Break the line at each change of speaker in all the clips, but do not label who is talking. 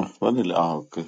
ம், வரல ஆ ஓகே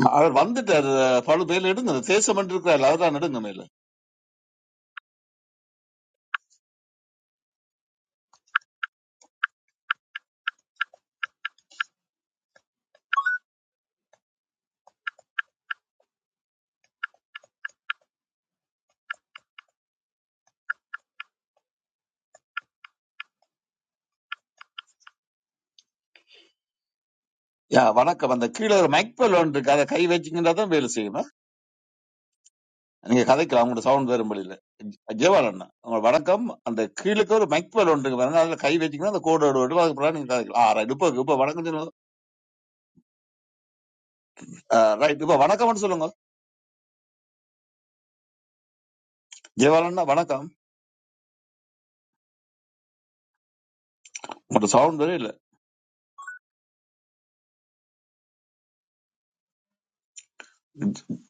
ம், அவர் வந்துட்டாரு பழு மேல எடுங்க அந்த தேசம் இருக்கிறாரு அவர்தான் நடுங்க மேல யா வணக்கம் அந்த கீழே ஒரு மைக் பெல் ஒன்று இருக்கு அதை கை வச்சிங்கன்னா தான் வேலை செய்யுமா நீங்க கதைக்கலாம் உங்களோட சவுண்ட் வரும் வழியில ஜெயவால் அண்ணா உங்க வணக்கம் அந்த கீழுக்கு ஒரு மைக் பெல் ஒன்று இருக்கு பாருங்க அதுல கை வச்சிங்கன்னா அந்த கோடு ஓடு ஓடு அதுக்கு பிறகு நீங்க கதைக்கலாம் ஆ ரைட் இப்போ இப்போ வணக்கம் சொல்லுங்க ரைட் இப்போ வணக்கம்னு சொல்லுங்க ஜெயவால் அண்ணா வணக்கம் உங்களோட சவுண்ட் வரே இல்ல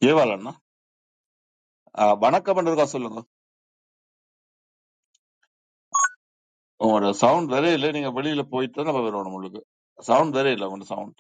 ஜெயவால் அண்ணா ஆ, வணக்கம் இருக்கா சொல்லுங்க உங்களோட சவுண்ட் வரே இல்லை நீங்க வெளியில போயிட்டு தான் நம்ம வருவோம் உங்களுக்கு சவுண்ட் வரே இல்லை உங்களோட சவுண்ட்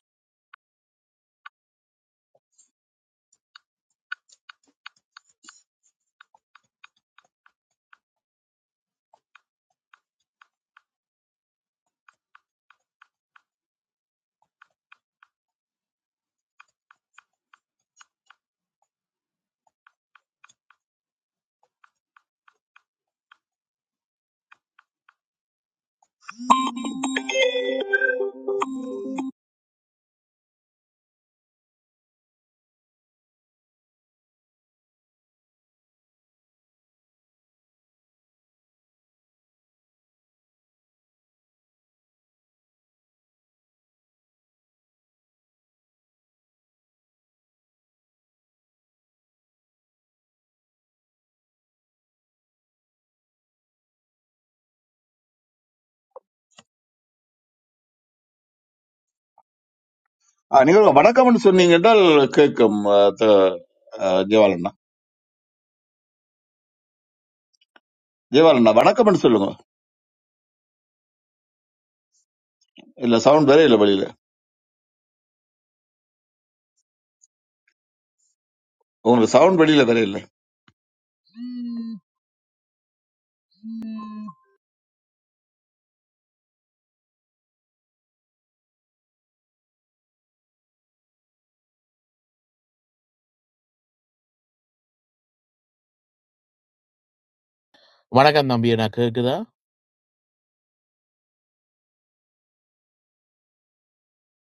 ஆ, நீங்க வணக்கம்னு சொன்னீங்க என்றால் கேட்கும் ஆ, த- ஆ, ஜெயவாலண்ணா ஜெயவாலண்ணா வணக்கம்னு சொல்லுங்க இல்ல சவுண்ட் வேற இல்ல வெளியில உங்களுக்கு சவுண்ட் வெளியில வேற இல்ல
வணக்கம் தம்பி அண்ணா கேக்குதா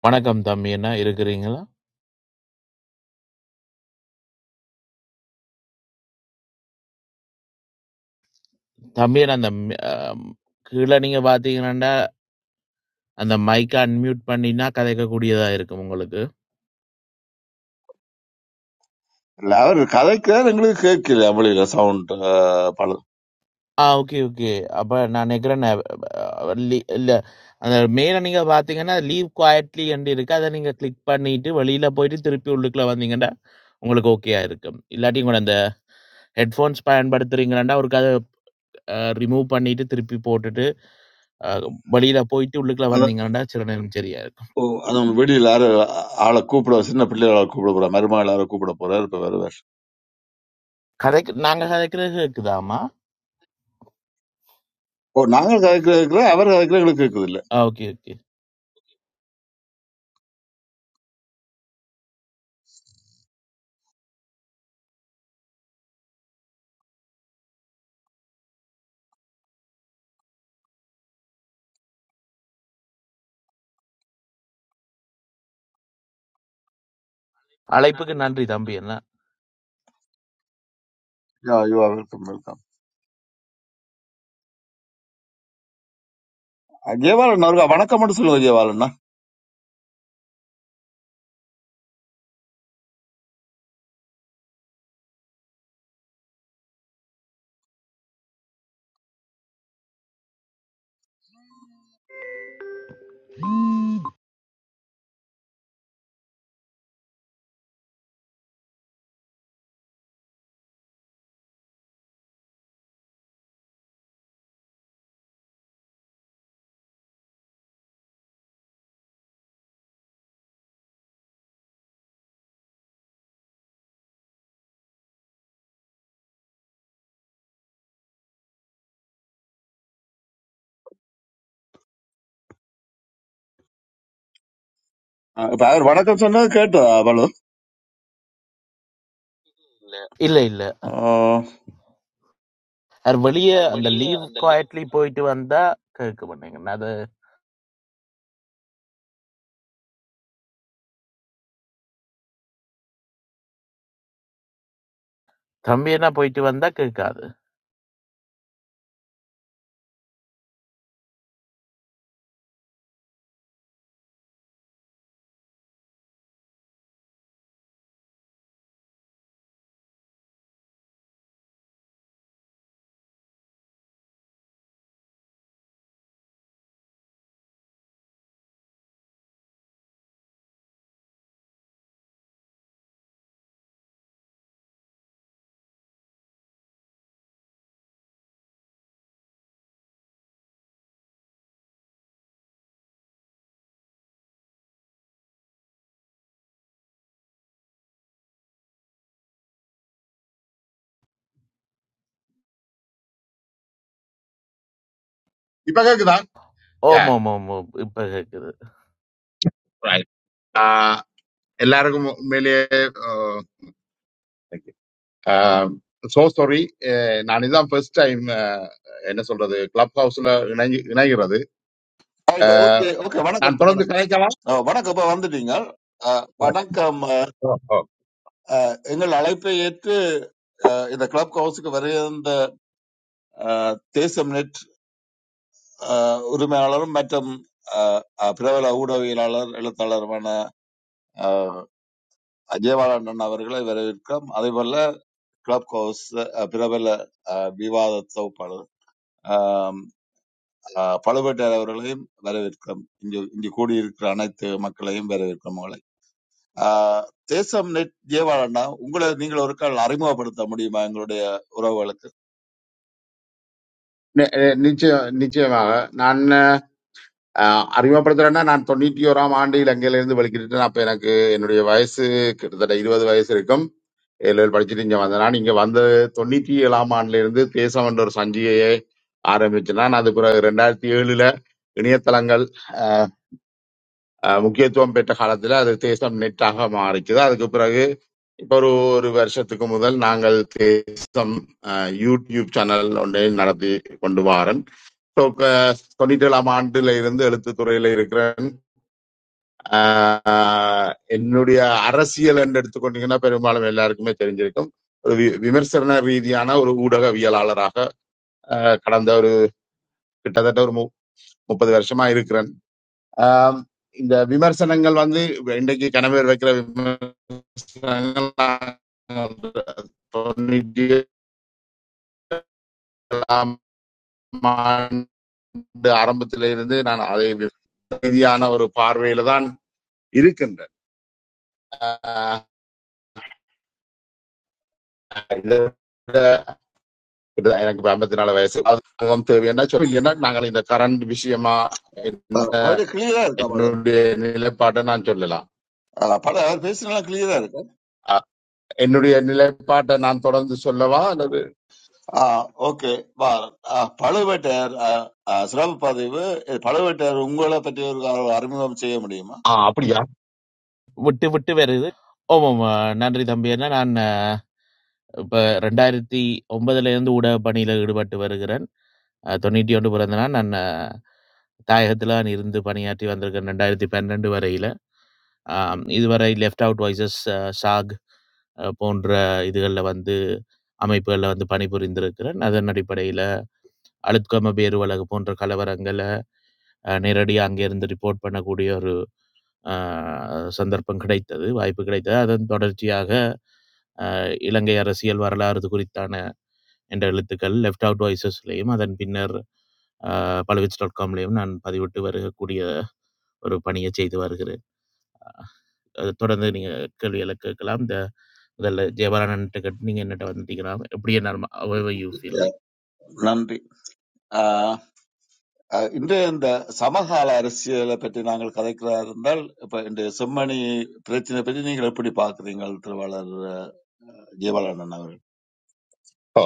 வணக்கம் தம்பி அண்ணா இருக்கிறீங்களா தம்பி அண்ணா அந்த மி- அஹ் கீழே நீங்க பாத்தீங்கன்னா அந்த மைக்கை அன்மியூட் பண்ணினா கதைக்கக்கூடியதா இருக்கும் உங்களுக்கு
இல்ல அவர் கதைக்கிறார் எங்களுக்கு கேட்கல வெளியில சவுண்ட் பழம்
ஆ ஓகே ஓகே அப்ப நான் நினைக்கிறேன் நான், அஹ், லீ- இல்ல அந்த மேல நீங்க பாத்தீங்கன்னா லீவ் குவாய்ட்லி என்று இருக்கு அதை நீங்க கிளிக் பண்ணிட்டு வெளியில போயிட்டு திருப்பி உள்ளுக்குள்ள வந்தீங்கன்னா உங்களுக்கு ஓகேயா இருக்கும் இல்லாட்டி கூட அந்த ஹெட்ஃபோன்ஸ் பயன்படுத்துறீங்கன்னா ஒரு கதை ரிமூவ் பண்ணிட்டு திருப்பி போட்டுட்டு அஹ், வெளியில போயிட்டு உள்ளுக்குள்ள
அதான்
வந்தீங்கன்னா சில நேரம் சரியா இருக்கும்
ஓ, அதான் வெளியில யாரு ஆளை கூப்பிட சின்ன பிள்ளைகளை ஆளை கூப்பிட போறாரு மருமகள் யாரோ கூப்பிட போறாரு இப்ப வேற வேற
கதைக்கு நாங்க கதைக்கிறது கேக்குதாமா
ஓ நாங்க கதைக்கிற அவர் கதைக்கிற எங்களுக்கு கேட்குது இல்ல
ஆ ஓகே ஓகே அழைப்புக்கு நன்றி தம்பி என்ன
yeah you are welcome welcome ஜெயவாலண்ணா அவருக்கு வணக்கம்னு சொல்லுங்க ஜெயவாலண்ணா ஆ, இப்ப அவர் வணக்கம் சொன்னது கேட்டதா
இல்ல இல்ல அவர் வெளியே அந்த லீவ்
பழம்
குவாய்ட்லி போயிட்டு வந்தா கேட்க மாட்டேங்க அது தம்பி என்ன போயிட்டு வந்தா கேட்காது
இப்ப கேக்குதா யா
ஓம் ஓம் ஓம் ஓம் இப்ப கேக்குது
ரைட் எல்லாருக்கும் உண்மையிலேயே சோ சாரி நான் இதான் ஃபர்ஸ்ட் டைம் என்ன சொல்றது கிளப் ஹவுஸ்ல இணைஞ்சு இணைகிறது
ரைட்
அஹ்,
ஓகே ஓகே வணக்கம்
நான் தொடர்ந்து
வணக்கம்
கிடைக்கலாம்
அஹ், வணக்கம் இப்ப வந்துட்டீங்க அஹ், வணக்கம் அஹ், எங்கள் அழைப்பை ஏற்று அஹ், இந்த கிளப் ஹவுஸுக்கு வருகின்ற அஹ், தேசம் நெட் அஹ், உரிமையாளரும் மற்றும் அஹ், அஹ், பிரபல ஊடகவியலாளர் எழுத்தாளருமான அஜயபாலன் அவர்களை வரவேற்கிறோம் அதே போல கிளப் ஹவுஸ் அஹ், பிரபல அஹ், விவாத தொகுப்பாளர் ஆம், அஹ், பழுவேட்டையர் அவர்களையும் வரவேற்கிறோம் இங்கு இங்கு கூடியிருக்கிற அனைத்து மக்களையும் வரவேற்கிறோம் ஆஹ் தேசம் நெட் ஜேவாளண்ணா உங்களை நீங்கள் ஒரு கால் அறிமுகப்படுத்த முடியுமா எங்களுடைய உறவுகளுக்கு
நி- அஹ், நிச்சயம் நிச்சயமாக நான் அஹ், அறிமுகப்படுத்துறேன்னா நான் தொண்ணூத்தி ஓராம் ஆண்டு இலங்கையிலிருந்து வெளிக்கிட்டு அப்ப எனக்கு என்னுடைய வயசு கிட்டத்தட்ட இருபது வயசு இருக்கும் ஏழு ஏழு படிச்சுட்டு இங்க வந்தேன் நான் இங்க வந்த தொண்ணூத்தி ஏழாம் ஆண்டுல இருந்து தேசம் என்ற ஒரு சஞ்சிகையை ஆரம்பிச்சேன் நான் அது பிறகு ரெண்டாயிரத்தி ஏழுல இணையதளங்கள் அஹ், அஹ், முக்கியத்துவம் பெற்ற காலத்துல அது தேசம் நெட்டாக மாறிச்சது அதுக்கு பிறகு இப்ப ஒரு ஒரு வருஷத்துக்கு முதல் நாங்கள் தேசம் அஹ், யூடியூப் சேனல் ஒன்றை நடத்தி கொண்டு வாரன் So, க- தொண்ணூத்தி ஏழாம் ஆண்டுல இருந்து எழுத்துத்துறையில இருக்கிறேன் ஆஹ் என்னுடைய அரசியல் என்று எடுத்துக்கொண்டீங்கன்னா பெரும்பாலும் எல்லாருக்குமே தெரிஞ்சிருக்கும் ஒரு வி- விமர்சன ரீதியான ஒரு ஊடகவியலாளராக அஹ், கடந்த ஒரு கிட்டத்தட்ட ஒரு மு- முப்பது வருஷமா இருக்கிறேன் ஆம், இந்த விமர்சனங்கள் வந்து இன்றைக்கு கணவர் வைக்கிற விமர்சனங்கள் தொண்ணூற்றி ஏழாம் ஆண்டு ஆரம்பத்தில இருந்து நான் அதை ரீதியான ஒரு பார்வையில தான் இருக்கின்றேன் ஆஹ், கிட்டத்தட்ட எனக்கு இப்ப 54 நாலு வயசு அதுவும் தேவைன்னா சொல்லி இல்லைன்னா நாங்கள் இந்த கரண்ட் விஷயமா
அஹ்
என்ன-
அவரு கிளியரா இருக்கா பால
என்னுடைய நிலைப்பாட்டை நான் சொல்லலாம்
ஆஹ் பல அவர் பேசினா கிளியரா இருக்கு
அ- என்னுடைய நிலைப்பாட்டை நான் தொடர்ந்து சொல்லவா அல்லது
ஓகே பழுவேட்டையர் ஆஹ், ஆஹ், சிறப்பு பதிவு இது பழுவேட்டையர் உங்களை பற்றி ஒரு கால் அறிமுகம் செய்ய முடியுமா
ஆ அப்படியா
விட்டு விட்டு வருது ஓம் ஓம் ஆ, நன்றி தம்பி என்ன நான் ஆ, இப்ப ரெண்டாயிரத்தி ஒன்பதுல இருந்து ஊடக பணியில ஈடுபட்டு வருகிறேன் ஆ, தொண்ணூற்றி ஒன்று பிறந்தனா நான் ஆ, தாயகத்துல நான் இருந்து பணியாற்றி வந்திருக்கேன் ரெண்டாயிரத்தி பன்னெண்டு வரையில ஆம், இதுவரை லெஃப்ட் அவுட் வாய்ஸஸ் சாக் அ போன்ற இதுகள்ல வந்து அமைப்புகள்ல வந்து பணிபுரிந்திருக்கிறேன். அதன் அடிப்படையில அளுத்கம பேருவலகு போன்ற கலவரங்கள அ நேரடியா அங்கேருந்து ரிப்போர்ட் பண்ணக்கூடிய ஒரு அ சந்தர்ப்பம் கிடைத்தது, வாய்ப்பு கிடைத்தது. அதன் தொடர்ச்சியாக இலங்கை அரசியல் வரலாறு குறித்தான என்ற எழுத்துக்கள் லெஃப்ட் அவுட் வாய்ஸஸ்லயும், அதன் பின்னர் அ பல்விச் டாட் காம்லயும் நான் பதிவிட்டு வருகக்கூடிய ஒரு பணிய செய்து வருகிறேன். அ தொடர்ந்து நீங்க கேள்விகள கேட்கலாம். இந்த முதல்ல ஜெயபாலன் அண்ணன்ட்ட கேட்டு நீங்க என்னட்ட வந்து கேக்கலாம். எப்படி என்ன how ever you feel like.
நன்றி ஆஹ், ஆஹ், இன்றைய இந்த சமகால அரசியலை பற்றி நாங்கள் கதைக்கிறதா இருந்தால் இப்ப இந்த செம்மணி பிரச்சனை பற்றி நீங்கள் எப்படி பார்க்குறீங்கள் திருவாளர் ஜீவாளண்ணன் அவர்கள்
ஓ.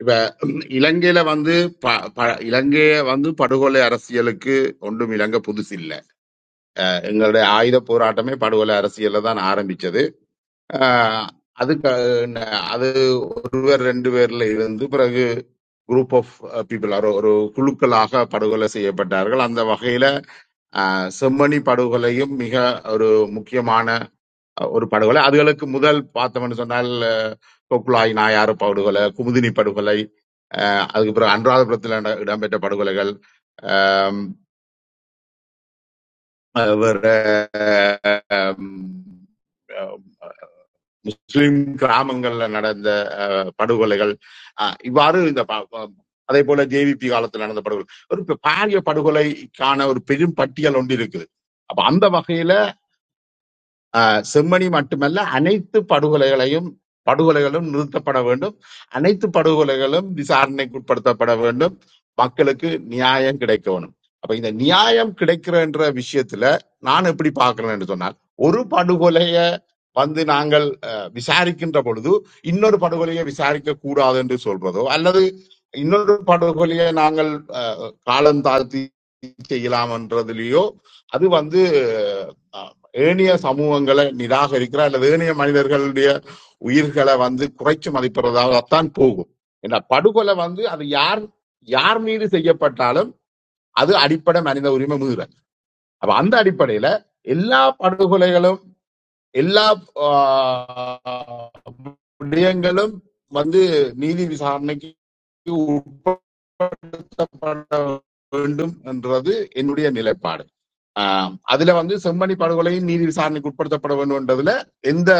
இப்ப ம், இலங்கையில வந்து ப- ப- இலங்கைய வந்து படுகொலை அரசியலுக்கு ஒன்றும் இலங்கை புதுசு இல்ல எங்களுடைய ஆயுத போராட்டமே படுகொலை அரசியல்ல தான் ஆரம்பிச்சது அஹ், அதுக்கு அஹ், அது ஒரு பேர் ரெண்டு பேர்ல இருந்து பிறகு குரூப் ஆஃப் பீப்புள் ஒரு ஒரு குழுக்களாக படுகொலை செய்யப்பட்டார்கள் அந்த வகையில அஹ், செம்மணி படுகொலையும் மிக ஒரு முக்கியமான அஹ், ஒரு படுகொலை அதுகளுக்கு முதல் பார்த்தோம்னு சொன்னால் அஹ், கொக்குலாய் நாயாறு படுகொலை குமுதினி படுகொலை அஹ், அதுக்கு பிறகு அனுராதபுரத்தில் நட- இடம்பெற்ற படுகொலைகள் ஆம், அஹ், வேற முஸ்லிம் கிராமங்கள்ல நடந்த அஹ், படுகொலைகள் அஹ், இவ்வாறு இந்த ப- ப- அதே போல ஜேவிபி காலத்தில் நடந்த படுகொலை ஒரு ப- பாரிய படுகொலைக்கான ஒரு பெரும் பட்டியல் ஒன்று இருக்குது அப்ப அந்த வகையில ஆஹ் செம்மணி மட்டுமல்ல அனைத்து படுகொலைகளையும் படுகொலைகளும் நிறுத்தப்பட வேண்டும் அனைத்து படுகொலைகளும் விசாரணைக்குட்படுத்தப்பட வேண்டும் மக்களுக்கு நியாயம் கிடைக்க வேணும் அப்ப இந்த நியாயம் கிடைக்கிறன்ற விஷயத்துல நான் எப்படி பார்க்கிறேன் என்று சொன்னால் ஒரு படுகொலைய வந்து நாங்கள் அஹ், விசாரிக்கின்ற பொழுது இன்னொரு படுகொலையை விசாரிக்க கூடாது என்று சொல்றதோ அல்லது இன்னொரு படுகொலையை நாங்கள் அஹ், காலம் தாழ்த்தி செய்யலாம் என்றதுலயோ அது வந்து ஏனைய சமூகங்களை நிராகரிக்கிற அல்லது ஏனைய மனிதர்களுடைய உயிர்களை வந்து குறைச்சு மதிப்பிடுறதாகத்தான் போகும் என்ன படுகொலை வந்து அது யார் யார் மீது செய்யப்பட்டாலும் அது அடிப்படை மனித உரிமை மீறல் அப்ப அந்த அடிப்படையில எல்லா படுகொலைகளும் எல்லா ஆஹ், விடயங்களும் வந்து நீதி விசாரணைக்கு உட்படுத்தப்பட வேண்டும் என்றது என்னுடைய நிலைப்பாடு ஆஹ் அதுல வந்து செம்மணி படுகொலையும் நீதி விசாரணைக்கு உட்படுத்தப்பட வேண்டும்ன்றதுல எந்த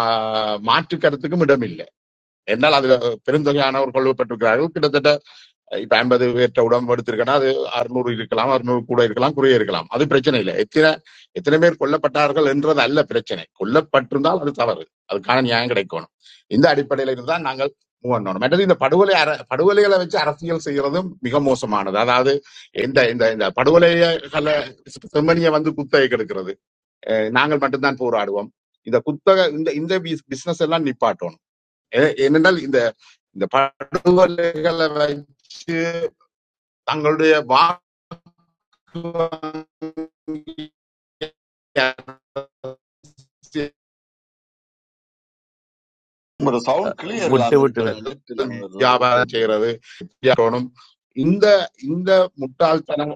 ஆஹ் மாற்று கருத்துக்கும் இடமில்லை என்னால் அதுல பெருந்தொகையானவர் கொல்லப்பட்டிருக்கிறார்கள் கிட்டத்தட்ட இப்ப ஐம்பது பேர்ட்ட உடம்பு எடுத்திருக்கேன்னா அது அறுநூறு இருக்கலாம் அறுநூறு கூட இருக்கலாம் குறைய இருக்கலாம் அது பிரச்சனை இல்லை எத்தனை எத்தனை பேர் கொல்லப்பட்டார்கள் என்றது அல்ல பிரச்சனை கொல்லப்பட்டிருந்தால் அது தவறு அதுக்கான நியாயம் கிடைக்கணும் இந்த அடிப்படையில இருந்தால் நாங்கள் மூவ் பண்ணணும் மற்றது இந்த படுகொலை அர படுகொலைகளை வச்சு அரசியல் செய்யறதும் மிக மோசமானது அதாவது இந்த இந்த இந்த படுகொலைகளை செம்மனியை வந்து குத்தகை கெடுக்கிறது அஹ் நாங்கள் மட்டும்தான் போராடுவோம் இந்த குத்தக இந்த இந்த பிசினஸ் எல்லாம் நிப்பாட்டணும் ஏ- ஏனென்றால் இந்த இந்த படுகொலைகளை வச்சு தங்களுடைய வாக்கு வங்கி அரசியல்
உங்களோட சவுண்ட்
அஹ்
கிளியர்
விட்டு
இல்லாம
விட்டு
இருக்கு அண்ணா
வேறு
நெட் இல்லாம வருது விட்டு
வியாபாரம்
விட்டுறேன்
செய்யறது தோணும் இந்த இந்த முட்டாள்தனம்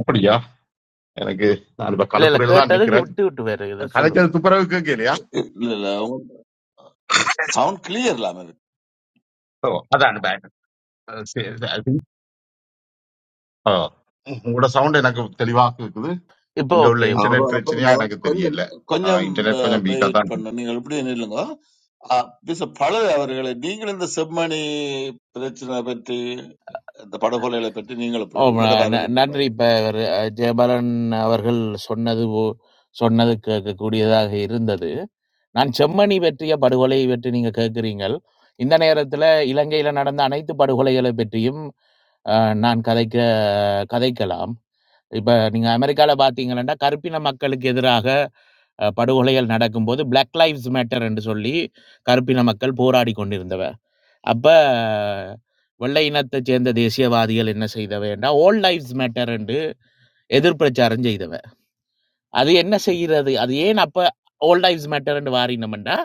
அப்படியா எனக்கு நான் இப்ப
இல்ல இல்ல
களத்துறையில தான்
கேட்டதுக்கு
நிக்கிறேன்
விட்டு விட்டு வேறு இது சொல்லுங்க
கலைச்சது துப்புரவு கேட்கலையா
இல்ல இல்ல சவுண்ட் கிளியர் இல்லாம இருக்கு
ஓ அதான் back. அஹ் சரி, I think, ஆ. உங்களோட சவுண்ட் எனக்கு தெளிவாக இருக்குது
இப்போ
இங்க உள்ள
ஓகே இப்போ
இன்டர்நெட்
அப்புறம்
ஓகே
பிரச்சனையா
அப்புறம்
எனக்கு
கொஞ்சம்
தெரியல
கொஞ்சம்
இன்டர்நெட் கொஞ்சம் வீக்கா
வெயிட்
தான் இருக்கு.
பண்ணு நீங்கள் இப்படியே நில்லுங்க பிச பழகு அவர்களை நீங்கள் இந்த செம்மணி பிரச்சனை பற்றி இந்த படுகொலைகளை பற்றி நீங்கள்
ஓ
எப்படி உங்களோட
ந- ந-
பார்வையில் எப்படி
நன்றி இப்ப இவரு, அஹ், ஜெயபாலன் அவர்கள் சொன்னது ஓ- சொன்னது கேட்கக்கூடியதாக இருந்தது நான் செம்மணி பற்றிய படுகொலை பற்றி நீங்க கேட்கிறீங்கள் இந்த நேரத்துல இலங்கையில நடந்த அனைத்து படுகொலைகளை பற்றியும் அஹ், நான் கதைக்க கதைக்கலாம் இப்ப நீங்க அமெரிக்கால பாத்தீங்கன்னா கருப்பின மக்களுக்கு எதிராக அஹ், படுகொலைகள் நடக்கும்போது Black லைவ்ஸ் மேட்டர் என்று சொல்லி கருப்பின மக்கள் போராடி கொண்டிருந்தவர் அப்ப வெள்ளை இனத்தைச் சேர்ந்த தேசியவாதிகள் என்ன செய்தவை என்றால், ஆல் லைவ்ஸ் மேட்டர் என்று எதிர்பிரச்சாரம் செய்தவை. அது என்ன செய்கிறது அது ஏன் அப்ப ஓல்ட் லைஃப்ஸ் மேட்டர்னு வாரினோம்டா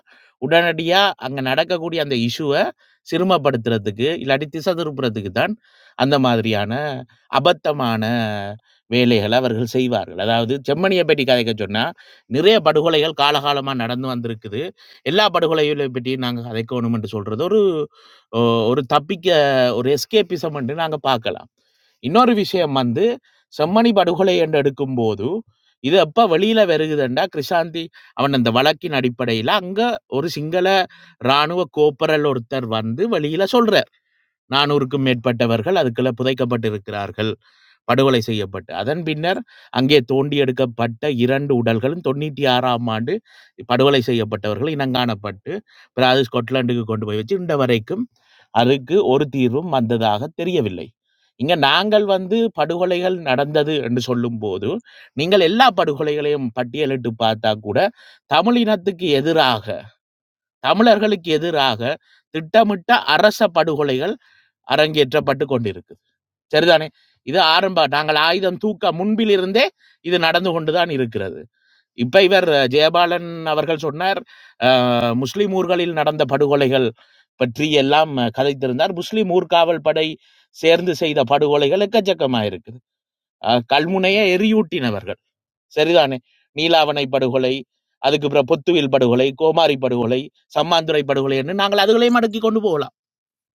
உடனடியா அங்க நடக்கக்கூடிய அந்த இஷ்யூவை சிறுமப்படுத்துறதுக்கு இல்லாட்டி திசை திருப்புறதுக்கு தான் அந்த மாதிரியான அபத்தமான வேலைகளை அவர்கள் செய்வார்கள் அதாவது செம்மணியை பற்றி கதைக்க சொன்னா நிறைய படுகொலைகள் காலகாலமா நடந்து வந்திருக்குது எல்லா படுகொலைகளையும் பற்றியும் நாங்க கதைக்கணும் என்று சொல்றது ஒரு ஓ, ஒரு தப்பிக்க ஒரு எஸ்கேபிசம் என்று நாங்க பார்க்கலாம் இன்னொரு விஷயம் வந்து செம்மணி படுகொலை என்று எடுக்கும்போது இது எப்ப வெளியில வருகுதுண்டா கிருஷாந்தி அவன் அந்த வழக்கின் அடிப்படையில அங்க ஒரு சிங்கள ராணுவ கோப்பரல் ஒருத்தர் வந்து வெளியில சொல்றார் நானூறுக்கும் மேற்பட்டவர்கள் அதுக்குள்ள புதைக்கப்பட்டிருக்கிறார்கள் படுகொலை செய்யப்பட்டு, அதன் பின்னர் அங்கே தோண்டி எடுக்கப்பட்ட 2 உடல்களும் 96ஆம் ஆண்டு படுகொலை செய்யப்பட்டவர்கள் இனங்காணப்பட்டு, பிறகு அது ஸ்கொட்லாண்டுக்கு கொண்டு போய் வச்சு, இன்று வரைக்கும் அதுக்கு ஒரு தீர்வும் வந்ததாக தெரியவில்லை. இங்க நாங்கள் வந்து படுகொலைகள் நடந்தது என்று சொல்லும்போது, நீங்கள் எல்லா படுகொலைகளையும் பட்டியலிட்டு பார்த்தா கூட, தமிழ் இனத்துக்கு எதிராக, தமிழர்களுக்கு எதிராக திட்டமிட்ட அரச படுகொலைகள் அரங்கேற்றப்பட்டுக் கொண்டிருக்கு. சரிதானே இது ஆரம்ப நாங்கள் ஆயுதம் தூக்க முன்பிலிருந்தே இது நடந்து கொண்டுதான் இருக்கிறது இப்ப இவர் அஹ், ஜெயபாலன் அவர்கள் சொன்னார் அஹ், முஸ்லிம் ஊர்களில் நடந்த படுகொலைகள் பற்றி எல்லாம் அஹ், கதைத்திருந்தார் முஸ்லிம் ஊர்காவல் படை சேர்ந்து செய்த படுகொலைகள் எக்கச்சக்கமா இருக்குது அஹ், கல்முனையை எரியூட்டினவர்கள் சரிதானே நீலாவணை படுகொலை அதுக்கு அப்புறம் பொத்துவில் படுகொலை கோமாரி படுகொலை சம்மாந்துறை படுகொலை என்று நாங்கள் அதுகளையும் அடக்கி கொண்டு போகலாம்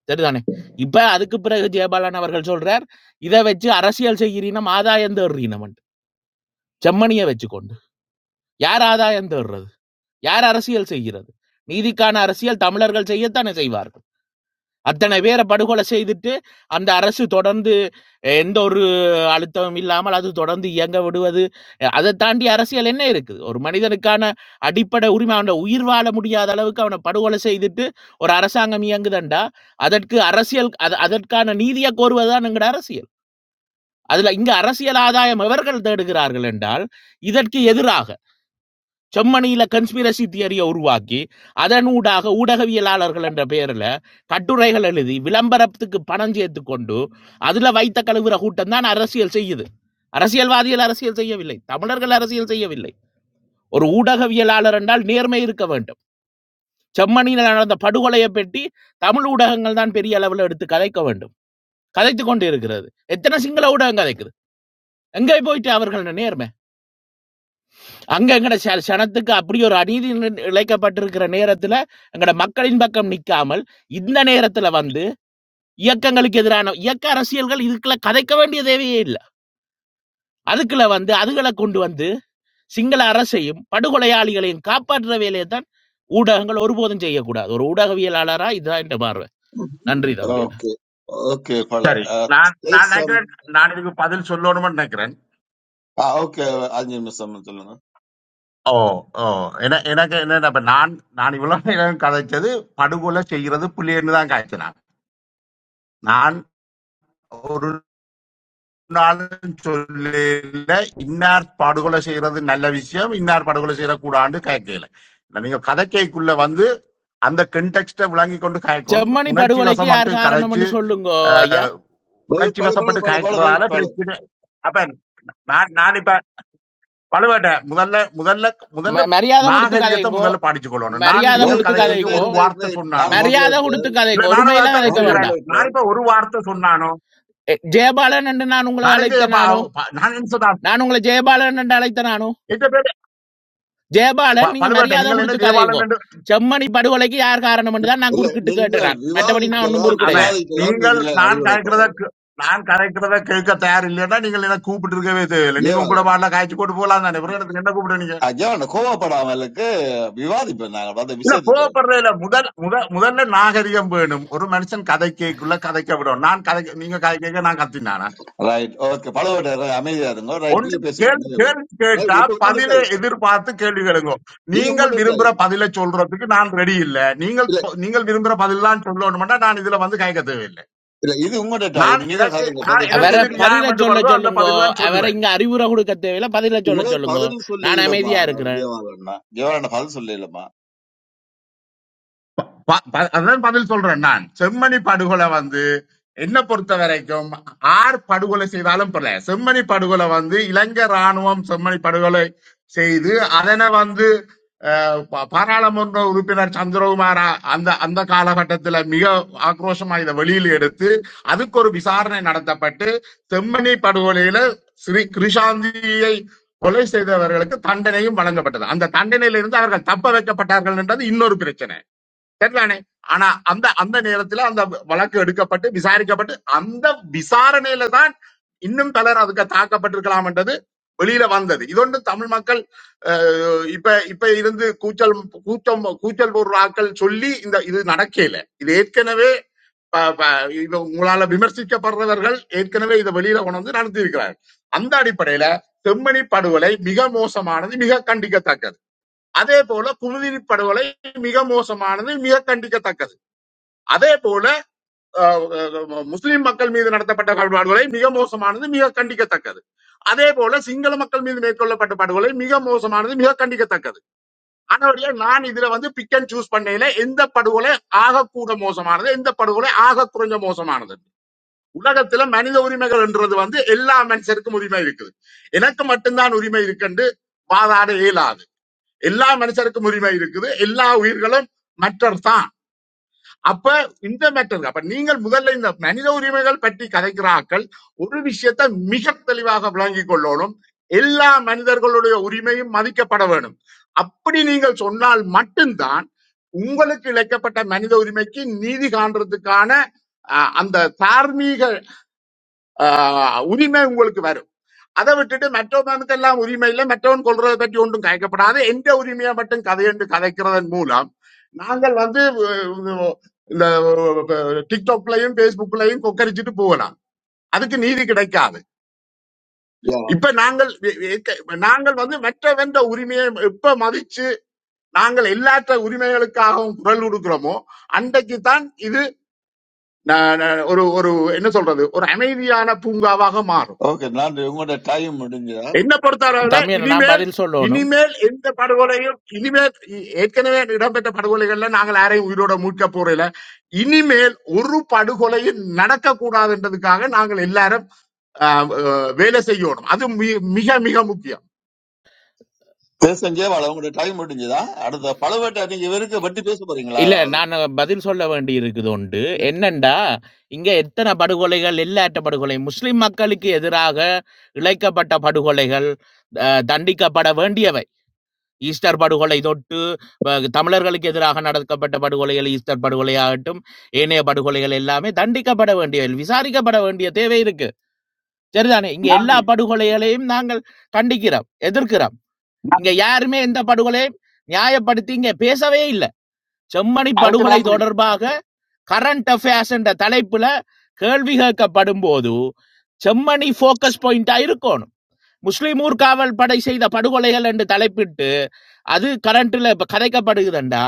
சரிதானே இப்ப அதுக்கு பிறகு ஜெயபாலன் அவர்கள் சொல்றார் இதை வச்சு அரசியல் செய்கிறீனம் ஆதாயம் தேடுறீனம் செம்மணியை வச்சுக்கொண்டு யார் ஆதாயம் தேடுறது யார் அரசியல் செய்கிறது நீதிக்கான அரசியல் தமிழர்கள் செய்யத்தானே செய்வார்கள் அத்தனை பேரை படுகொலை செய்துட்டு அந்த அரசு தொடர்ந்து அஹ், எந்த ஒரு அழுத்தமும் இல்லாமல் அது தொடர்ந்து இயங்க விடுவது அஹ், அதை தாண்டி அரசியல் என்ன இருக்குது ஒரு மனிதனுக்கான அடிப்படை உரிமை அவனை உயிர் வாழ முடியாத அளவுக்கு அவனை படுகொலை செய்துட்டு ஒரு அரசாங்கம் இயங்குதண்டா அதற்கு அரசியல் அது அதற்கான நீதியை கோருவதுதான் எங்கட அரசியல் அதுல இங்க அரசியல் ஆதாயம் எவர்கள் தேடுகிறார்கள் என்றால் இதற்கு எதிராக செம்மணியில கன்ஸ்பிரசி தியரியை உருவாக்கி அதனூடாக ஊடகவியலாளர்கள் என்ற பெயரில் கட்டுரைகள் எழுதி விளம்பரத்துக்கு பணம் சேர்த்து கொண்டு அதில் வைத்த கழுவுற கூட்டம் தான் அரசியல் செய்யுது அரசியல்வாதிகள் அரசியல் செய்யவில்லை தமிழர்கள் அரசியல் செய்யவில்லை ஒரு ஊடகவியலாளர் என்றால் நேர்மை இருக்க வேண்டும் செம்மணியில் நடந்த படுகொலையை பற்றி தமிழ் ஊடகங்கள் தான் பெரிய அளவில் எடுத்து கதைக்க வேண்டும் கதைத்து கொண்டு இருக்கிறது எத்தனை சிங்கள ஊடகம் கதைக்குது எங்கே போயிட்டு அவர்கள் நேர்மை அங்க எங்கட ச- சனத்துக்கு அப்படி ஒரு அநீதி நி- இழைக்கப்பட்டிருக்கிற நேரத்துல எங்கட மக்களின் பக்கம் நிக்காமல் இந்த நேரத்துல வந்து இயக்கங்களுக்கு எதிரான இயக்க அரசியல்கள் இதுக்குள்ள கதைக்க வேண்டிய தேவையே இல்லை அதுக்குள்ள வந்து அதுகளை கொண்டு வந்து சிங்கள அரசையும் படுகொலையாளிகளையும் காப்பாற்றுற வேலையை தான் ஊடகங்கள் ஒருபோதும் செய்யக்கூடாது ஒரு ஊடகவியலாளரா இதுதான் என்ற பார்வை
பாக்குறீங்க
நன்றி தம்பி
ஓகே ஓகே பழ
சரி நான் நான் நினைக்கிறேன் நான் இதுக்கு பதில் சொல்லணும்னு நினைக்கிறேன்
ஓகே அஞ்சு நிமிஷம் சொல்லுங்க
ஓ! ஓ! என எனக்கு என்னன்னா, இப்ப நான் நான் இவ்வளவு நேரம் கதைச்சது படுகொலை செய்கிறது புலின்னு தான் காய்ச்சினான். நான் நான் ஒரு நாளும் சொல்லல, இன்னார் படுகொலை செய்யறது நல்ல விஷயம், இன்னார் படுகொலை செய்யக்கூடாதுன்னு கேட்கல. நீங்க கதைக்கைக்குள்ள வந்து அந்த கென்டெக்ஸ்ட விளங்கி கொண்டு காய்க்கணும்.
செம்மணி
உணர்ச்சி
படுகொலைக்கு
வசப்பட்டு
யார் காரணம்
கதைச்சு,
என்று சொல்லுங்கோ ஐயா
அஹ்,
வெயிட்
உணர்ச்சி
பழு பழு
வசப்பட்டு
பழு பழு வெயிட்
காய்க்கிறதால
பழு
பிரச்சனை. அப்ப நான் நான் இப்ப பழுவேட்ட முதல்ல முதல்ல முதல்ல
ம- மரியாதை கொடுத்து
நாகரிகத்தை
கதைங்கோ
முதல்ல படிச்சு கொள்ளணும் நான்
மரியாதை
நீங்கள்
கொடுத்து
வெயிட்
கதை
வெயிட்
கேட்க
கதைங்கோ
ஒரு
வெயிட் வெயிட்
வார்த்தை
வெயிட் நான்
சொன்னாலும்
மரியாதை
முதல்ல
கொடுத்து
இல்ல
கதைங்க
நானும்
ஒருமையில
அதைத்தானே
கதைக்க
நான்
வேண்டாம்
செய்யறேன்
முதல்ல
நான் இப்ப ஒரு வார்த்தை சொன்னானோ
எ- ஜெயபாலன் என்று நான் உங்களை
நான் எங்க
அழைத்த
இப்ப
நானோ
அவ- ப- நான் என்ன சொன்னான்
நான் உங்களை ஜெயபாலன் என்று அழைத்த நானோ
எங்க பேரு
ஜெயபாலன்
ப-
நீங்க
பழுவேட்டை
மரியாதை
நீங்கள் என்ன
கொடுத்து கதையுங்கோ
தேவாலயம் என்று
செம்மணி படுகொலைக்கு யார் காரணம் தான் நான்
இல்ல
குறுக்கிட்டு கேட்டேன்
நீங்கள்
நான். மற்றபடி நான் ஒன்றும்
விவாதிக்கலாம்
குறுக்கிடையில
அவன்
விவாதிக்கலாம்
நீங்கள்
இதுல
நான் கரைக்கிறத
அடிவிடக்கூடாது
கே- நான் கரைக்கிறத கேட்க தயார் இல்லைன்னா நீங்கள் என்ன கூப்பிட்டு இருக்கவே தேவையில்லை நீங்க உங்களோட
ஜெயவாலன்
பாடல காய்ச்சி போட்டு போலாம் தானே பிறகு எனக்கு என்ன கூப்பிடுறீங்க
ஆ, ஜெயவாலன் கோவப்படாமலுக்கு விவாதிப்போம் நாங்க அந்த
இல்ல
விஷயத்துக்கு
கோவப்படுறது இல்ல முதல் முதல் முதல்ல நாகரிகம் வேணும் ஒரு மனுஷன் கதை கேட்குள்ள கதைக்க விடும் நான் கதை நீங்க கதை கேட்க நான் கத்தினானா
ரைட் ஓகே பழவட்ட அமைதியா இருங்க ரைட்
ஒன்று
நீங்க பேசுங்க
கேள்வி
நீங்க பேசுங்க
கேள்வி கேட்டா
ரைட் இப்ப உங்களோட
பதிலை
டைம்
எதிர்பார்த்து கேள்வி கேளுங்க
இது
நீங்கள்
உங்களோட டைம்
விரும்புற பதிலை சொல்றதுக்கு நான் ரெடி இல்ல நீங்கள்
இல்ல
ப- நீங்கள் விரும்புற பதில் தான் சொல்லணும்னா நான் இதுல வந்து கேட்க தேவையில்லை
இல்ல இது உங்களோட டைம்
நான்
நீங்க
எனக்கு
கதைங்க
நான்
பதில் சொல்ல
எனக்கு
அவரை
எது
போறீங்களா
பதில
நியாயம் என்று
சொல்ல
வருதோ அந்த
சொல்லுங்கோ
பதில் தான்
அவரை
சொல்லுவேன்
இங்க அறிவுரை கொடுக்க தேவையில்ல பதில சொல்ல
உங்களோட
சொல்லுங்கோ
பதில் சொல்ல
நான்
இல்லம்மா
அமைதியா இருக்கிறேன்
ஜெயவாலன்னா ஜெயவாலன் பதில் சொல்ல இல்லம்மா
ப- ப- அதான் பதில் சொல்றேன் நான் செம்மணி படுகொலை வந்து என்ன பொறுத்த வரைக்கும் ஆர் படுகொலை செய்தாலும் பரல செம்மணி படுகொலை வந்து இலங்கை ராணுவம் செம்மணி படுகொலை செய்து அதனை வந்து அஹ், பா- பாராளுமன்ற உறுப்பினர் சந்திரகுமார் அ- அந்த அந்த காலகட்டத்துல மிக ஆக்ரோஷமா இதை வெளியில் எடுத்து அதுக்கு ஒரு விசாரணை நடத்தப்பட்டு செம்மணி படுகொலையில ஸ்ரீ கிருஷாந்தியை கொலை செய்தவர்களுக்கு தண்டனையும் வழங்கப்பட்டது அந்த தண்டனையிலிருந்து அவர்கள் தப்ப வைக்கப்பட்டார்கள் என்றது இன்னொரு பிரச்சனை சரிதானே ஆனா அந்த அந்த நேரத்துல அந்த வழக்கு எடுக்கப்பட்டு விசாரிக்கப்பட்டு அந்த விசாரணையில தான் இன்னும் பலர் அதுக்கு தாக்கப்பட்டிருக்கலாம்ன்றது வெளியில வந்தது இதொன்று தமிழ் மக்கள் அஹ், இப்ப இப்ப இருந்து கூச்சல் கூச்சம் கூச்சல் பொருளாக்கள் சொல்லி இந்த இது நடக்கல இது ஏற்கனவே ப- ப- இது உங்களால விமர்சிக்கப்படுறவர்கள் ஏற்கனவே இதை வெளியில கொண்டு வந்து நடத்தி இருக்கிறார்கள். அந்த அடிப்படையில செம்மணி படுகொலை மிக மோசமானது மிக கண்டிக்கத்தக்கது அதே போல குமுதினி படுகொலை மிக மோசமானது மிக கண்டிக்கத்தக்கது அதே போல அஹ், அஹ், முஸ்லிம் மக்கள் மீது நடத்தப்பட்ட படுகொலை மிக மோசமானது மிக கண்டிக்கத்தக்கது அதே போல சிங்கள மக்கள் மீது மேற்கொள்ளப்பட்ட படுகொலை மிக மோசமானது மிக கண்டிக்கத்தக்கது ஆனவடியா நான் இதுல வந்து பிக் அண்ட் சூஸ் பண்ணையில எந்த படுகொலை ஆகக்கூட மோசமானது எந்த படுகொலை ஆக குறைஞ்ச மோசமானது உலகத்துல மனித உரிமைகள் என்றது வந்து எல்லா மனுஷருக்கும் உரிமை இருக்குது எனக்கு மட்டும்தான் உரிமை இருக்குன்னு வாதாட இயலாது எல்லா மனுஷருக்கும் உரிமை இருக்குது எல்லா உயிர்களும் மற்றர் தான் அப்ப இந்த மேட்டர் அப்ப நீங்கள் முதல்ல இந்த மனித உரிமைகள் பற்றி கதைக்கிறார்கள் ஒரு விஷயத்தை மிக தெளிவாக விளங்கிக் கொள்ளணும் எல்லா மனிதர்களுடைய உரிமையும் மதிக்கப்பட வேணும் அப்படி நீங்கள் சொன்னால் மட்டும்தான் உங்களுக்கு இழைக்கப்பட்ட மனித உரிமைக்கு நீதி காண்றதுக்கான அஹ், அந்த தார்மீக அஹ், உரிமை உங்களுக்கு வரும் அதை விட்டுட்டு மற்றவனுக்கு எல்லாம் உரிமை இல்லை மற்றவன் கொள்றதை பற்றி ஒன்றும் கதைக்கப்படாது எந்த உரிமையை மட்டும் கதை என்று கதைக்கிறதன் மூலம் நாங்கள் வந்து அஹ், இந்த டிக்டாக்லயும் பேஸ்புக்லயும் கொக்கரிச்சிட்டு போகலாம் அதுக்கு நீதி கிடைக்காது இப்ப நாங்கள் எ- எ- நாங்கள் வந்து மற்றவென்ற உரிமையை எப்ப மதிச்சு நாங்கள் எல்லாற்ற உரிமைகளுக்காகவும் குரல் கொடுக்கிறோமோ அன்றைக்கு தான் இது ந- ந- ஒரு ஒரு என்ன சொல்றது ஒரு அமைதியான பூங்காவாக மாறும்
ஓகே நன்றி உங்களோட டைம் முடிஞ்சதா
என்ன பொறுத்தவரை
தமிழ் நான்
இனிமேல்
பதில் சொல்லணும்
இனிமேல் எந்த படுகொலையும் இனிமேல் இ- ஏற்கனவே இடம்பெற்ற படுகொலைகள்ல நாங்கள் யாரையும் உயிரோட மீட்க போறதில்ல இனிமேல் ஒரு படுகொலையும் நடக்க கூடாதுன்றதுக்காக நாங்கள் எல்லாரும் ஆஹ், ஆஹ், வேலை செய்யணும் அது மி- மிக மிக முக்கியம்
பேசுங்க ஜெயவாலன் உங்களோட டைம் முடிஞ்சதா அடுத்த பழவட்ட நீங்க இவருக்கு வட்டி பேச போறீங்களா
இல்ல நான் பதில் சொல்ல வேண்டி இருக்குது உண்டு என்னண்டா இங்க எத்தனை படுகொலைகள் எல்லாட்ட படுகொலை முஸ்லிம் மக்களுக்கு எதிராக இழைக்கப்பட்ட படுகொலைகள் அஹ், தண்டிக்கப்பட வேண்டியவை ஈஸ்டர் படுகொலை தொட்டு ப- தமிழர்களுக்கு எதிராக நடக்கப்பட்ட படுகொலைகள் ஈஸ்டர் படுகொலையாகட்டும் ஏனைய படுகொலைகள் எல்லாமே தண்டிக்கப்பட வேண்டிய விசாரிக்கப்பட வேண்டிய தேவை இருக்கு சரிதானே இங்க எல்லா
நன்றி
படுகொலைகளையும் நாங்கள் கண்டிக்கிறோம் எதிர்க்கிறோம் இங்க
நன்றி.
யாருமே எந்த படுகொலையும் நியாயப்படுத்தி இங்க பேசவே இல்லை செம்மணி
அதுக்கு
படுகொலை
நன்றி
தொடர்பாக கரண்ட் அஃபேர்ஸ் என்ற தலைப்புல கேள்வி கேட்கப்படும் போது செம்மணி ஃபோக்கஸ் பாயிண்டா இருக்கணும் முஸ்லிம் ஊர்காவல் படை செய்த படுகொலைகள் என்று தலைப்பிட்டு அது கரண்ட்ல இப்ப கதைக்கப்படுகிறண்டா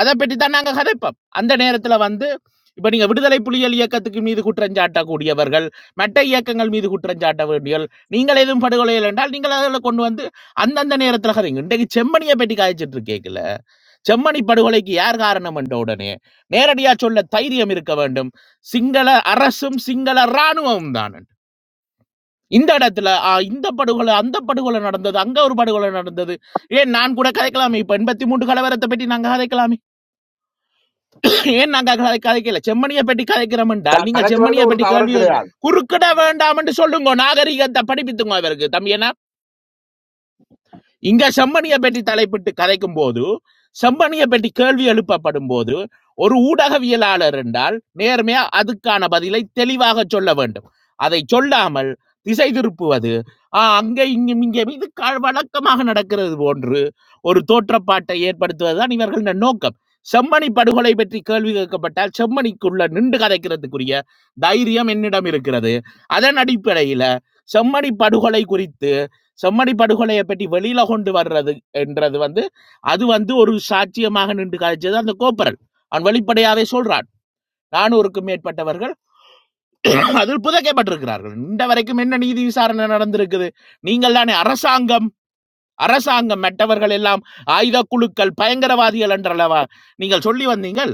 அதை பற்றி தான் நாங்க கதைப்போம் அந்த நேரத்துல வந்து இப்ப நீங்க விடுதலை புலிகள் இயக்கத்துக்கு மீது குற்றஞ்சாட்டக்கூடியவர்கள் மற்ற இயக்கங்கள் மீது குற்றஞ்சாட்ட வேண்டியவர்கள் நீங்கள் எதுவும் படுகொலையில் என்றால் நீங்கள் அதில் கொண்டு வந்து அந்தந்த நேரத்துல கதைங்க இன்றைக்கு செம்மணியை பற்றி காய்ச்சிட்டு இருக்கேக்கல செம்மணி படுகொலைக்கு யார் காரணம் என்ற உடனே நேரடியா சொல்ல தைரியம் இருக்க வேண்டும் சிங்கள அரசும் சிங்கள இராணுவமும் தான் இந்த இடத்துல ஆ, இந்த படுகொலை அந்த படுகொலை நடந்தது அங்க ஒரு படுகொலை நடந்தது ஏன் நான் கூட கதைக்கலாமே இப்ப எண்பத்தி மூன்று கலவரத்தை பற்றி நாங்க கதைக்கலாமே ஏன் நாங்க கதை- கதைக்கல செம்மணியை பற்றி கதைக்கிறோம் என்றால்
க-
நீங்கள்
கலக்கிறதுல
செம்மணியை
ஒரு
பற்றி கேள்வி
தவறும்
கேக்க-
கிடையாது
குறுக்கிட வேண்டாம் என்று சொல்லுங்க நாகரிகத்தை படிப்பித்துங்க அவருக்கு தம்பி இங்க செம்மணியை பற்றி தலைப்பிட்டு கதைக்கும் போது செம்மணியை பற்றி கேள்வி எழுப்பப்படும் போது ஒரு ஊடகவியலாளர் என்றால் நேர்மையா அதுக்கான பதிலை தெளிவாக சொல்ல வேண்டும் அதை சொல்லாமல் திசை திருப்புவது ஆ, அங்க இங்கும் இங்கே இது க- வழக்கமாக நடக்கிறது போன்று ஒரு தோற்றப்பாட்டை ஏற்படுத்துவதுதான் இவர்களின் நோக்கம் செம்மணி படுகொலை பற்றி கேள்வி கேட்கப்பட்டால் செம்மணிக்குள்ள நின்று கதைக்கிறதுக்குரிய தைரியம் என்னிடம் இருக்கிறது அதன் அடிப்படையில செம்மணி படுகொலை குறித்து செம்மடி படுகொலையை பற்றி வெளியில கொண்டு வர்றது என்றது வந்து அது வந்து ஒரு சாட்சியமாக நின்று காய்ச்சது அந்த கோப்பரல் அவன் வெளிப்படையாவே சொல்றான் நானூறுக்கும் மேற்பட்டவர்கள் அதில் புதைக்கப்பட்டிருக்கிறார்கள் இந்த வரைக்கும் என்ன நீதி விசாரணை நடந்திருக்குது நீங்கள் தானே அரசாங்கம் அரசாங்கம் மற்றவர்கள் எல்லாம் ஆயுத குழுக்கள் பயங்கரவாதிகள் என்றளவா நீங்கள் சொல்லி வந்தீங்கள்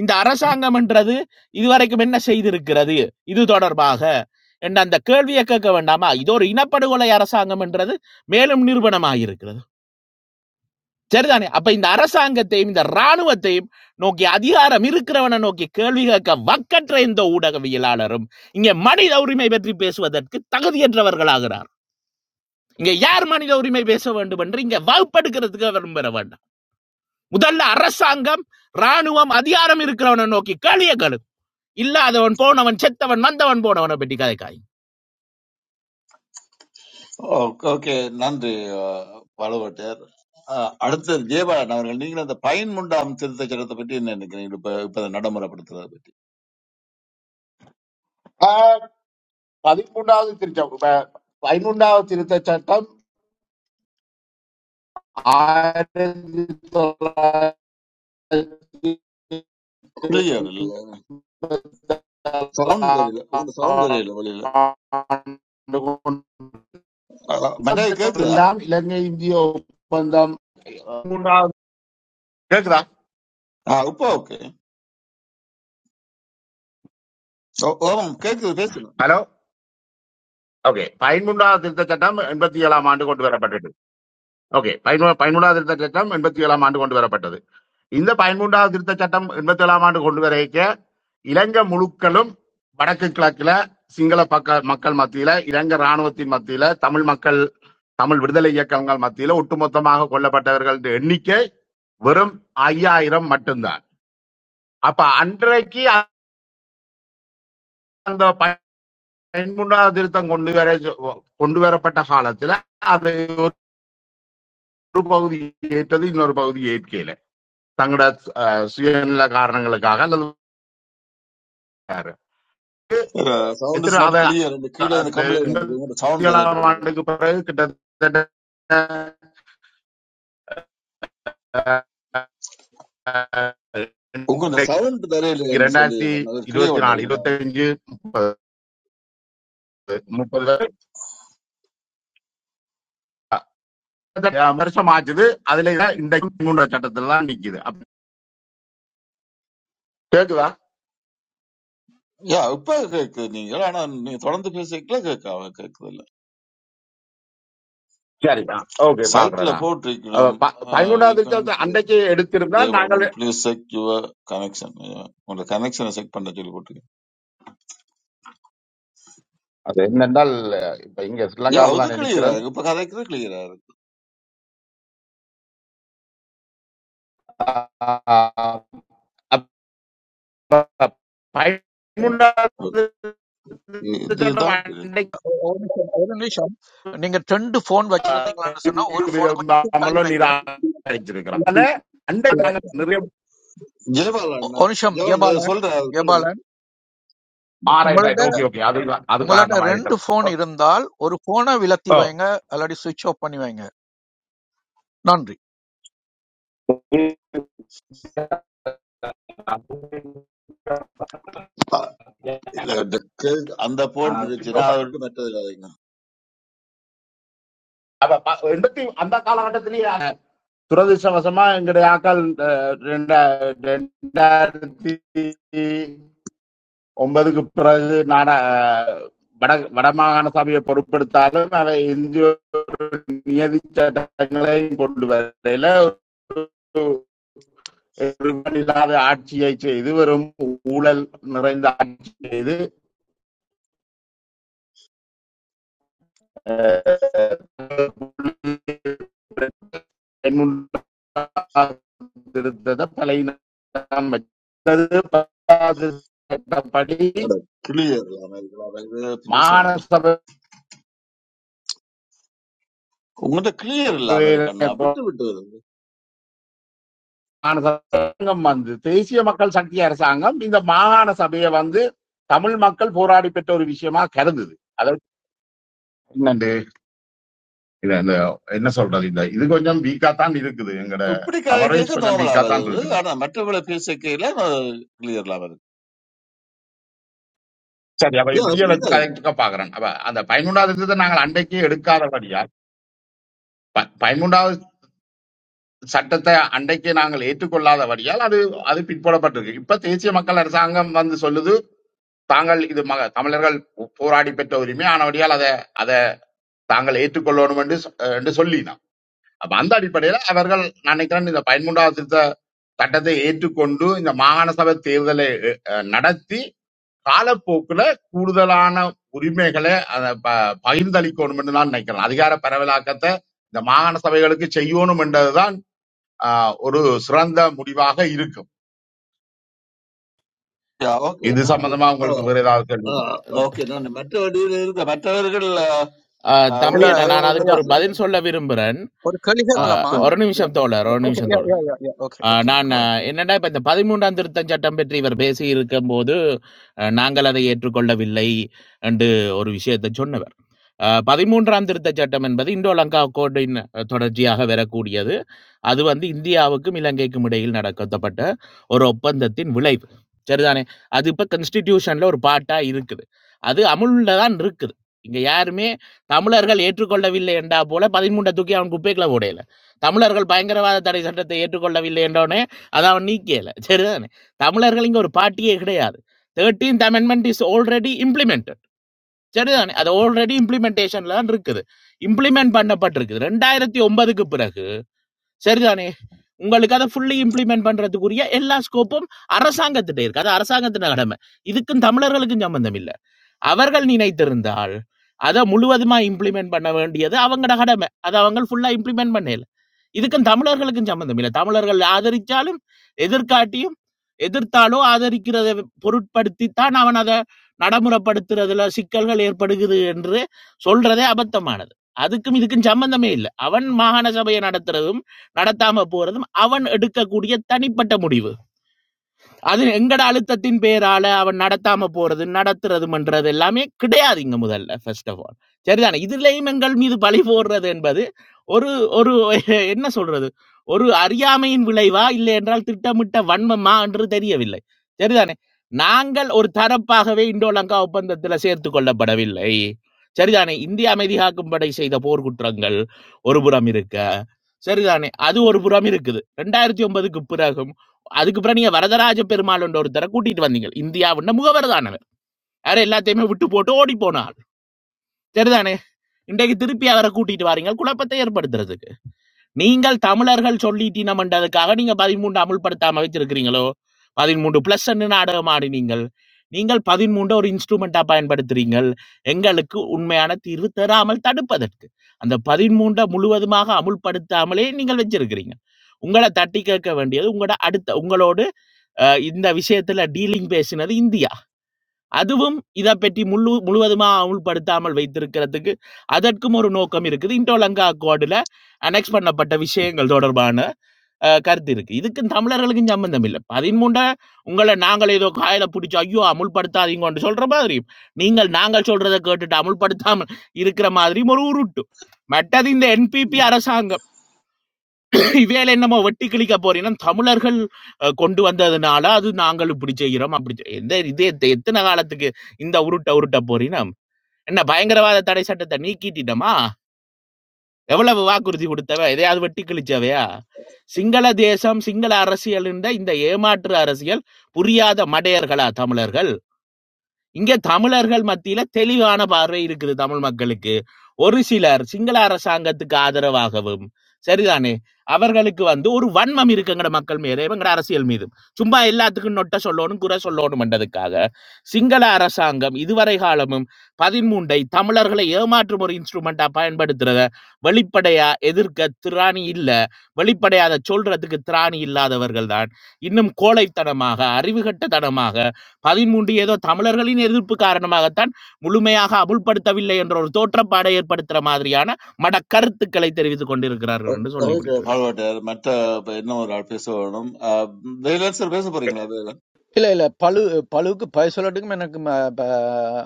இந்த அரசாங்கம் என்றது இதுவரைக்கும் என்ன செய்திருக்கிறது இது தொடர்பாக என்ற அந்த கேள்வியை கேட்க வேண்டாமா இது ஒரு இனப்படுகொலை அரசாங்கம் என்றது மேலும் நிரூபணமாயிருக்கிறது சரிதானே அப்ப இந்த அரசாங்கத்தையும் இந்த ராணுவத்தையும் நோக்கி அதிகாரம் இருக்கிறவனை நோக்கி கேள்வி கேட்க வக்கற்ற இந்த ஊடகவியலாளரும் இங்கே மனித உரிமை பற்றி பேசுவதற்கு தகுதியற்றவர்களாகிறார் இங்க யார் மனித உரிமை பேச வேண்டும் என்று இங்க வகுப்படுக்கிறதுக்கு விரும்புகிறவன் முதல்ல அரசாங்கம் ராணுவம் அதிகாரம் இருக்கிறவனை நோக்கி களிய கழு இல்லாதவன் போனவன் செத்தவன் வந்தவன் போனவனை பற்றி கதைக்காய்
ஓகே நன்றி பழுவட்டர் அடுத்தது ஜெயபாலன் அவர்கள் நீங்கள் அந்த பயன் முண்டாம் திருத்த சட்டத்தை பற்றி என்ன நினைக்கிறீங்க இப்ப இப்ப அதை நடைமுறைப்படுத்துறதை பற்றி
ஆஹ், பதிமூன்றாவது திருச்சம் ப- பதிமூன்றாவது திருத்த சட்டம் ஆயிரத்தி தொள்ளாயிரத்தி
கிளியர் இல்ல சவுண்ட் வரையில உங்களோட சவுண்ட் வரையில வெளியில Uh, மற்ற கேக்குதா
இரண்டாம் இலங்கை இந்திய ஒப்பந்தம் மூன்றாவது கேக்குதா
ஆ, இப்போ ஓகே ஓம் கேக்குது பேசுங்க
ஹலோ ஓகே பதிமூன்றாவது திருத்த சட்டம் எண்பத்தி ஏழாம் ஆண்டு கொண்டு வரப்பட்டது ஓகே பதினூ பதிமூன்றாவது திருத்த சட்டம் எண்பத்தி ஏழாம் ஆண்டு கொண்டு வரப்பட்டது இந்த பதிமூன்றாவது திருத்த சட்டம் எண்பத்தி ஏழாம் ஆண்டு கொண்டு வர இலங்கை முழுக்களும் வடக்கு கிழக்குல சிங்கள பக்க மக்கள் மத்தியில இலங்கை இராணுவத்தின் மத்தியில தமிழ் மக்கள் தமிழ் விடுதலை இயக்கங்கள் மத்தியில ஒட்டுமொத்தமாக கொல்லப்பட்டவர்கள் எண்ணிக்கை வெறும் ஐயாயிரம் மட்டும்தான் அப்ப அன்றைக்கு அந்த பதிமூன்றாவது திருத்தம் கொண்டு வர கொண்டு வரப்பட்ட காலத்துல அது ஒரு பகுதி ஏற்றது இன்னொரு பகுதி ஏற்கல தங்களோட அஹ், சுயநல காரணங்களுக்காக அல்லது வேறு.
சவுண்ட் இஸ்
எத்தனை
நாட்
அத
கிளியர் இந்த கீழே இந்த
அந்த
கம்ப்ளைண்ட் வந்து உங்களோட
எண்பத்தி
சவுண்ட் வரையில
ஏழாம்
வெளியில
ஆண்டுக்கு பிறகு கிட்டத்தட்ட அஹ்,
உங்களோட
இன்னைக்கு
சவுண்ட் வரையில என்று சொல்லி
ரெண்டாயிரத்தி
கிளியர்
இருபத்தி நாலு
பண்ணுறீங்களா
இருபத்தஞ்சு முப்பது முப்பது வரை, அஹ், வருஷம் ஆச்சுது அதுல தான் இன்றைக்கு பதிமூன்றாம் சட்டத்துல தான் நிக்குது அப்ப கேக்குதா
யா இப்ப கேக்குது நீங்க ஆனா நீங்க தொடர்ந்து பேசிக்கல கேட்க கேக்குது இல்ல
சரிதா ஓகே
சைட்ல
பாக்குறதா
போட்டிருக்கணும்
பதிமூன்றாவது சட்டத்தை அன்றைக்கு எடுத்திருந்தால் நாங்கள்
Jayapalan please check your connection உங்களோட கனெக்ஷனை செக் பண்ண சொல்லி போட்டுருக்கேன்
அது என்னென்றால் இப்ப இங்க
ஏ
ஸ்ரீலங்காவில
அது
தான்
கிளியரா
நினைக்கிறேன்
இருக்கு இப்ப கதைக்கிறது கிளியரா இருக்கு
ஆஹ் அப்ப பதினொன்றாவது
இ-
சட்டம்
இதுதான் தெரியுது
அன்னைக்கு
ஒரு ஒரு நிமிஷம் ஒரு நிமிஷம் நீங்க ரெண்டு போன் வச்சிருந்தீங்களான்னு சொன்னா ஒரு போனை கொஞ்சம் தள்ளி
விரும்பாமலும்
வைங்க
நிராகரிச்சிருக்கிறான் அதுல அண்டை நாங்க நிறைய
ஜெயபாலன்
ஒ- ஒரு நிமிஷம்
ஜெயபாலன் இதை
ஜெபாலன்
சொல்ற அதை சொல்லுங்க
ஜெபாலன்
ஆராய்ச்சி
உங்கள்ட்ட
ஆயிட்டு ஓகே ஓகே அது அது
உங்கள்ட்ட
காரணமா
ரெண்டு
இருக்கலாம் ஓ,
போன் இருந்தால் ஒரு போனை விலத்தி
ஓ.
வைங்க அல்லாடி சுவிட்ச் ஆஃப் பண்ணி வைங்க நன்றி
ஆ, இல்ல இந்த கே- அந்த போன்
ஆஹ்
பிரச்சனை அதை விட்டு மற்றது கதைங்க
அப்ப ப- எண்பத்தி அந்த காலகட்டத்திலேயே துரதிருஷ்டவசமா எங்களுடைய ஆக்கள் அஹ், ரெண்டா- ரெண்டாயிரத்தி ஒன்பதுக்கு பிறகு நாட வட வடமாகாண சபையை பொருட்படுத்தாலும் அவை இந்திய நியதி சட்டங்களை கொண்டு வரையில ஒரு ஒருவன் இல்லாத ஆட்சியை செய்து வெறும் ஊழல் நிறைந்த ஆட்சி செய்து அஹ், இருந்ததை பழையினம் வச்சது பத்தாவது சட்டப்படி
கிளியர் இல்லாம இருக்கலாம் பிரியோசனம்
மாகாண
இல்ல உங்கள்கிட்ட கிளியர் இல்லாம இருக்கு அண்ணா
சபை
விட்டு விட்டு வருது
மாகாண சங்கம் வந்து தேசிய மக்கள் சக்தி அரசாங்கம் இந்த மாகாண சபையை வந்து தமிழ் மக்கள் போராடி பெற்ற ஒரு விஷயமா கருந்தது அதாவது என்னண்டு, இது இந்த என்ன சொல்றது இந்த இது கொஞ்சம் வீக்கா தான் இருக்குது எங்கட
இப்படி
கவரேஜ்
கதைக்கிறதுக்கு
கொஞ்சம்
நார்மலா
வீக்கா தான்
வருது
இருக்குது
ஆனா மற்றவங்களை பேசிக்கையில கிளியர் இல்லாம இருக்கு
சரி அப்ப
ஏ,
இப்படியே
அப்படி
வச்சு
கதைங்க
கரெக்டுக்கா பாக்குறேன் அப்ப அந்த பதிமூன்றாவது சட்டத்தை நாங்கள் அன்றைக்கு எடுக்காதபடியால் ப- பதிமூன்றாவது சட்டத்தை அன்றைக்கு நாங்கள் ஏற்றுக்கொள்ளாதபடியால் அது அது பிற்போடப்பட்டிருக்கு இப்ப தேசிய மக்கள் அரசாங்கம் வந்து சொல்லுது தாங்கள் இது மக தமிழர்கள் போராடி பெற்ற உரிமை ஆனபடியால் அதை தாங்கள் ஏற்றுக்கொள்ளணும் என்று சொ- அஹ் என்று சொல்லினான் அப்ப அந்த அடிப்படையில அவர்கள் நான் நினைக்கிறேன் இந்த பதிமூன்றாவது திருத்த சட்டத்தை ஏற்றுக்கொண்டு இந்த மாகாண சபை தேர்தலை அஹ், அஹ், நடத்தி காலப்போக்குல கூடுதலான உரிமைகளை அத ப- பகிர்ந்தளிக்கணும் என்று நான் நினைக்கிறேன் அதிகார பரவலாக்கத்தை இந்த மாகாண சபைகளுக்கு செய்யணும் என்றதுதான் ஆஹ், ஒரு சிறந்த முடிவாக இருக்கும்
ஓகே
இது
நன்றி
சம்பந்தமா
ஆ.
உங்களுக்கு வேற ஏதாவது கேள்வி
ஆ, ஓகே நான் மற்ற வழியில் இருந்த மற்றவர்கள் ஆ,
தம்பி
இல்ல
அவ்வளவு
என்ன நான்
ஜெயவாளன்
அதுக்கு
ஐயா
ஒரு
பேசுறது
பதில் சொல்ல விரும்புகிறேன்
ஒரு கேள்வி
ஆ,
அஹ்,
கேட்கலாமா
சொல்லுங்க
ஒரு நிமிஷம் தோழர் ஒரு
ஓகே
நிமிஷம்
யா
தோழர்
யா யா யா ஓகே
அஹ்,
ஓகே
நான்
கோ அஹெட்.
அஹ், என்னடா இப்ப இந்த பதிமூன்றாம் திருத்தம் சட்டம் பற்றி இவர் பேசி இருக்கும்போது அஹ், நாங்கள் அதை ஏற்றுக்கொள்ளவில்லை என்று ஒரு விஷயத்தை சொன்னவர் அஹ், பதிமூன்றாம் திருத்தச் சட்டம் என்பது இந்தோ லங்கா கோட்டின் அஹ், தொடர்ச்சியாக வரக்கூடியது அது வந்து இந்தியாவுக்கும் இலங்கைக்கும் இடையில் நடக்கப்பட்ட ஒரு ஒப்பந்தத்தின் விளைவு சரிதானே அது இப்போ கான்ஸ்டிடியூஷன்ல ஒரு பாட்டா இருக்குது அது அமுல்ல தான் இருக்குது இங்க யாருமே தமிழர்கள் ஏற்றுக்கொள்ளவில்லை என்றா போல பதிமூன்றை தூக்கி அவன் குப்பைக்குள்ள போடையில தமிழர்கள் பயங்கரவாத தடை சட்டத்தை ஏற்றுக்கொள்ளவில்லை என்றோடனே அதை அவன் நீக்கியல சரிதானே தமிழர்கள் இங்க ஒரு பாட்டியே கிடையாது thirteenth amendment is already implemented சரிதானே அது ஆல்ரெடி இம்ப்ளிமெண்டேஷன்ல இருக்குது இம்ப்ளிமெண்ட் பண்ணப்பட்டிருக்குது ரெண்டாயிரத்தி ஒன்பதுக்கு பிறகு சரிதானே உங்களுக்கு அதை ஃபுல்லி இம்ப்ளிமெண்ட் பண்றதுக்குரிய எல்லா ஸ்கோப்பும் அரசாங்கத்திட்ட இருக்கு அது அரசாங்கத்தின கடமை இதுக்கும் தமிழர்களுக்கும் சம்பந்தம் இல்லை அவர்கள் நினைத்திருந்தால் அதை முழுவதுமா இம்ப்ளிமெண்ட் பண்ண வேண்டியது அவங்களோட கடமை அதை அவங்க ஃபுல்லா இம்ப்ளிமெண்ட் பண்ணல இதுக்கும் தமிழர்களுக்கும் சம்மந்தம் இல்லை தமிழர்கள் ஆதரிச்சாலும் எதிர்காட்டியும் எதிர்த்தாலோ ஆதரிக்கிறதை பொருட்படுத்தித்தான் அவன் அதை நடைமுறைப்படுத்துறதுல சிக்கல்கள் ஏற்படுகிறது என்று சொல்றதே அபத்தமானது அதுக்கும் இதுக்கும் சம்பந்தமே இல்லை அவன் மாகாண சபையை நடத்துறதும் நடத்தாம போறதும் அவன் எடுக்கக்கூடிய தனிப்பட்ட முடிவு அது எங்கட அழுத்தத்தின் பேரால அவன் நடத்தாம போறது நடத்துறது பண்றது எல்லாமே கிடையாதுங்க முதல்ல ஃபர்ஸ்ட் ஆஃப் ஆல் சரிதானே இதுலயும் எங்கள் மீது பழி போடுறது என்பது ஒரு ஒரு என்ன சொல்றது ஒரு அறியாமையின் விளைவா இல்லை என்றால் திட்டமிட்ட வன்மமா என்று தெரியவில்லை சரிதானே நாங்கள் ஒரு தரப்பாகவே இந்தோலங்கா ஒப்பந்தத்துல சேர்த்து கொள்ளப்படவில்லை சரிதானே இந்திய அமைதி காக்கும் படை செய்த போர்க்குற்றங்கள் ஒரு புறம் இருக்க சரிதானே அது ஒரு புறம் இருக்குது ரெண்டாயிரத்தி ஒன்பதுக்கு பிறகும் அதுக்கு பிறகு நீங்க வரதராஜ பெருமாள் என்ற ஒருத்தரை கூட்டிட்டு வந்தீங்க இந்தியாவுன்ன முகவரதானவர் அவர் எல்லாத்தையுமே விட்டு போட்டு ஓடி போனாள் சரிதானே இன்றைக்கு திருப்பி அவரை கூட்டிட்டு வாரீங்க குழப்பத்தை ஏற்படுத்துறதுக்கு நீங்கள் தமிழர்கள் சொல்லிட்டினம்ன்றதுக்காக நீங்க பதிமூன்று அமுல்படுத்தாம வச்சிருக்கிறீங்களோ பதிமூன்று பிளஸ் நாடகம் ஆடினீங்கள் நீங்கள் பதிமூன்று ஒரு இன்ஸ்ட்ருமெண்டா பயன்படுத்துறீங்கள் எங்களுக்கு உண்மையான தீர்வு தராமல் தடுப்பதற்கு அந்த பதிமூன்றை முழுவதுமாக அமுல்படுத்தாமலே நீங்கள் வச்சிருக்கிறீங்க உங்கள தட்டி கேட்க வேண்டியது உங்களோட அடுத்த உங்களோடு அஹ், இந்த விஷயத்துல டீலிங் பேசினது இந்தியா அதுவும் இதை பற்றி முழு முழுவதுமா அமுல்படுத்தாமல் வைத்திருக்கிறதுக்கு அதற்கும் ஒரு நோக்கம் இருக்குது இண்டோலங்கா கோடுல அனெக்ஸ் பண்ணப்பட்ட விஷயங்கள் தொடர்பான அஹ், கருத்து இருக்கு இதுக்கும் தமிழர்களுக்கும் சம்பந்தம் இல்லை பதிமூண்டா உங்களை நாங்கள் ஏதோ காயில பிடிச்சி ஐயோ அமுல்படுத்தாதீங்கன்னு சொல்ற மாதிரி நீங்கள் நாங்கள் சொல்றதை கேட்டுட்டு அமுல்படுத்தாமல் இருக்கிற மாதிரியும் ஒரு உருட்டு மற்றது இந்த என்பிபி அரசாங்கம் இவேல என்னமோ வெட்டி கிழிக்க போறீங்கன்னா தமிழர்கள் அஹ், கொண்டு வந்ததுனால அது நாங்கள் இப்படி செய்கிறோம் அப்படி செய்- எந்த இது எத்த- எத்தனை காலத்துக்கு இந்த உருட்ட உருட்ட போறீங்கன்னா என்ன பயங்கரவாத தடை சட்டத்தை நீக்கிட்டிட்டோமா எவ்வளவு வாக்குறுதி கொடுத்தவ எதையாவது வெட்டி கிழிச்சவையா சிங்கள தேசம் சிங்கள அரசியல் என்ற இந்த ஏமாற்று அரசியல் புரியாத மடையர்களா தமிழர்கள் இங்க தமிழர்கள் மத்தியில தெளிவான பார்வை இருக்குது தமிழ் மக்களுக்கு ஒரு சிலர் சிங்கள அரசாங்கத்துக்கு ஆதரவாகவும் சரிதானே அவர்களுக்கு வந்து ஒரு வன்மம் இருக்குங்கிற மக்கள் மீது எங்கட அரசியல் மீது சும்மா எல்லாத்துக்கும் நொட்ட சொல்லணும் குறை சொல்லணும் என்றதுக்காக சிங்கள அரசாங்கம் இதுவரை காலமும் பதிமூன்றை தமிழர்களை ஏமாற்றும் ஒரு இன்ஸ்ட்ருமெண்டா பயன்படுத்துறத வெளிப்படையா எதிர்க்க திராணி இல்ல வெளிப்படையாத சொல்றதுக்கு திராணி இல்லாதவர்கள் தான் இன்னும் கோழைத்தனமாக அறிவுகட்டத்தனமாக பதிமூன்று ஏதோ தமிழர்களின் எதிர்ப்பு காரணமாகத்தான் முழுமையாக அமுல்படுத்தவில்லை என்ற ஒரு தோற்றப்பாடை ஏற்படுத்துற மாதிரியான மட கருத்துக்களை தெரிவித்துக்
ஓ,
கொண்டிருக்கிறார்கள் என்று சொல்லி
ஓகே
முடிக்க வேண்டும்
பால்வாட்டர் மற்ற இப்ப இன்னும் ஒரு ஆள் பேச வேணும் ஆ, வேலன் சார் பேச போறீங்களா வேலன்
இல்ல இல்ல பழு பழுவுக்கு பய சொல்லட்டுக்கும் எனக்கு ம, ப,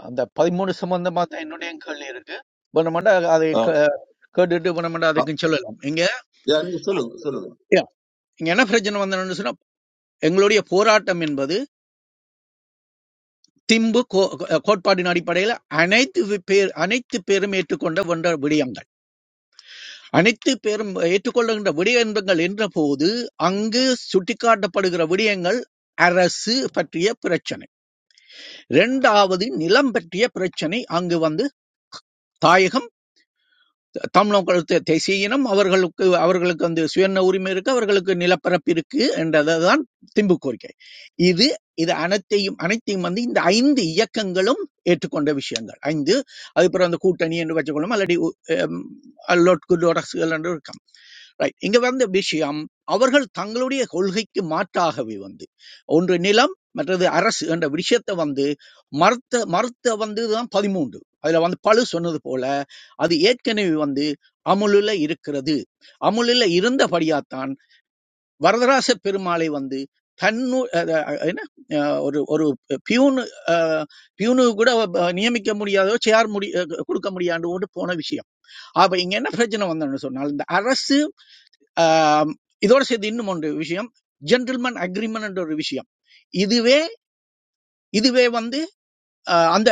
அந்த பதிமூணு சம்பந்தமா தான் என்னுடைய கேள்வி இருக்கு பண்ணமாட்டா அதை
ஆ,
கே- கேட்டுட்டு பண்ணமாட்டா
ஆ,
அதுக்கும் சொல்லலாம் இங்க
யா, நீங்க சொல்லுங்க சொல்லுங்க
இங்க என்ன பிரச்சனை வந்ததுன்னு சொன்னா எங்களுடைய போராட்டம் என்பது திம்பு கோ- கோ- கோட்பாட்டின் அடிப்படையில் அனைத்து வி- பேர் அனைத்து பேரும் ஏற்றுக்கொண்ட ஒன்ற விடயங்கள் அனைத்து பேரும் ஏற்றுக்கொள்கின்ற விடயங்கள் என்ற போது அங்கு சுட்டிக்காட்டப்படுகிற விடயங்கள் அரசு பற்றிய பிரச்சனை இரண்டாவது நிலம் பற்றிய பிரச்சனை அங்கு வந்து தாயகம் தமிழர்கள் தே- தேசிய இனம், அவர்களுக்கு அவர்களுக்கு வந்து சுயண்ண உரிமை இருக்கு அவர்களுக்கு நிலப்பரப்பு இருக்கு என்றதான் திம்பு கோரிக்கை இது இது அனைத்தையும் அனைத்தையும் வந்து இந்த ஐந்து இயக்கங்களும் ஏற்றுக்கொண்ட விஷயங்கள் ஐந்து அதுக்கப்புறம் அந்த கூட்டணி என்று வச்சுக்கொள்ளும் அல்லடி அல்லோட்குள் அரசுகள் என்று இருக்கலாம் ரைட் இங்க வந்த விஷயம் அவர்கள் தங்களுடைய கொள்கைக்கு மாற்றாகவே வந்து ஒன்று நிலம் மற்றது அரசு என்ற விஷயத்தை வந்து மறுத்த மறுத்த வந்து தான் பதிமூன்று அதுல வந்து பழு சொன்னது போல அது ஏற்கனவே வந்து அமுலில் இருக்கிறது அமுலில் இருந்தபடியாத்தான் வரதராச பெருமாளை வந்து தன்னு அஹ் அஹ் என்ன அஹ் ஒரு ஒரு பியூனு அஹ், பியூனு கூட அஹ், நியமிக்க முடியாதோ சேர் முடி அஹ், கொடுக்க முடியாண்டு கொண்டு போன விஷயம் அப்ப இங்க என்ன பிரச்சனை வந்தோம்னு சொன்னால் இந்த அரசு ஆம், இதோட சேர்த்து இன்னும் ஒன்று விஷயம் ஜென்டில்மேன் அக்ரிமெண்ட் என்ற ஒரு விஷயம் இதுவே இதுவே வந்து அஹ், அந்த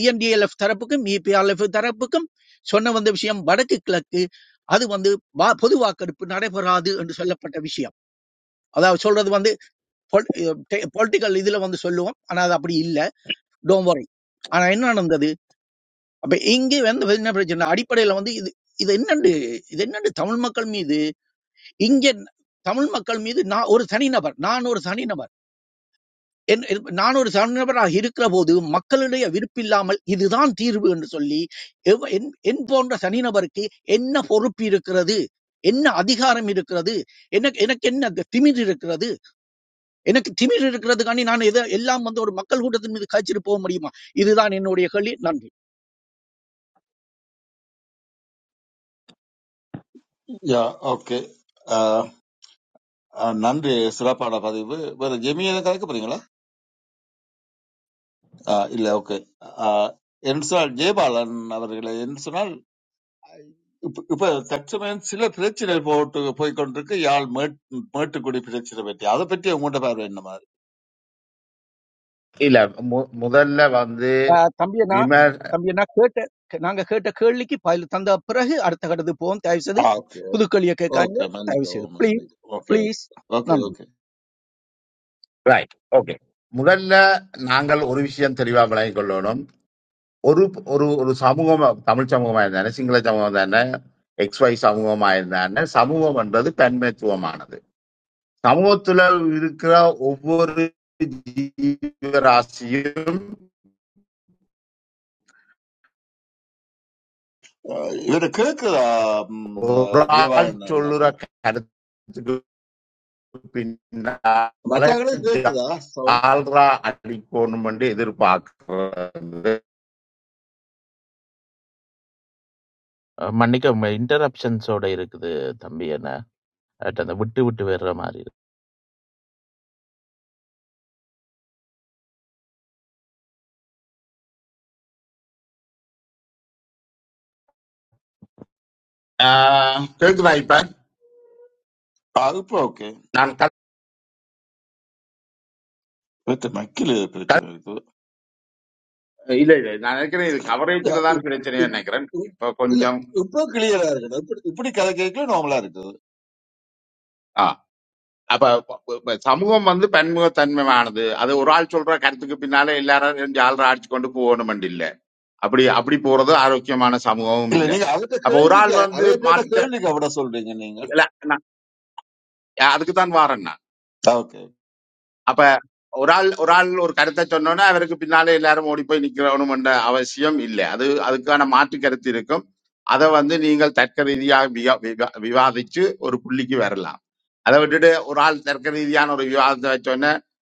இஎன்டிஎல்எஃப் தரப்புக்கும் இபிஆர்எஃப் தரப்புக்கும் சொன்ன வந்த விஷயம் வடக்கு கிழக்கு அது வந்து வா- பொது வாக்கெடுப்பு நடைபெறாது என்று சொல்லப்பட்ட விஷயம் அதாவது சொல்றது வந்து பொலிட்டிக்கல் இதுல வந்து சொல்லுவோம் ஆனா அது அப்படி இல்ல டோன்ட் வரி ஆனா என்ன நடந்தது அப்ப இங்கே வந்து என்ன பிரச்சனை அடிப்படையில வந்து இது இது என்னண்டு இது என்னண்டு தமிழ் மக்கள் மீது இங்க தமிழ் மக்கள் மீது நான் ஒரு தனிநபர் நான் ஒரு தனிநபர் என் இது- நான் ஒரு தனிநபராக இருக்கிற போது மக்களுடைய விருப்பில்லாமல் இதுதான் தீர்வு என்று சொல்லி எவ்- என் என் போன்ற தனிநபருக்கு என்ன பொறுப்பு இருக்கிறது என்ன அதிகாரம் இருக்கிறது எனக்கு எனக்கு என்ன க- திமிர் இருக்கிறது எனக்கு திமிர் இருக்கிறதுக்காண்டி நான் எதை எல்லாம் வந்து ஒரு மக்கள் கூட்டத்தின் மீது காய்ச்சிட்டு போக முடியுமா இதுதான் என்னுடைய கேள்வி நன்றி
யா ஓகே ஆ, ஆ, நன்றி சிறப்பான பதிவு வேற ஜெமியை கலக்க போறீங்களா ஆ, இல்ல ஓகே ஆ, என்று சொன்னால் ஜெயபாலன் அவர்களை என்று சொன்னால் இப்ப இப்ப தற்சமயம் சில பிரச்சனை போட்டு போய்க்கொண்டிருக்கு யாழ் மேட் மேட்டுக்குடி பிரச்சனை பற்றி அதை பற்றி உங்கள்கிட்ட பார்வை என்ன
இல்ல மு- முதல்ல வந்து
ஆஹ் தம்பி அண்ணா தம்பி அண்ணா கேட்ட கே- நாங்க கேட்ட கேள்விக்கு பதில் தந்த பிறகு அடுத்த கட்டத்துக்கு போவோம் தயவு செய்து
ஆ, ஓகே
புதுக்கல்வியை கேட்காங்க
ஓகே
தயவு செய்து
மன்னிக்கவும்
ப்ளீஸ்
மன்னிக்கவும் ஓகே
ப்ளீஸ்
ஓகே
நன்றி
ஓகே
ரைட் ஓகே முதல்ல நாங்கள் ஒரு விஷயம் தெளிவா விளங்கிக் கொள்ளணும் ஒரு ஒரு ஒரு சமூகம் தமிழ் சமூகமா இருந்தானே சிங்கள சமூகம் தானே எக்ஸ் ஒய் சமூகமா இருந்தானே சமூகம் என்பது தன்மைத்துவமானது சமூகத்துல இருக்கிற ஒவ்வொரு ஜீவராசியும்
அஹ் இவரு கேக்குதா ம்,
ஒரு
அஹ்,
ஆள்
ஜீவானந்த்
சொல்லுற
அண்ணாண்டு
கருத்துக்கு பின்னால
மற்றவங்களுக்கு கேக்குதா சவுண்ட்
ஜால்ரா அடிக்கணும் என்று எதிர்பார்க்கிறது
அஹ் மன்னிக்கவும் இன்டரப்ஷன்ஸோட இருக்குது தம்பி என்ன அட் அந்த விட்டு விட்டு வர்ற மாதிரி இருக்கு
ஆஹ் கேக்குதா இப்ப
அது இப்போ ஓகே
நான்
விட்டு மக்கில் பிரச்சனை இருக்குது
இல்ல இல்ல நான் நினைக்கிறேன் இது கவரேஜ்ல
அஹ்
தான்
இப்-
பிரச்சனையா
இப்-
நினைக்கிறேன்
இப்-
இப்ப
இல்ல
கொஞ்சம்
இப்போ கிளியரா இருக்குது இப்படி இப்படி கதை கேட்கல நார்மலா இருக்குது
ஆ, அப்ப ப- ப- சமூகம் வந்து பன்முகத்தன்மையானது அது ஒரு ஆள் சொல்ற கருத்துக்கு பின்னால எல்லாரும் ரெண்டு ஆள் அடிச்சு கொண்டு போகணும் இல்ல அப்படி அப்படி போறது ஆரோக்கியமான சமூகமும்
இல்ல
இல்ல
நீங்க அவர்கிட்ட
அப்ப ஒரு
கேள்விக்கு
ஆள்
அவ
வந்து
கேட்ட
மாத்திக்க
கேள்விக்கு அவட சொல்றீங்க நீங்க
இல்ல, நான் அதுக்கு தான் வாரேன் நான்
ஆ, ஓகே
அப்ப ஒரு ஆள் ஒரு ஆள் ஒரு கருத்தை சொன்னோன்னா அவருக்கு பின்னாலே எல்லாரும் ஓடி போய் நிக்கணும் என்ற அவசியம் இல்லை அது அதுக்கான மாற்று கருத்து இருக்கும் அதை வந்து நீங்கள் தர்க்க ரீதியாக விவா- விவா- விவாதிச்சு ஒரு புள்ளிக்கு வரலாம் அதை விட்டுட்டு ஒரு ஆள் தர்க்க ரீதியான ஒரு விவாதத்தை வச்சோன்னே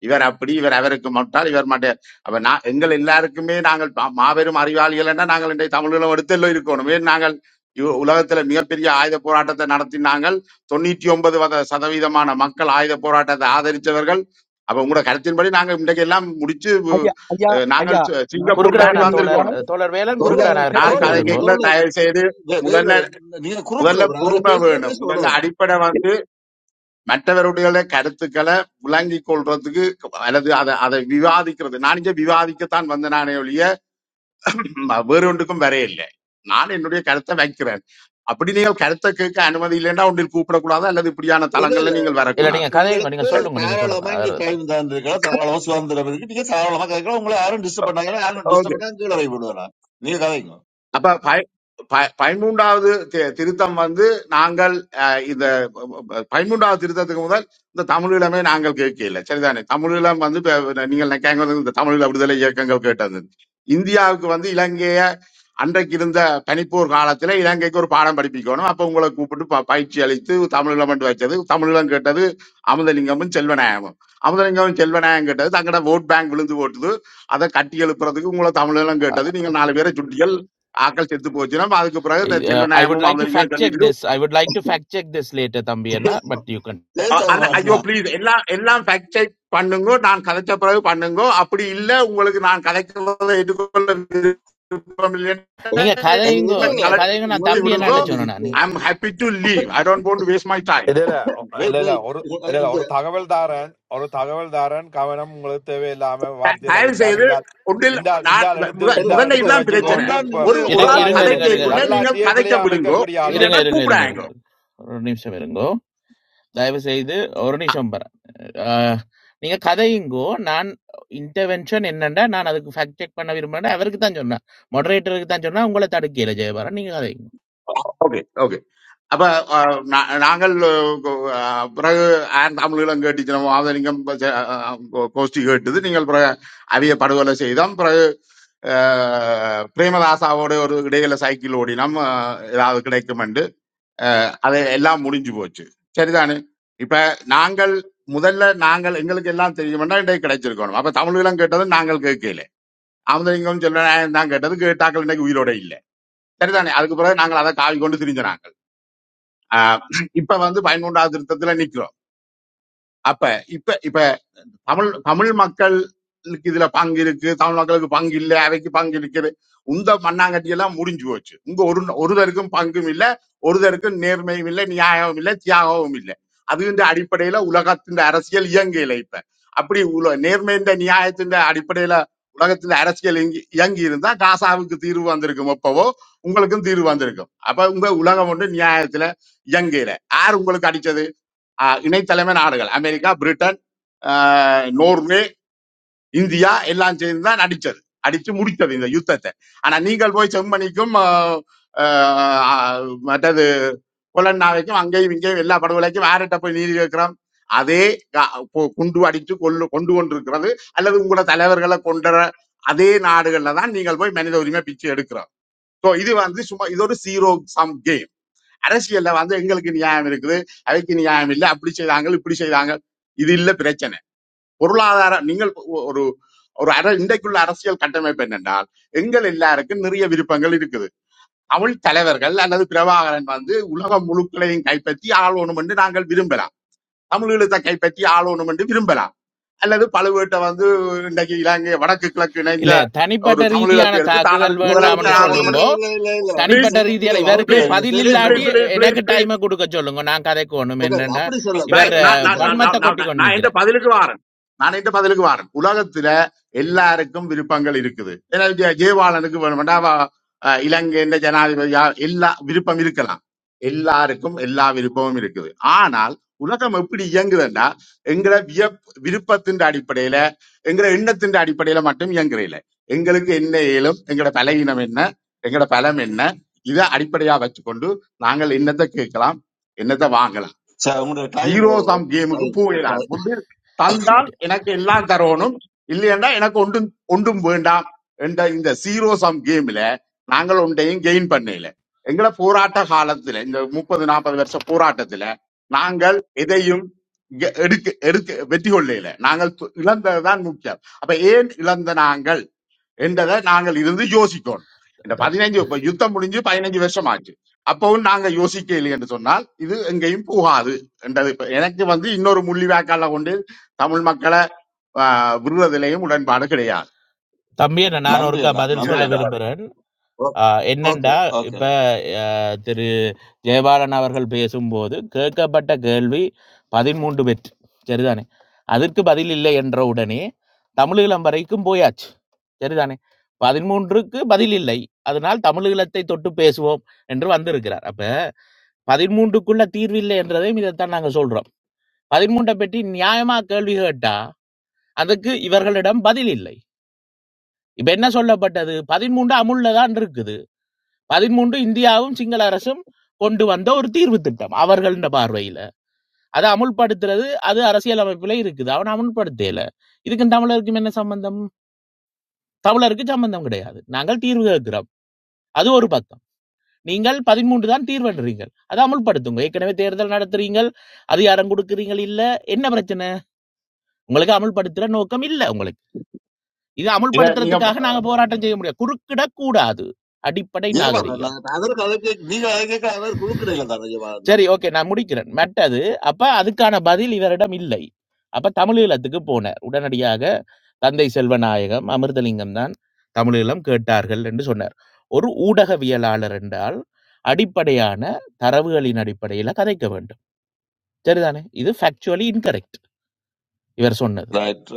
இவர் அப்படி இவர் அவருக்கு மட்டால் இவர் மாட்டார் அப்ப நான் எங்கள் எல்லாருக்குமே நாங்கள் பா- மாபெரும் அறிவாளிகள் என்ன நாங்கள் இன்றைய தமிழீழம் எடுத்தெல்லாம் இருக்கணும் ஏன் நாங்கள் இவ் உலகத்துல மிகப்பெரிய ஆயுத போராட்டத்தை நடத்தினாங்கள் தொண்ணூற்றி ஒன்பது வத- சதவீதமான மக்கள் ஆயுத போராட்டத்தை ஆதரித்தவர்கள் அப்ப உங்களோட கருத்தின்படி நாங்க இன்றைக்கு எல்லாம் முடிச்சு உ-
ஐயா ஐயா
அஹ் நாங்கள்
ஐயா
சி-
நான்
சிங்கப்பூர்
கேட்ட
மாதிரி
குறுக்கிடவனான்
கேள்வி
தோழர்
ஐயா
வந்திருக்கணும்
அஹ் தோழர் வேலன்
தோல
ஐயா நான்
குறுக்கிடவனார்
கேட்ட
நான்
தோல
கதைக்க
கதை
கேள்வி
விடுங்கோ
கேட்கல
தோல
தயவு செய்து
வேலை
முதல்ல
நீங்க குறுக்கிட
முதல்ல
கூடாது. அவரை
பொறுமை
பேசுனா பேச
வேணும் முதல்ல
விடணும்
அடிப்படை வந்து
இல்ல
மற்றவருடைய கருத்துக்களை விளங்கிக் கொள்றதுக்கு அல்லது அதை அதை விவாதிக்கிறது நான் இங்க விவாதிக்கத்தான் வந்த நானே ஒழிய வேறொன்றுக்கும் வரையில்லை நான் என்னுடைய கருத்தை வைக்கிறேன் அப்படி நீங்கள் கருத்தை கேட்க அனுமதி இல்லைன்னா ஒன்றில் கூப்பிடக்கூடாது அல்லது இப்படியான தளங்கள்ல நீங்கள்
இல்ல
உங்க-
நீங்க
வரக்கூடாது
கதைங்க நீங்க
உங்களுக்கு
சொல்லுங்க நீங்க சொல்லுங்க
தாராளமா இங்க
அவர்
டைம் தந்திருக்கலாம் தாராளமா சுதந்திரம் இருக்கு நீங்க தாராளமா கதைக்கலாம் உங்களை யாரும் டிஸ்டர்ப் பண்ணாங்க யாரும் டிஸ்டர்ப் பண்ணா கீழே போய் விடுவேன் நீங்க கதைங்க
அப்ப பய- பய- பதிமூன்றாவது தி- திருத்தம் வந்து நாங்கள் அஹ், இந்த பதிமூன்றாவது திருத்தத்துக்கு முதல் இந்த தமிழீழமே நாங்கள் கேட்கல சரிதானே தமிழீழம் வந்து இப்ப நீங்கள் நினைக்காங்க வந்து இந்த தமிழீழ விடுதலை இயக்கங்கள் கேட்டது இந்தியாவுக்கு வந்து இலங்கைய அன்றைக்கு இருந்த பனிப்போர் காலத்துல இலங்கைக்கு ஒரு பாடம் படிப்பிக்கணும் அப்ப உங்களை கூப்பிட்டு ப- பயிற்சி அளித்து தமிழீழம் என்று வச்சது தமிழீழம் கேட்டது அமுதலிங்கமும் செல்வநாயகமும் அமுதலிங்கமும் செல்வநாயகம் கேட்டது தங்களோட ஓட் பேங்க் விழுந்து போட்டுது அதை கட்டி எழுப்புறதுக்கு உங்களை தமிழெல்லாம் கேட்டது நீங்கள் நாலு பேரை சுட்டிகள் ஆக்கள் செத்து போச்சுன்னா அதுக்கு பிறகு இந்த செல்வ
ஐ வுட்
நாயமும்
லைக் டு
அமலிங்கம்
ஃபேக்ட் செக்
கண்டிட்டு
this I would like to fact check this later தம்பி என்ன பட் யூ கேன்
பேச
அ- அண்ணா, ஐயோ
மாட்டலாம்
ப்ளீஸ் எல்லாம் எல்லாம் ஃபேக்ட் செக் பண்ணுங்க நான் கதைச்ச பிறகு பண்ணுங்க அப்படி இல்ல உங்களுக்கு நான் கதைக்கிறத எதிர்கொள்ள விருப்பம் இல்லைன்னா
நீங்க
அது
கதைங்கோ
வந்து
என்னை
நீங்க கதைங்க நான்
கலட்டி
தம்பி
உங்களுக்கு
விடுங்க
என்னாட்ட
டைம் இருக்கு
சொன்னேன்
I am happy to leave I don't want to waste my time
இல்ல இல்ல இல்ல
வெயிட்
இல்ல
வெயிட்
ஒரு இல்ல இல்ல
இந்த
ஒரு தகவல் தாரன் ஒரு தகவல் தாரன் கவனம் உங்களுக்கு தேவையில்லாம வார்த்தையில
தயவு
விட்டால்
செய்து
இந்த ஆள்
ஒன்றில்
இந்த ஆள் இந்த
நான்
ஆள் எடுத்து
முத-
இந்த
இல்ல
ஆள்
முதல்ல
இப்ப
எடுத்து
இதுதான்
நான்
பிரச்சனை
வச்சுக்கொண்டு
தான்
இப்ப
நீங்க
ஒரு ஒரு
இருங்க
ஆள்
இருங்க இருங்க
வரலாற்றி
கண்ட்ரோல்
கதை
இருங்க
பண்றேன்
கேட்குள்ள நீங்கள்
வரலாற்றையே
கதைக்க
பிழைய
விடுங்கோ
அமைக்கக்கூடிய ஆள்
இருங்க,
வந்து
இல்லைன்னா
இருங்க, இருங்க,
கூப்பிடாங்க
இருங்க, இருங்க. ஒரு நிமிஷம் இருங்கோ. தயவு செய்து ஒரு நிமிஷம் பர. ஆ, நீங்க கதையுங்கோ. நான் இன்டர்வென்ஷன் என்னண்டா, நான் அதுக்கு ஃபேக்ட் செக் பண்ண விரும்புறேன்டா, அவருக்கு தான் சொன்னேன். மொடரேட்டருக்கு தான் சொன்னேன். உங்கள தடுக்கையில ஜெயபாரன். நீங்க கதைங்க.
ஓகே ஓகே அப்ப அஹ், நா- நாங்கள் அஹ், பிறகு ஆன் தமிழீழம் கேட்டுச்சினோம் ஆதரிங்கம் கோஷ்டி கேட்டது நீங்கள் பிறகு அவிய படுகொலை செய்தோம் பிறகு அஹ், பிரேமதாசாவோட ஒரு இடையில சைக்கிள் ஓடினோம் அஹ், ஏதாவது கிடைக்கும் என்று அஹ், அது எல்லாம் முடிஞ்சு போச்சு சரிதானே இப்ப நாங்கள் முதல்ல நாங்கள் எங்களுக்கு எல்லாம் தெரியும்னா இன்றைக்கு கிடைச்சிருக்கணும் அப்ப தமிழீழம் கேட்டது நாங்கள் கேட்கல ஆமதலிங்கம் சொல்ல தான் கேட்டது கேட்டாக்கள் இன்னைக்கு உயிரோட இல்லை சரிதானே அதுக்கு பிறகு நாங்கள் அதை காவி கொண்டு திரிஞ்ச நாங்கள் ஆஹ் இப்ப வந்து பதிமூன்றாவது திருத்தத்துல நிக்கிறோம் அப்ப இப்ப தமிழ் தமிழ் மக்களுக்கு இதுல பங்கு இருக்கு தமிழ் மக்களுக்கு பங்கு இல்ல அவைக்கு பங்கு இருக்குது உந்த மண்ணாங்கட்டி எல்லாம் முடிஞ்சு போச்சு உங்க ஒரு ஒருதருக்கும் பங்கும் இல்ல ஒருதருக்கும் நேர்மையும் இல்லை நியாயமும் இல்லை தியாகமும் இல்லை அதுன்ற அடிப்படையில உலகத்தின் அரசியல் இயங்கையில இப்ப அப்படி உல நேர்மையின் நியாயத்தின் அடிப்படையில உலகத்துல அரசியல் இயங்கி இயங்கி இருந்தா காசாவுக்கு தீர்வு வந்திருக்கும் எப்பவோ உங்களுக்கும் தீர்வு வந்திருக்கும் அப்ப உங்க உலகம் ஒன்று நியாயத்துல இயங்கையில யார் உங்களுக்கு அடிச்சது ஆஹ் இணைத்தலைமை நாடுகள் அமெரிக்கா பிரிட்டன் ஆஹ் நோர்வே இந்தியா எல்லாம் சேர்ந்து தான் அடிச்சது அடிச்சு முடித்தது இந்த யுத்தத்தை ஆனா நீங்கள் போய் செம்மணிக்கும் ஆஹ் ஆஹ் மற்றது கொலன்னாவைக்கும் அங்கேயும் இங்கேயும் எல்லா படுகொலைக்கும் யார்கிட்ட போய் நீதி கேட்கிறோம் அதே கா- கொ- குண்டு அடித்து கொள்ளு கொண்டு கொண்டிருக்கிறது அல்லது உங்களோட தலைவர்களை கொண்ட அதே நாடுகள்ல தான் நீங்கள் போய் மனித உரிமை பிச்சை எடுக்கிறோம் ஸோ இது வந்து சும்மா இது ஒரு சீரோ சம் கேம் அரசியல்ல வந்து எங்களுக்கு நியாயம் இருக்குது அவைக்கு நியாயம் இல்லை அப்படி செய்தாங்க இப்படி செய்தாங்க இது இல்ல பிரச்சனை பொருளாதார நீங்கள் ஒரு ஒரு அர இன்றைக்குள்ள அரசியல் கட்டமைப்பு என்னென்றால் எங்கள் எல்லாருக்கும் நிறைய விருப்பங்கள் இருக்குது தமிழ் தலைவர்கள் அல்லது பிரபாகரன் வந்து உலகம் முழுக்களையும் கைப்பற்றி ஆளணும் என்று நாங்கள் விரும்பலாம் தமிழீழத்தை கைப்பற்றி ஆளணும் என்று விரும்பலாம் அல்லது பழுவேட்டை வந்து இன்றைக்கு இலங்கை வடக்கு கிழக்கு இணைந்த
இல்ல,
ஒரு
தனிப்பட்ட ரீதியான
தமிழீழத்தை எடுத்து தான்
தாக்குதல்
அதுக்கு
வேண்டாம்னு
முதலமைச்சர்
இல்ல இல்ல
ஆகணும்
இல்ல
சொல்லுங்கோ.
இல்ல இல்ல இல்ல.
ப்ளீஸ்
தனிப்பட்ட
நீங்க இல்ல
ரீதியால
இல்ல
இவருக்கு
அழைப்பட
ப்ளீஸ்
நீங்க
பதில்
பேர்
ப்ளீஸ்
இல்லாட்டி
சொல்றப்பட
ப்ளீஸ்
எனக்கு
ப்ளீஸ் ப்ளீஸ்
டைமை கொடுக்க சொல்லுங்க. நான் கதைக்கோணும்
இல்ல இல்ல
என்னண்டா,
அப்படி
இவர்
Right.
சொல்லக்கூடாது
நான்
அப்படி
நான் நான்
கதைக்கூடாது
வன்மத்தை
நான் நான்
கொட்டி
நான்
கொண்டு
நான் எந்த
நிக்கிறார்.
பதிலுக்கு வாரேன் நான் எந்த பதிலுக்கு வாரேன் உலகத்துல எல்லாருக்கும் விருப்பங்கள் இருக்குது ஏன்னா ஜெ- ஜெயவாலனுக்கு வேணும்னா அவ- அஹ் இலங்கையின் ஜனாதிபதியா எல்லா விருப்பம் இருக்கலாம் எல்லாருக்கும் எல்லா விருப்பமும் இருக்குது ஆனால் உலகம் எப்படி இயங்குதுன்னா எங்களை வியப் விருப்பத்தின் அடிப்படையில எங்களை எண்ணத்தின் அடிப்படையில மட்டும் இயங்குறையில எங்களுக்கு என்ன இயலும் எங்களோட பலவீனம் என்ன எங்களோட பலம் என்ன இதை அடிப்படையா வச்சுக்கொண்டு நாங்கள் என்னத்தை கேட்கலாம் என்னத்தை வாங்கலாம்
சார் உங்களோட டைம்
ஜீரோ
ஓவர்
சம் கேமுக்கு
டைம்
போயிடாது
டைம்
ஒன்று தந்தால்
ஓகே.
எனக்கு எல்லாம் தரணும் இல்லையென்றால் எனக்கு ஒன்றும் ஒன்றும் வேண்டாம் என்ற இந்த ஜீரோ சம் கேம்ல நாங்கள் ஒன்றையும் கெயின் பண்ணல எங்களை போராட்ட காலத்துல இந்த முப்பது நாற்பது வருஷ போராட்டத்துல நாங்கள் எதையும் இங்க எடுக்க எடுக்க வெற்றி கொள்ளையில நாங்கள் து- இழந்ததுதான் முக்கியம் அப்ப ஏன் இழந்த நாங்கள் என்றதை நாங்கள் இருந்து யோசிக்கணும் இந்த பதினைஞ்சு இப்ப யுத்தம் முடிஞ்சு பதினைஞ்சு வருஷம் ஆச்சு அப்பவும் நாங்க யோசிக்கவில்லை என்று சொன்னால் இது எங்கேயும் போகாது என்றது இப்ப எனக்கு வந்து இன்னொரு முள்ளிவாய்க்கால கொண்டு தமிழ் மக்களை ஆஹ், விடுவதிலேயும் உடன்பாடு கிடையாது
தம்பி, நான்
நன்றி
ஒருக்கா
அண்ணா
பதில்
நன்றி
இதான்
சொல்ல
இந்த
அண்ணா
பதில்
விரும்புறேன். ஆ
ஓகே
என்னென்டா,
ஓகே.
இப்ப அ திரு ஜெயபாலன் அவர்கள் பேசும்போது, கேட்கப்பட்ட கேள்வி 13 வெற்றி. சரிதானே? அதற்கு பதில் இல்லை என்ற உடனே, தமிழீழம் வரைக்கும் போயாச்சு. சரிதானே? 13க்கு பதில் இல்லை. அதனால் தமிழீழத்தை தொட்டு பேசுவோம் என்று வந்திருக்கிறார். அப்ப 13க்குள்ள தீர்வு இல்லை என்றதையும் இதைத்தான் நாங்க சொல்றோம். 13 பற்றி நியாயமா கேள்வி கேட்டா, அதுக்கு இவர்களிடம் பதில் இல்லை. இப்ப என்ன சொல்லப்பட்டது? 13 அமுல்ல தான் இருக்குது. பதிமூன்று இந்தியாவும் சிங்கள அரசும் கொண்டு வந்த ஒரு தீர்வு திட்டம் அவர்கள்ன்ற பார்வையில அதை அமுல்படுத்துறது அது அரசியல் அமைப்புல இருக்குது அவன் அமுல்படுத்தல இதுக்கும் தமிழருக்கும் என்ன சம்பந்தம் தமிழருக்கு சம்பந்தம் கிடையாது நாங்கள் தீர்வு கேட்கிறோம் அது ஒரு பக்கம் நீங்கள் பதிமூன்று தான் தீர்வுன்றீங்கள் அதை அமுல்படுத்துங்க ஏற்கனவே தேர்தல் நடத்துறீங்க அதிகாரம் கொடுக்குறீங்க இல்ல என்ன பிரச்சனை உங்களுக்கு அமுல்படுத்துற நோக்கம் இல்ல உங்களுக்கு இது
இதை நீங்க
அமுல்படுத்துறதுக்காக நாங்க
அஹ்,
போராட்டம் செய்ய முடியாது குறுக்கிடக்கூடாது அடிப்படை நாகரிகம்
ஜெயபாலன் நான் அதற்கு அதை கேட்க நீங்க அதை கேட்க அவர் குறுக்கிடையில தானே ஜெயபாலன் தான்
சரி ஓகே நான் முடிக்கிறேன் மெட்டது அப்ப அதுக்கான பதில் இவரிடம் இல்லை அப்ப தமிழீழத்துக்கு போனார் உடனடியாக தந்தை செல்வநாயகம் அமிர்தலிங்கம் தான் தமிழீழம் கேட்டார்கள் என்று சொன்னார் ஒரு ஊடகவியலாளர் என்றால் அடிப்படையான தரவுகளின் அடிப்படையில் கதைக்க வேண்டும் சரிதானே இது ஃபேக்சுவலி இன்கரெக்ட் இவர் சொன்னது
ரைட்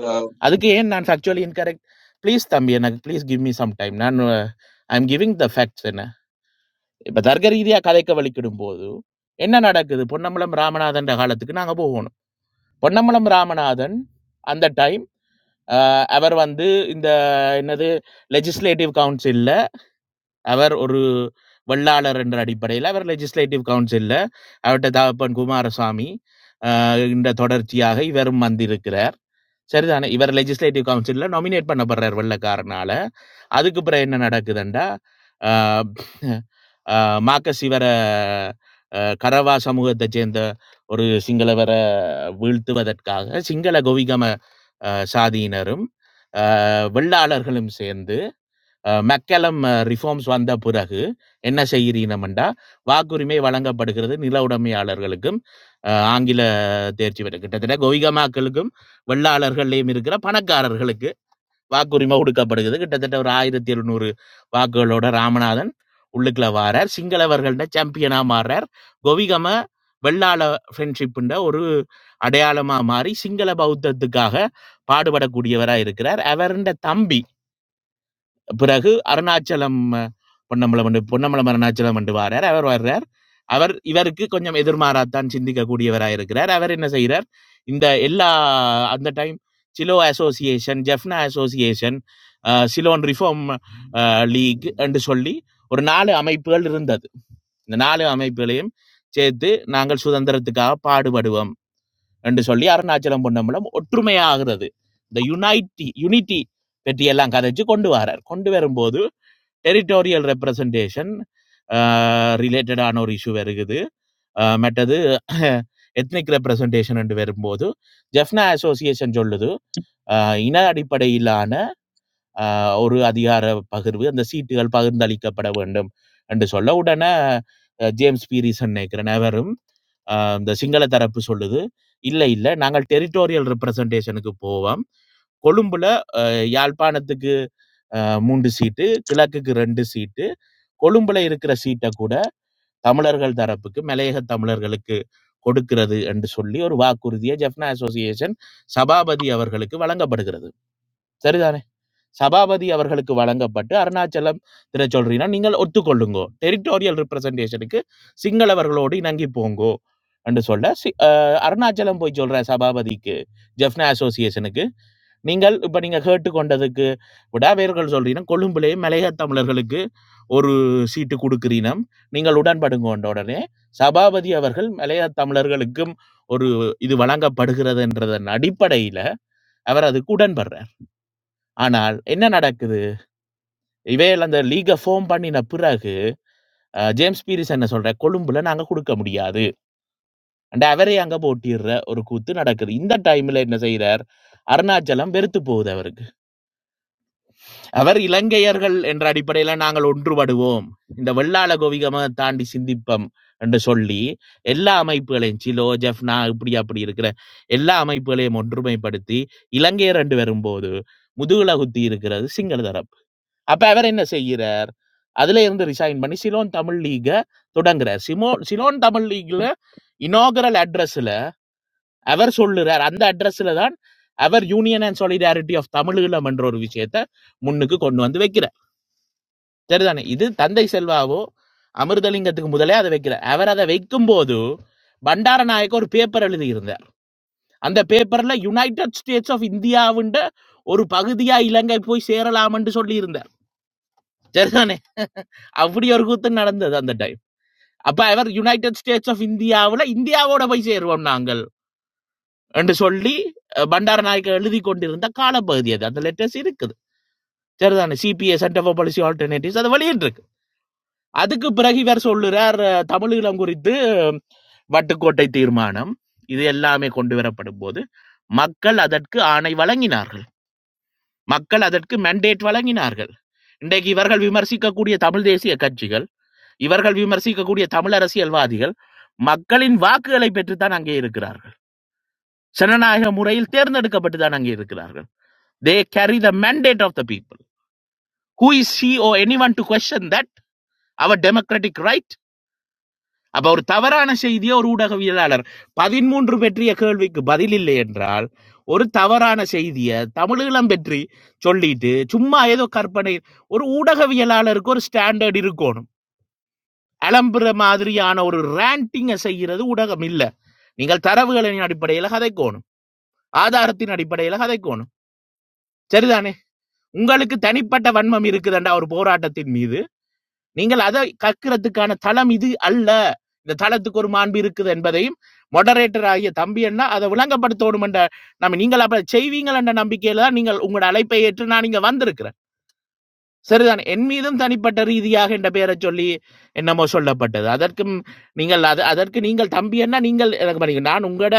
அதுக்கு ஏன் நான் ஃபேக்சுவலி இன்கரெக்ட் ப்ளீஸ் தம்பி எனக்கு please give me some time நான் I am giving the facts என்ன இப்போ தர்க்க ரீதியாக கதைக்க வலிக்கிடும் போது என்ன நடக்குது பொன்னம்பலம் ராமநாதன் காலத்துக்கு நாங்கள் போகணும் பொன்னம்பலம் ராமநாதன் அந்த டைம் அவர் வந்து இந்த என்னது லெஜிஸ்லேட்டிவ் கவுன்சிலில் அவர் ஒரு வெள்ளாளர் என்ற அடிப்படையில் அவர் லெஜிஸ்லேட்டிவ் கவுன்சிலில் அவர்கிட்ட தகப்பன் குமாரசாமி ஆஹ், இந்த தொடர்ச்சியாக இவரும் வந்திருக்கிறார் சரிதானே இவர் லெஜிஸ்லேட்டிவ் கவுன்சில்ல நாமினேட் பண்ணப்படுறார் வெள்ளக்காரனால அதுக்கு பிறகு என்ன நடக்குதுண்டா ஆஹ் ஆஹ் மார்க்கஸ் இவரை ஆஹ் கரவா சமூகத்தை சேர்ந்த ஒரு சிங்களவரை வீழ்த்துவதற்காக சிங்கள கோவிகம ஆஹ் சாதியினரும் ஆஹ் வெள்ளாளர்களும் சேர்ந்து அஹ் மெக்கலம் ரிஃபார்ம்ஸ் வந்த பிறகு என்ன செய்கிறீனமெண்டா வாக்குரிமை வழங்கப்படுகிறது நில உடைமையாளர்களுக்கும் அஹ் ஆங்கில தேர்ச்சி பெற்ற கிட்டத்தட்ட கோவிகமாக்களுக்கும் வெள்ளாளர்களையும் இருக்கிற பணக்காரர்களுக்கு வாக்குரிமை கொடுக்கப்படுகிறது கிட்டத்தட்ட ஒரு ஆயிரத்தி எழுநூறு வாக்குகளோட ராமநாதன் உள்ளுக்குள்ள வாரார் சிங்களவர்கள்ட சாம்பியனா மாறுறார் கோவிகம வெள்ளாள ஃப்ரெண்ட்ஷிப்புன்ற ஒரு அடையாளமா மாறி சிங்கள பௌத்தத்துக்காக பாடுபடக்கூடியவராக இருக்கிறார் அவருடைய தம்பி பிறகு அருணாச்சலம் அஹ், பொன்னம்பலம் என்று பொன்னம்பலம் அருணாச்சலம் என்று வாரார் அவர் வர்றார் அவர் இவருக்கு கொஞ்சம் எதிர்மாறாத்தான் சிந்திக்கக்கூடியவராக இருக்கிறார் அவர் என்ன செய்கிறார் இந்த எல்லா அந்த டைம் சிலோ association Jaffna association Ceylon reform league என்று சொல்லி ஒரு நாலு அமைப்புகள் இருந்தது இந்த நாலு அமைப்புகளையும் சேர்த்து நாங்கள் சுதந்திரத்துக்காக பாடுபடுவோம் என்று சொல்லி அருணாச்சலம் பொன்னம்பலம் ஒற்றுமையாகிறது இந்த யுனைட்டி யூனிட்டி பற்றி எல்லாம் கதைச்சு கொண்டு வரார் கொண்டு வரும்போது டெரிட்டோரியல் ரெப்ரசன்டேஷன் ரிலேட்டடான ஒரு இஷ்யூ வருகுது அஹ் மற்றது எத்னிக் ரெப்ரசன்டேஷன் என்று வரும்போது ஜெஃப்னா அசோசியேஷன் சொல்லுது அஹ் இன அடிப்படையிலான அஹ், ஒரு அதிகார பகிர்வு அந்த சீட்டுகள் பகிர்ந்தளிக்கப்பட வேண்டும் என்று சொல்ல உடனே அஹ், ஜேம்ஸ் பீரிசன் நினைக்கிற நபரும் அஹ், இந்த சிங்கள தரப்பு சொல்லுது இல்லை இல்லை நாங்கள் டெரிட்டோரியல் ரெப்ரசன்டேஷனுக்கு போவோம் கொழும்புல அஹ், யாழ்ப்பாணத்துக்கு அஹ், மூன்று சீட்டு கிழக்குக்கு ரெண்டு சீட்டு கொழும்புல இருக்கிற சீட்டை கூட தமிழர்கள் தரப்புக்கு மலையக தமிழர்களுக்கு கொடுக்கிறது என்று சொல்லி ஒரு வாக்குறுதியை ஜெஃப்னா அசோசியேஷன் சபாபதி அவர்களுக்கு வழங்கப்படுகிறது சரிதானே சபாபதி அவர்களுக்கு வழங்கப்பட்டு அருணாச்சலம் திரு சொல்றீங்கன்னா நீங்கள் ஒத்துக்கொள்ளுங்கோ டெரிட்டோரியல் ரெப்ரசன்டேஷனுக்கு சிங்களவர்களோடு இணங்கி போங்கோ என்று சொல்ல சி- அஹ் அருணாச்சலம் போய் சொல்ற சபாபதிக்கு ஜெஃப்னா அசோசியேஷனுக்கு நீங்கள் இப்ப நீங்க கேட்டுக்கொண்டதுக்கு விடாவேர்கள் சொல்றீனம் கொழும்பிலே மலையக தமிழர்களுக்கு ஒரு சீட்டு கொடுக்கிறீனம் நீங்கள் உடன்படுங்கோண்ட உடனே சபாபதி அவர்கள் மலையக தமிழர்களுக்கும் ஒரு இது வழங்கப்படுகிறதுன்றதன் அடிப்படையில அவர் அதுக்கு உடன்படுறார் ஆனால் என்ன நடக்குது இவையில் அந்த லீக ஃபார்ம் பண்ணின பிறகு அஹ், ஜேம்ஸ் பீரிஸ் என்ன சொல்ற கொழும்புல நாங்க கொடுக்க முடியாது and அவரே அங்க போட்டிடுற ஒரு கூத்து நடக்குது இந்த டைம்ல என்ன செய்றார் அருணாச்சலம் வெறுத்து போகுது அவருக்கு அவர் இலங்கையர்கள் என்ற அடிப்படையில நாங்கள் ஒன்றுபடுவோம் இந்த வெள்ளாள கோவிகம தாண்டி சிந்திப்பம் என்று சொல்லி எல்லா அமைப்புகளையும் சிலோ ஜெஃப்னா இப்படி அப்படி இருக்கிற எல்லா அமைப்புகளையும் ஒன்றுமைப்படுத்தி இலங்கையர் என்று வரும்போது முதுகுல குத்தி இருக்கிறது சிங்கள தரப்பு அப்ப அவர் என்ன செய்கிறார் அதுல இருந்து ரிசைன் பண்ணி சிலோன் தமிழ் லீக தொடங்குறார் சிமோ சிலோன் தமிழ் லீக்ல இனாகரல் அட்ரஸ்ல அவர் சொல்லுறார் அந்த அட்ரஸ்ல தான் அவர் union and solidarity of Tamil Eelam என்ற ஒரு விஷயத்த முன்னுக்கு கொண்டு வந்து வைக்கிறார் சரிதானே இது தந்தை செல்வாவோ அமிர்தலிங்கத்துக்கு முதலே அதை வைக்கல அவர் அதை வைக்கும் போது பண்டாரநாயக்க ஒரு பேப்பர் எழுதியிருந்தார் அந்த பேப்பர்ல யுனைடெட் ஸ்டேட்ஸ் ஆஃப் இந்தியாவுண்ட ஒரு பகுதியா இலங்கை போய் சேரலாம் என்று சொல்லி இருந்தார் சரிதானே அப்படி ஒரு கூத்து நடந்தது அந்த டைம் அப்ப அவர் யுனைடெட் ஸ்டேட்ஸ் ஆஃப் இந்தியாவுல இந்தியாவோட போய் சேருவோம் நாங்கள் என்று சொல்லி அஹ், பண்டாரநாயக்க எழுதி கொண்டிருந்த காலப்பகுதி அது அந்த லெட்டர்ஸ் இருக்குது சரிதானே CPA centre for policy alternatives அதை வெளியிட்டு இருக்கு. அதுக்கு பிறகு இவர் சொல்லுறார் அஹ், தமிழீழம் குறித்து வட்டுக்கோட்டை தீர்மானம் இது எல்லாமே கொண்டு வரப்படும் போது மக்கள் அதற்கு ஆணை வழங்கினார்கள் மக்கள் அதற்கு மெண்டேட் வழங்கினார்கள் இன்றைக்கு இவர்கள் விமர்சிக்கக்கூடிய தமிழ் தேசிய கட்சிகள் இவர்கள் விமர்சிக்கக்கூடிய தமிழ் அரசியல்வாதிகள் மக்களின் வாக்குகளை பெற்றுத்தான் அங்கே இருக்கிறார்கள் ஜனநாயக முறையில் தேர்ந்தெடுக்கப்பட்டு தான் அங்கே இருக்கிறார்கள் they carry the mandate of the people who is he or anyone to question that our democratic right அப்ப ஒரு தவறான செய்தியை ஒரு ஊடகவியலாளர் பதிமூன்று பெற்றிய கேள்விக்கு பதில் இல்லை என்றால் ஒரு தவறான செய்தியை தமிழீழம் பற்றி சொல்லிட்டு சும்மா ஏதோ கற்பனை ஒரு ஊடகவியலாளருக்கு ஒரு ஸ்டாண்டர்ட் இருக்கணும் அலம்புற மாதிரியான ஒரு ரேண்டிங்கை செய்கிறது ஊடகம் இல்லை நீங்கள் தரவுகளின் அடிப்படையில் கதைக்கோணும் ஆதாரத்தின் அடிப்படையில் கதைக்கோணும் சரிதானே உங்களுக்கு தனிப்பட்ட வன்மம் இருக்குதுண்டா ஒரு போராட்டத்தின் மீது நீங்கள் அதை கற்கிறதுக்கான தளம் இது அல்ல இந்த தளத்துக்கு ஒரு மாண்பு இருக்குது என்பதையும் மொடரேட்டர் ஆகிய தம்பி அண்ணா அதை விளங்கப்படுத்தணும் என்ற நம்ம நீங்கள் அப்ப செய்வீங்கள் என்ற நம்பிக்கையில தான் நீங்கள் உங்களோட அழைப்பை ஏற்று நான் இங்க வந்திருக்கிறேன் சரிதான் என் மீதும் தனிப்பட்ட ரீதியாக என்ற பெயரை சொல்லி என்னமோ சொல்லப்பட்டது அதற்கும் நீங்கள் அது அதற்கு நீங்கள் தம்பி அண்ணா நீங்கள் எனக்கு பண்ணீங்க நான் உங்களோட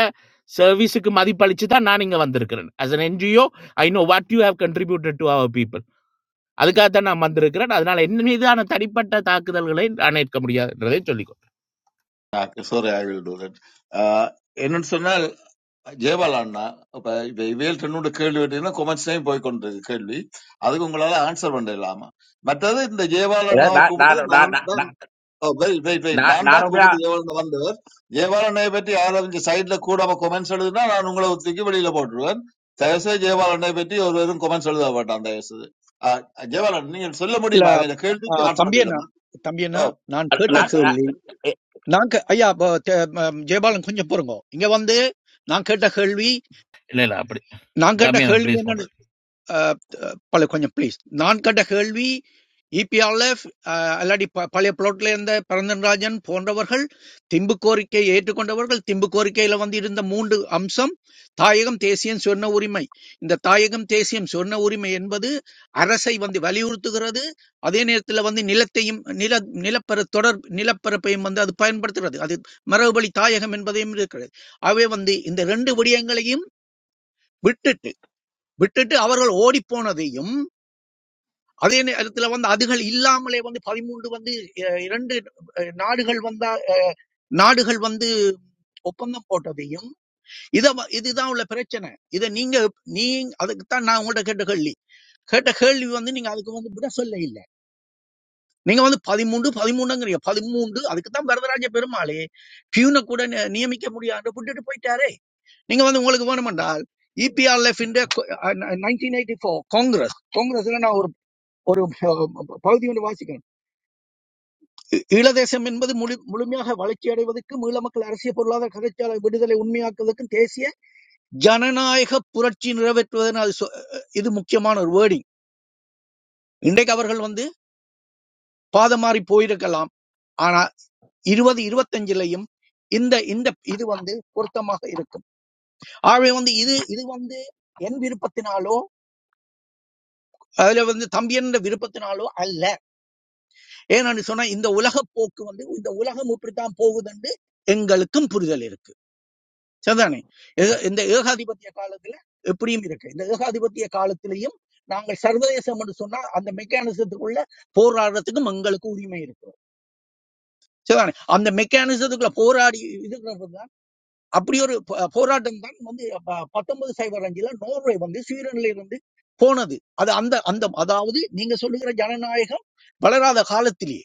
சர்வீஸுக்கு மதிப்பளிச்சு தான் நான் இங்க வந்திருக்கிறேன் as an NGO I know what you have contributed to our people அதுக்காகத்தான் நான் வந்திருக்கிறேன் அதனால என் மீதான தனிப்பட்ட தாக்குதல்களை நான் ஏற்க முடியாதுன்றதை சொல்லிக்கோ
sorry I will do that என்னன்னு சொன்னால் ஜெயபாலண்ணா இப்ப இப்ப இவையில் ரெண்டு கேள்வி கேட்டீங்கன்னா கொமெண்ட்ஸ் டைம் போய் கொண்டிருக்கு கேள்வி அதுக்கு உங்களால ஆன்சர் பண்ண இல்லாம மற்றது இந்த
இதை
ஜெயபாலண்ணாவை
நான் நான்
கூப்பிட்டது
நான் நான்
நான்
நான்
வெயிட் வெயிட் வெயிட்
நான்
நான்
நான்
தான்
உண்மையா
கூப்பிட்டு ஏவாளன் வந்தவர் ஜெயபாலனை பற்றி யாராவது சைட்ல கூடாம கொமெண்ட்ஸ் எழுதுனா நான் உங்களை தூக்கி வெளியில போட்டுருவேன் தயவுசெய்து ஜெயபாலனை பற்றி ஒருவரும் கொமெண்ட்ஸ் எழுத மாட்டான் தயவுசெய்து ஆஹ், ஜெயபாலன் நீங்கள் சொல்ல
இல்ல,
முடியுமா அவன் இந்த
ஆ,
கேள்விக்கு ஆட்சி
தம்பி அண்ணா
பண்ணலாமா
தம்பி
ஓ
அண்ணா நான்
ஓ
கேட்ட
சொல்லுங்க
கேள்வி நான் கே- ஐயா அப்ப தே- ம, ஜெயபாலன் கொஞ்சம் பொறுங்க இங்க வந்து நான் கேட்ட கேள்வி
இல்ல இல்ல அப்படி
நான் கேட்ட
தம்பி நான்
கேள்வி
ப்ளீஸ் பண்றேன்
என்னன்னு பழைய கொஞ்சம் ப்ளீஸ் நான் கேட்ட கேள்வி இபிஆர்ல அல்லாடி ப- பழைய புலோட்ல இருந்த பரந்தன்ராஜன் போன்றவர்கள் திம்பு கோரிக்கையை ஏற்றுக்கொண்டவர்கள் திம்பு கோரிக்கையில வந்து இருந்த மூன்று அம்சம் தாயகம் தேசியம் சொர்ண உரிமை இந்த தாயகம் தேசியம் சொர்ண உரிமை என்பது அரசை வந்து வலியுறுத்துகிறது அதே நேரத்துல வந்து நிலத்தையும் நில நிலப்பர தொடர் நிலப்பரப்பையும் வந்து அது பயன்படுத்துகிறது அது மரபுவழி தாயகம் என்பதையும் இருக்கிறது ஆகவே வந்து இந்த ரெண்டு விடயங்களையும் விட்டுட்டு விட்டுட்டு அவர்கள் ஓடி போனதையும் அதே நேரத்துல வந்து அதுகள் இல்லாமலே வந்து பதிமூன்று வந்து அஹ், இரண்டு அஹ், நாடுகள் வந்தா நாடுகள் வந்து ஒப்பந்தம் போட்டதையும் இத வ- இதுதான் உள்ள பிரச்சனை இத நீங்க நீ அதுக்குத்தான் நான் உங்கள்ட்ட கேட்ட கேள்வி கேட்ட கேள்வி வந்து நீங்க அதுக்கு வந்து விட சொல்ல இல்ல நீங்க வந்து பதிமூன்று பதிமூணுங்கிறீங்க பதிமூன்று அதுக்குத்தான் வரதராஜ பெருமாளே பியூனை கூட நி- நியமிக்க முடியாது விட்டுட்டு போயிட்டாரே நீங்க வந்து உங்களுக்கு வேணுமென்றால் EPRF nineteen eighty four congress காங்கிரஸ்ல நான் ஒரு ஒரு பகுதி ஒன்று வாசிக்கிறேன் ஈ- ஈழதேசம் என்பது முழு முழுமையாக வளர்ச்சி அடைவதற்கும் ஈழ மக்கள் அரசியல் பொருளாதார கதைச்சாலை விடுதலை உண்மையாக்குவதற்கும் தேசிய ஜனநாயக புரட்சி நிறைவேற்றுவதன் அது சொ- இது முக்கியமான ஒரு வேர்டிங் இன்றைக்கு அவர்கள் வந்து பாதமாறி போயிருக்கலாம் ஆனா இருபது இருபத்தஞ்சுலையும் இந்த இந்த இது வந்து பொருத்தமாக இருக்கும் ஆகவே வந்து இது இது வந்து என் விருப்பத்தினாலோ அதுல வந்து தம்பி என்ற விருப்பத்தினாலோ அல்ல ஏன்னு சொன்னா இந்த உலக போக்கு வந்து இந்த உலகம் இப்படித்தான் போகுதுன்னு எங்களுக்கும் புரிதல் இருக்கு சரிதானே ஏக- இந்த ஏகாதிபத்திய காலத்துல எப்படியும் இருக்கு இந்த ஏகாதிபத்திய காலத்திலையும் நாங்கள் சர்வதேசம் என்று சொன்னா அந்த மெக்கானிசத்துக்குள்ள போராடுறதுக்கும் எங்களுக்கு உரிமை இருக்கு சரிதானே அந்த மெக்கானிசத்துக்குள்ள போராடி இருக்கிறது தான் அப்படி ஒரு ப- போராட்டம் தான் வந்து ப- பத்தொன்பது சைபர் அஞ்சுல நோர்வே வந்து ஸ்வீடன்ல இருந்து போனது அது அந்த அந்த அதாவது நீங்க சொல்லுகிற ஜனநாயகம் வளராத காலத்திலேயே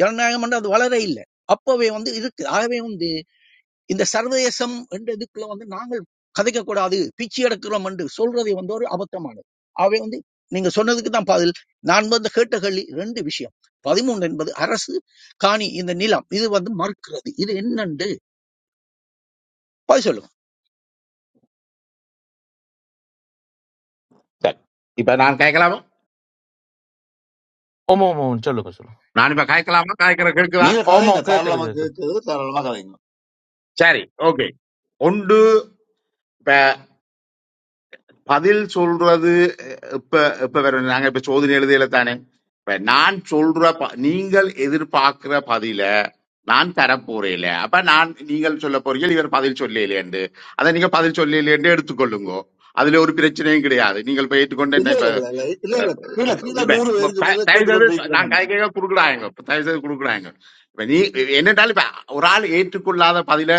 ஜனநாயகம் என்று அது வளர இல்லை அப்பவே வந்து இருக்கு ஆகவே வந்து இந்த சர்வதேசம் என்ற இதுக்குள்ள வந்து நாங்கள் கதைக்க கூடாது பிச்சு எடுக்கிறோம் என்று சொல்றதை வந்து ஒரு அபத்தமானது ஆகவே வந்து நீங்க சொன்னதுக்கு தான் பதில் நான் வந்து கேட்ட கேள்வி ரெண்டு விஷயம் பதிமூன்று என்பது அரசு காணி இந்த நிலம் இது வந்து மறுக்கிறது இது என்னண்டு பதில் சொல்லுங்க
சரி. இப்ப நான் கேட்கலாமா
ஓமோ ஓமோ சொல்லுங்க சொல்லுங்க
நான் இப்ப கேட்கலாமா கேட்கிற கேட்குதா
நீங்க
ஓமோ
கதைங்க
கேக்குது
தாராளமா
கேக்குது
கேட்குறது தாராளமா கதைங்க
சரி ஓகே ஒன்று பதில் சொல்றது இப்ப இப்ப வேற நாங்க இப்ப சோதனை எழுதியில தானே இப்ப நான் சொல்ற ப- நீங்கள் எதிர்பார்க்கிற பதில நான் தரப்போறேல அப்ப நான் நீங்கள் சொல்ல போறீங்க இவர் பதில் சொல்லலையேண்டு அதை நீங்க பதில் சொல்லலையேண்டு எடுத்துக்கொள்ளுங்க அதுல ஒரு பிரச்சனையும் கிடையாது நீங்கள் இப்ப ஏற்றுக்கொண்டு
இல்ல
என்ன இப்ப
இல்ல இல்ல இல்ல இல்ல இல்ல
அஹ்,
கீழே கீழே நூறு
இப்ப
பேருக்கு
ப-
மேல
தயவு செய்து
கேட்டுக்கொண்டு
நான்
இருக்கிறோம்
கை கையா குடுக்குறாங்க தயவு செய்து குடுக்குறாங்க இப்ப நீ என்னட்டாலும் இப்ப ஒரு ஆள் ஏற்றுக்கொள்ளாத பதில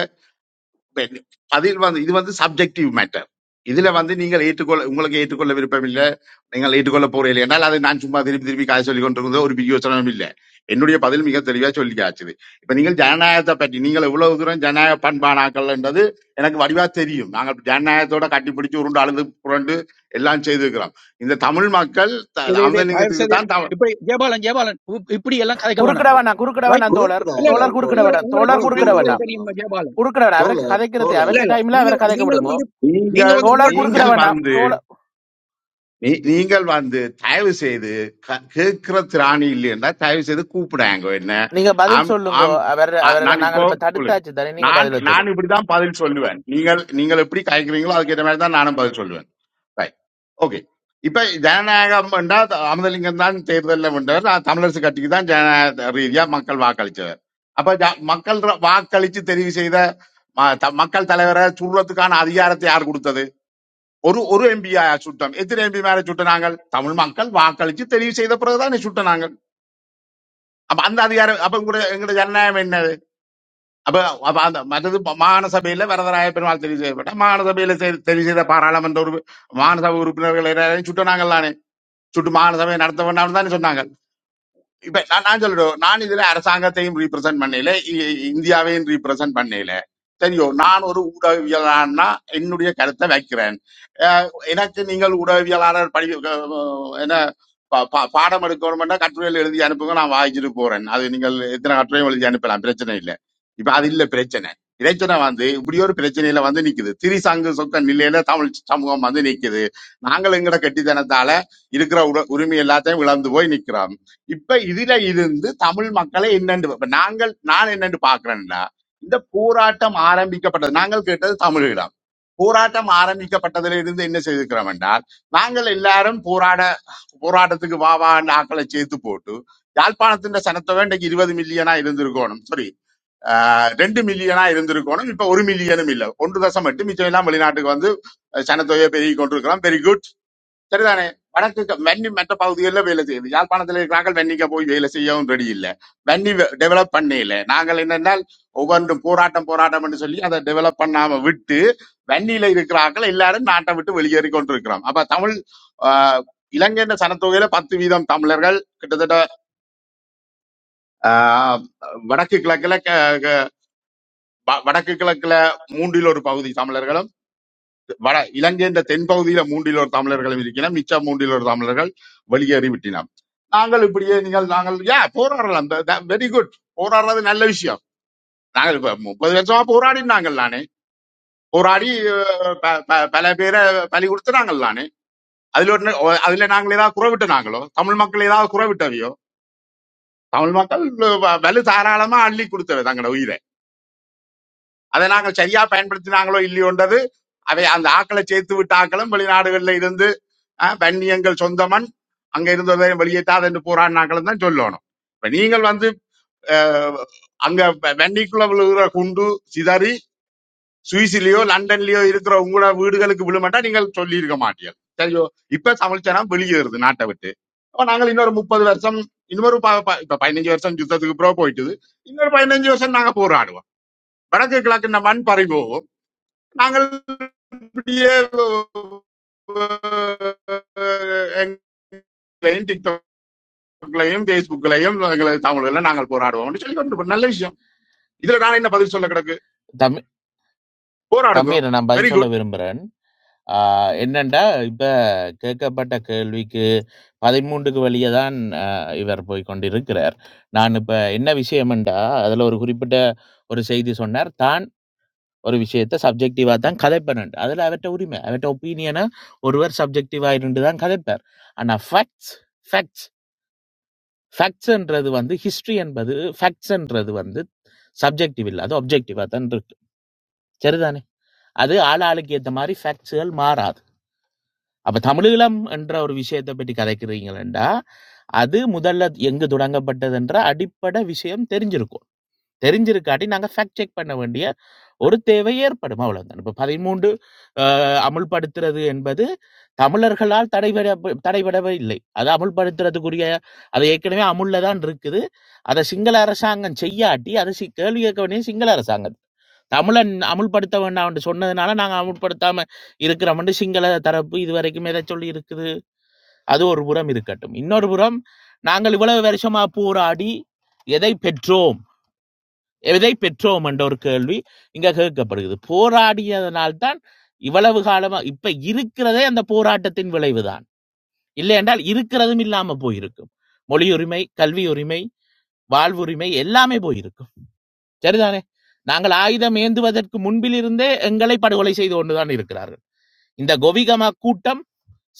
வெ- அதில் வந்து இது வந்து சப்ஜெக்டிவ் மேட்டர் இதுல வந்து நீங்கள் ஏற்றுக்கொள்ள உங்களுக்கு ஏற்றுக்கொள்ள விருப்பம் இல்லை நீங்கள் ஏற்றுக்கொள்ள போறீங்க என்றால் அதை நான் சும்மா திருப்பி திருப்பி காய் சொல்லி கொண்டிருக்கிறது ஒரு பிரியோசனம் இல்லை என்னுடைய பதில் மிக தெளிவா சொல்லி காய்ச்சது இப்ப நீங்கள் ஜனநாயகத்தை பற்றி நீங்கள் எவ்வளவு தூரம் ஜனநாயக பண்பானாக்கள்ன்றது எனக்கு வடிவா தெரியும் நாங்கள் ஜனநாயகத்தோட கட்டி பிடிச்சு உருண்டு அழுது புரண்டு எல்லாம் செய்திருக்கிறோம் இந்த தமிழ் மக்கள் த-
இதை இதை
அந்த
தயவு
லிங்கத்துக்கு
செய்து
தான் தமிழ்
இப்படி ஜெயபாலன் ஜெயபாலன் இப்- இப்படி எல்லாம் கதைக்க
குறுக்கிட
வேணாம்
வேணாம் குறுக்கிட
ரைட்
வேணாம் தோழர்
இல்ல
குறுக்குறாங்க
இல்ல
தோழர் குறுக்கிட
உங்களோட
தோழர்
வேண்டாம்
உங்களோட
தோழர்
தோழர்
குறுக்கிட
ஜனநாயகம்
வேண்டாம்
எங்களுக்கு
குறுக்குறோம்
தெரியும் ஜெயபாலன்
குறுக்கிட வேணாம் அவருக்கு
தோழர்
கதைக்கிறது
தோழர்
இல்ல
அவர்கிட்ட
இல்ல
டைம்ல
நீங்க
அவரை கதைக்க
நீங்களும்
விடுங்க
வந்து நீங்க
நீங்கள்
வந்து
தோழர்
உங்கள்ட்ட
குறுக்கிட
உங்க-
நீங்கள்
வேண்டாம்
வந்து
தோழர்
நீ- நீங்கள் வந்து தயவு செய்து க- கேட்கிற திராணி இல்லைன்னா தயவு செய்து கூப்பிடாங்க என்ன
நீங்க பதில்
ஆம்
சொல்லுங்க
ஆம்
அவர்
ஆ,
அவரை
நான்
நாங்கள்
இப்போ
இப்ப
உங்களுக்கு-
தடுத்தாச்சு தானே நீங்க
நான்
பதில
நான்
சொல்லுங்க
இப்படிதான் பதில் சொல்லுவேன் நீங்கள் நீங்கள் எப்படி காய்க்கிறீங்களோ அதுக்கேற்ற மாதிரி தான் நானும் பதில் சொல்லுவேன் ரைட் ஓகே இப்ப ஜனநாயகம் என்றா அமதலிங்கம் தான் தேர்தலில் வென்றவர் நான் தமிழரசு கட்சிக்கு தான் ஜனநாயக ரீதியா மக்கள் வாக்களிச்சவர் அப்ப ஜ- மக்கள் ர- வாக்களிச்சு தெரிவு செய்த ம- த- மக்கள் தலைவரை சுடுறதுக்கான அதிகாரத்தை யார் கொடுத்தது ஒரு ஒரு எம்பியா சுட்டம் எத்தனை எம்பி மேல சுட்டினாங்கள் தமிழ் மக்கள் வாக்களிச்சு தெரிவு செய்த பிறகுதான் சுட்டினாங்க அப்ப அந்த அதிகாரம் அப்ப உங்களோட எங்களோட ஜனநாயகம் என்னது அப்ப அப்ப அந்த மற்றது மாகாண சபையில வரதராய பெருமாள் தெரிவு செய்யப்பட்ட மாகாண சபையில செய்- தெரிவு செய்த பாராளுமன்ற உறுப்பு மாகாண சபை உறுப்பினர்கள் எல்லாரையும் சுட்டினாங்கல்லானே சுட்டு மாகாண சபையை நடத்த வேண்டாம்னு தானே சொன்னாங்க இப்ப நான் நான் சொல்லட்டும் நான் இதுல அரசாங்கத்தையும் ரீப்ரசென்ட் பண்ணல இ- இந்தியாவையும் ரீப்ரசென்ட் பண்ணல தெரியும் நான் ஒரு ஊடகவியலாளர்னா என்னுடைய கருத்தை வைக்கிறேன் அஹ் எனக்கு நீங்கள் ஊடகவியலாளர் படி அஹ் என்ன பா- பா- பாடம் எடுக்கணும்னா கட்டுரைகள் எழுதி அனுப்புங்க நான் வாங்கிட்டு போறேன் அது நீங்கள் எத்தனை கட்டுரையும் எழுதி அனுப்பலாம் பிரச்சனை இல்லை இப்ப அது இல்ல பிரச்சனை பிரச்சனை வந்து இப்படி ஒரு பிரச்சனையில வந்து நிக்குது திரிசங்கு சொக்க நிலையில தமிழ் சமூகம் வந்து நிக்குது நாங்கள் எங்கட கெட்டித்தனத்தால இருக்கிற உட- உரிமை எல்லாத்தையும் இழந்து போய் நிக்கிறோம் இப்ப இதுல இருந்து தமிழ் மக்களை என்னென்று இப்ப நாங்கள் நான் என்னென்று பாக்குறேன்னா இந்த போராட்டம் ஆரம்பிக்கப்பட்டது நாங்கள் கேட்டது தமிழீழம் போராட்டம் ஆரம்பிக்கப்பட்டதுல இருந்து என்ன செய்திருக்கிறோம் என்றால் நாங்கள் எல்லாரும் போராட போராட்டத்துக்கு வா வா என்ற ஆட்களை சேர்த்து போட்டு யாழ்ப்பாணத்தின் சனத்தொகை இன்றைக்கு இருபது மில்லியனா இருந்திருக்கணும் சாரி ரெண்டு மில்லியனா இருந்திருக்கணும் இப்ப ஒரு மில்லியனும் இல்ல ஒன்று தசம் எட்டு மிச்சம் எல்லாம் வெளிநாட்டுக்கு வந்து அஹ், சனத்தொகையை பெருகி கொண்டிருக்கிறோம் வெரி குட் சரிதானே வடக்கு வன்னி மற்ற பகுதிகளில் வேலை செய்யுது யாழ்ப்பாணத்தில் இருக்கிறார்கள் வன்னிக்க போய் வேலை செய்யவும் ரெடி இல்லை வன்னி டெவலப் பண்ணல நாங்கள் என்னென்னால் ஒவ்வொன்றும் போராட்டம் போராட்டம் என்று சொல்லி அதை டெவலப் பண்ணாம விட்டு வன்னியில இருக்கிறார்கள் எல்லாரும் நாட்டை விட்டு வெளியேறி கொண்டிருக்கிறோம் அப்ப தமிழ் ஆஹ், இலங்கையின் சனத்தொகையில பத்து வீதம் தமிழர்கள் கிட்டத்தட்ட ஆஹ், வடக்கு கிழக்குல க- க- வ- வடக்கு கிழக்குல மூன்றில் ஒரு பகுதி தமிழர்களும் வட இலங்கை என்ற தென்பகுதியில மூன்றில் ஒரு தமிழர்களும் இருக்கிறோம் மிச்ச மூன்றில் ஒரு தமிழர்கள் வெளியேறி விட்டினோம் நாங்கள் இப்படியே நீங்கள் நாங்கள் யா போராடலாம் வெரி குட் போராடுறது நல்ல விஷயம் நாங்கள் இப்ப முப்பது வருஷமா போராடி நாங்கள் நானே போராடி அஹ், ப- ப- பல பேரை பலி கொடுத்து நாங்கள் நானே அதுல ஒரு ந- ஒ- அதுல நாங்கள் ஏதாவது குறவிட்ட நாங்களோ தமிழ் மக்கள் ஏதாவது குறவிட்டவையோ தமிழ் மக்கள் வ- வலு தாராளமா அள்ளி கொடுத்தவை தங்களோட உயிரை அதை நாங்கள் சரியா பயன்படுத்தினாங்களோ இல்லையோன்றது அவை அந்த ஆக்களை சேர்த்து விட்ட ஆக்களும் வெளிநாடுகள்ல இருந்து ஆஹ் வன்னி எங்கள் சொந்தமன் அங்க இருந்ததை வெளியேற்றாது என்று போராடினாங்களும் தான் சொல்லணும் இப்ப நீங்கள் வந்து அஹ், அங்க வ- வன்னிக்குள்ள விழுகிற குண்டு சிதறி சுவிஸ்லயோ லண்டன்லயோ இருக்கிற உங்களோட வீடுகளுக்கு விழுமாட்டா நீங்கள் சொல்லி இருக்க மாட்டீர்கள் சரியோ இப்ப தமிழ்ச்சனம் வெளியேறுது நாட்டை விட்டு அப்ப நாங்கள் இன்னொரு முப்பது வருஷம் இன்னொரு ப- ப- இப்ப பதினஞ்சு வருஷம் யுத்தத்துக்கு பிறகு போயிட்டுது இன்னொரு பதினஞ்சு வருஷம் நாங்க போராடுவோம் வடக்கு கிழக்கு இந்த மண் பறி போகும் நாங்கள் இப்படியே அஹ், எங்களையும் டிக்டாக்லையும் பேஸ்புக்லையும் எங்களை தமிழ்ல நாங்கள் போராடுவோம்னு சொல்லி கொண்டு நல்ல விஷயம் இதுல நான் என்ன பதில் சொல்ல கிடக்கு
தம்பி
போராடுங்க
தம்பி நான்
வெரி
பதில் சொல்ல
குட்
விரும்புறேன் ஆ என்னன்னா, இப்ப கேட்கப்பட்ட கேள்விக்கு 13க்கு வழிய தான் அ இவர் போய் கொண்டிருக்கிறார். நான் இப்ப என்ன விஷயம் என்றா, அதுல ஒரு குறிப்பிட்ட ஒரு செய்தி சொன்னார். தான் ஒரு விஷயத்த சப்ஜெக்டிவா தான் கதைப்பேன். அதுல அவர்ட்ட உரிமை. அவர்ட்ட ஒப்பீனியன ஒருவர் சப்ஜெக்டிவா இருந்து தான் கதைப்பார். ஆனா ஃபேக்ட்ஸ் ஃபேக்ட்ஸ் ஃபேக்ட்ஸ்ன்றது வந்து ஹிஸ்டரி என்பது ஃபேக்ட்ஸ்ன்றது வந்து சப்ஜெக்டிவ் இல்ல. அது ஆப்ஜெக்டிவா தான் இருக்கு. சரிதானே? அது ஆளாளுக்கு ஏத்த மாரி ஃபேக்ட்ஸ்கள் மாறாது. அப்ப தமிழீழம் என்ற ஒரு விஷயத்தை பற்றி கதைக்கிறீங்களா அது முதல்ல எங்கு தொடங்கப்பட்டது என்ற அடிப்படை விஷயம் தெரிஞ்சிருக்கும் தெரிஞ்சிருக்காட்டி நாங்க ஃபேக்ட் செக் பண்ண வேண்டிய ஒரு தேவை ஏற்படும் அவ்வளவுதான் இப்ப பதிமூன்று ஆஹ், அமுல்படுத்துறது என்பது தமிழர்களால் தடைபட தடைபடவே இல்லை அது அமுல்படுத்துறதுக்குரிய அது ஏற்கனவே அமுல்ல தான் இருக்குது அதை சிங்கள அரசாங்கம் செய்யாட்டி அது சி- கேள்வி கேட்க வேண்டிய சிங்கள அரசாங்கம் தமிழன் அமுல்படுத்த வேண்டாம் என்று சொன்னதுனால நாங்க அமுல்படுத்தாம இருக்கிறோம்னு சிங்கள தரப்பு இது வரைக்கும் எதை சொல்லி இருக்குது அது ஒரு புறம் இருக்கட்டும் இன்னொரு புறம் நாங்கள் இவ்வளவு வருஷமா போராடி எதை பெற்றோம் எதை பெற்றோம் என்ற ஒரு கேள்வி இங்க கேட்கப்படுகிறது போராடியதனால்தான் இவ்வளவு காலமா இப்ப இருக்கிறதே அந்த போராட்டத்தின் விளைவுதான் இல்லை என்றால் இருக்கிறதும் இல்லாம போயிருக்கும் மொழி உரிமை கல்வி உரிமை வாழ்வுரிமை எல்லாமே போயிருக்கும் சரிதானே நாங்கள் ஆயுதம் ஏந்துவதற்கு முன்பிலிருந்தே எங்களை படுகொலை செய்து கொண்டுதான் இருக்கிறார்கள் இந்த கோவிகம கூட்டம்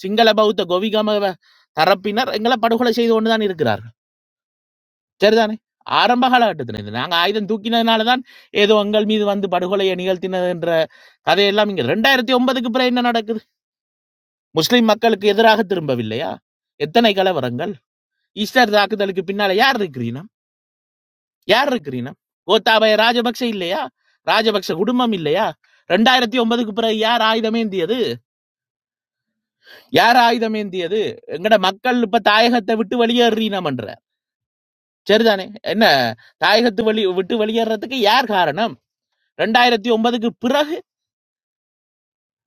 சிங்கள பௌத்த கோவிகம தரப்பினர் எங்களை படுகொலை செய்து கொண்டுதான் இருக்கிறார்கள் சரிதானே ஆரம்ப காலகட்டத்தில் இது நாங்கள் ஆயுதம் தூக்கினதுனால தான் ஏதோ எங்கள் மீது வந்து படுகொலையை நிகழ்த்தினது என்ற கதையெல்லாம் இங்கே ரெண்டாயிரத்தி ஒன்பதுக்கு பிறகு என்ன நடக்குது முஸ்லிம் மக்களுக்கு எதிராக திரும்பவில்லையா எத்தனை கலவரங்கள் ஈஸ்டர் தாக்குதலுக்கு பின்னால யார் இருக்கிறீனம் யார் இருக்கிறீனம் கோத்தாபய ராஜபக்ஷ இல்லையா ராஜபக்ஷ குடும்பம் இல்லையா ரெண்டாயிரத்தி ஒன்பதுக்கு பிறகு யார் ஆயுதமேந்தியது யார் ஆயுதமேந்தியது எங்கட மக்கள் இப்ப தாயகத்தை விட்டு வெளியேறினோம் என்ற சரிதானே என்ன தாயகத்து வெளி விட்டு வெளியேறதுக்கு யார் காரணம் ரெண்டாயிரத்தி ஒன்பதுக்கு பிறகு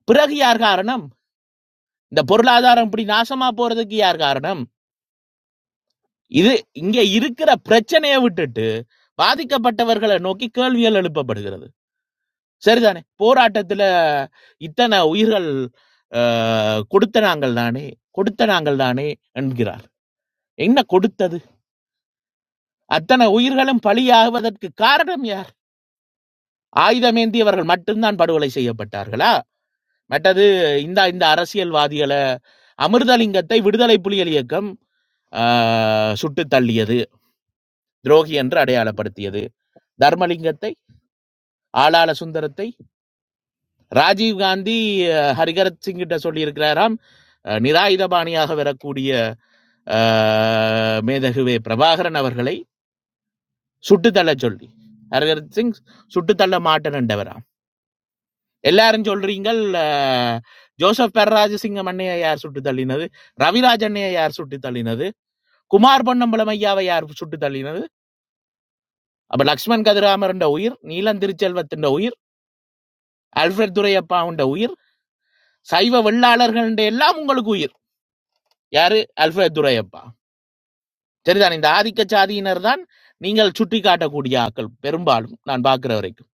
பிறகு யார் காரணம் இந்த பொருளாதாரம் இப்படி நாசமா போறதுக்கு யார் காரணம் இது இங்க இருக்கிற பிரச்சனையை விட்டுட்டு பாதிக்கப்பட்டவர்களை நோக்கி கேள்விகள் எழுப்பப்படுகிறது சரிதானே போராட்டத்துல இத்தனை உயிர்கள் அஹ், கொடுத்த நாங்கள் தானே கொடுத்த நாங்கள் தானே என்கிறார் என்ன கொடுத்தது அத்தனை உயிர்களும் பலியாகுவதற்கு காரணம் யார் ஆயுதமேந்தியவர்கள் மட்டும்தான் படுகொலை செய்யப்பட்டார்களா மற்றது இந்த இந்த அரசியல்வாதிகளை அமிர்தலிங்கத்தை விடுதலை புலிகள் இயக்கம் ஆ சுட்டுத் தள்ளியது, துரோகி என்று அடையாளப்படுத்தியது. தர்மலிங்கத்தை, ஆளாள சுந்தரத்தை, ராஜீவ் காந்தி ஹரிகரத் சிங்கிட்ட சொல்லியிருக்கிறாராம், அ, நிராயுதபாணியாக வரக்கூடிய ஆ, மேதகுவே பிரபாகரன் அவர்களை சுட்டுத் தள்ளச் சொல்லி ஹரிகரத் சிங் சுட்டுத் தள்ள மாட்டேன் என்றவராம். எல்லாரும் சொல்றீங்கள் ஆ, ஜோசப் பெர்ராஜசிங்க மண்ணையை யார் சுட்டுத் தள்ளினது ரவிராஜ் அண்ணையை யார் சுட்டுத் தள்ளினது குமார் பொன்னம்பலம் ஐயாவை யார் சுட்டுத் தள்ளினது அப்ப லக்ஷ்மன் கதிராமருண்ட உயிர் நீலன் திருச்செல்வத்தின் உயிர் அல்ஃபிரட் துரையப்பாவுண்ட உயிர் சைவ வெள்ளாளர்கள்ட எல்லாம் உங்களுக்கு உயிர் யாரு அல்ஃபிரட் துரையப்பா சரிதான் இந்த ஆதிக்க சாதியினர் தான் நீங்கள் சுட்டி காட்டக்கூடிய ஆக்கள் பெரும்பாலும் நான் பார்க்கிற வரைக்கும்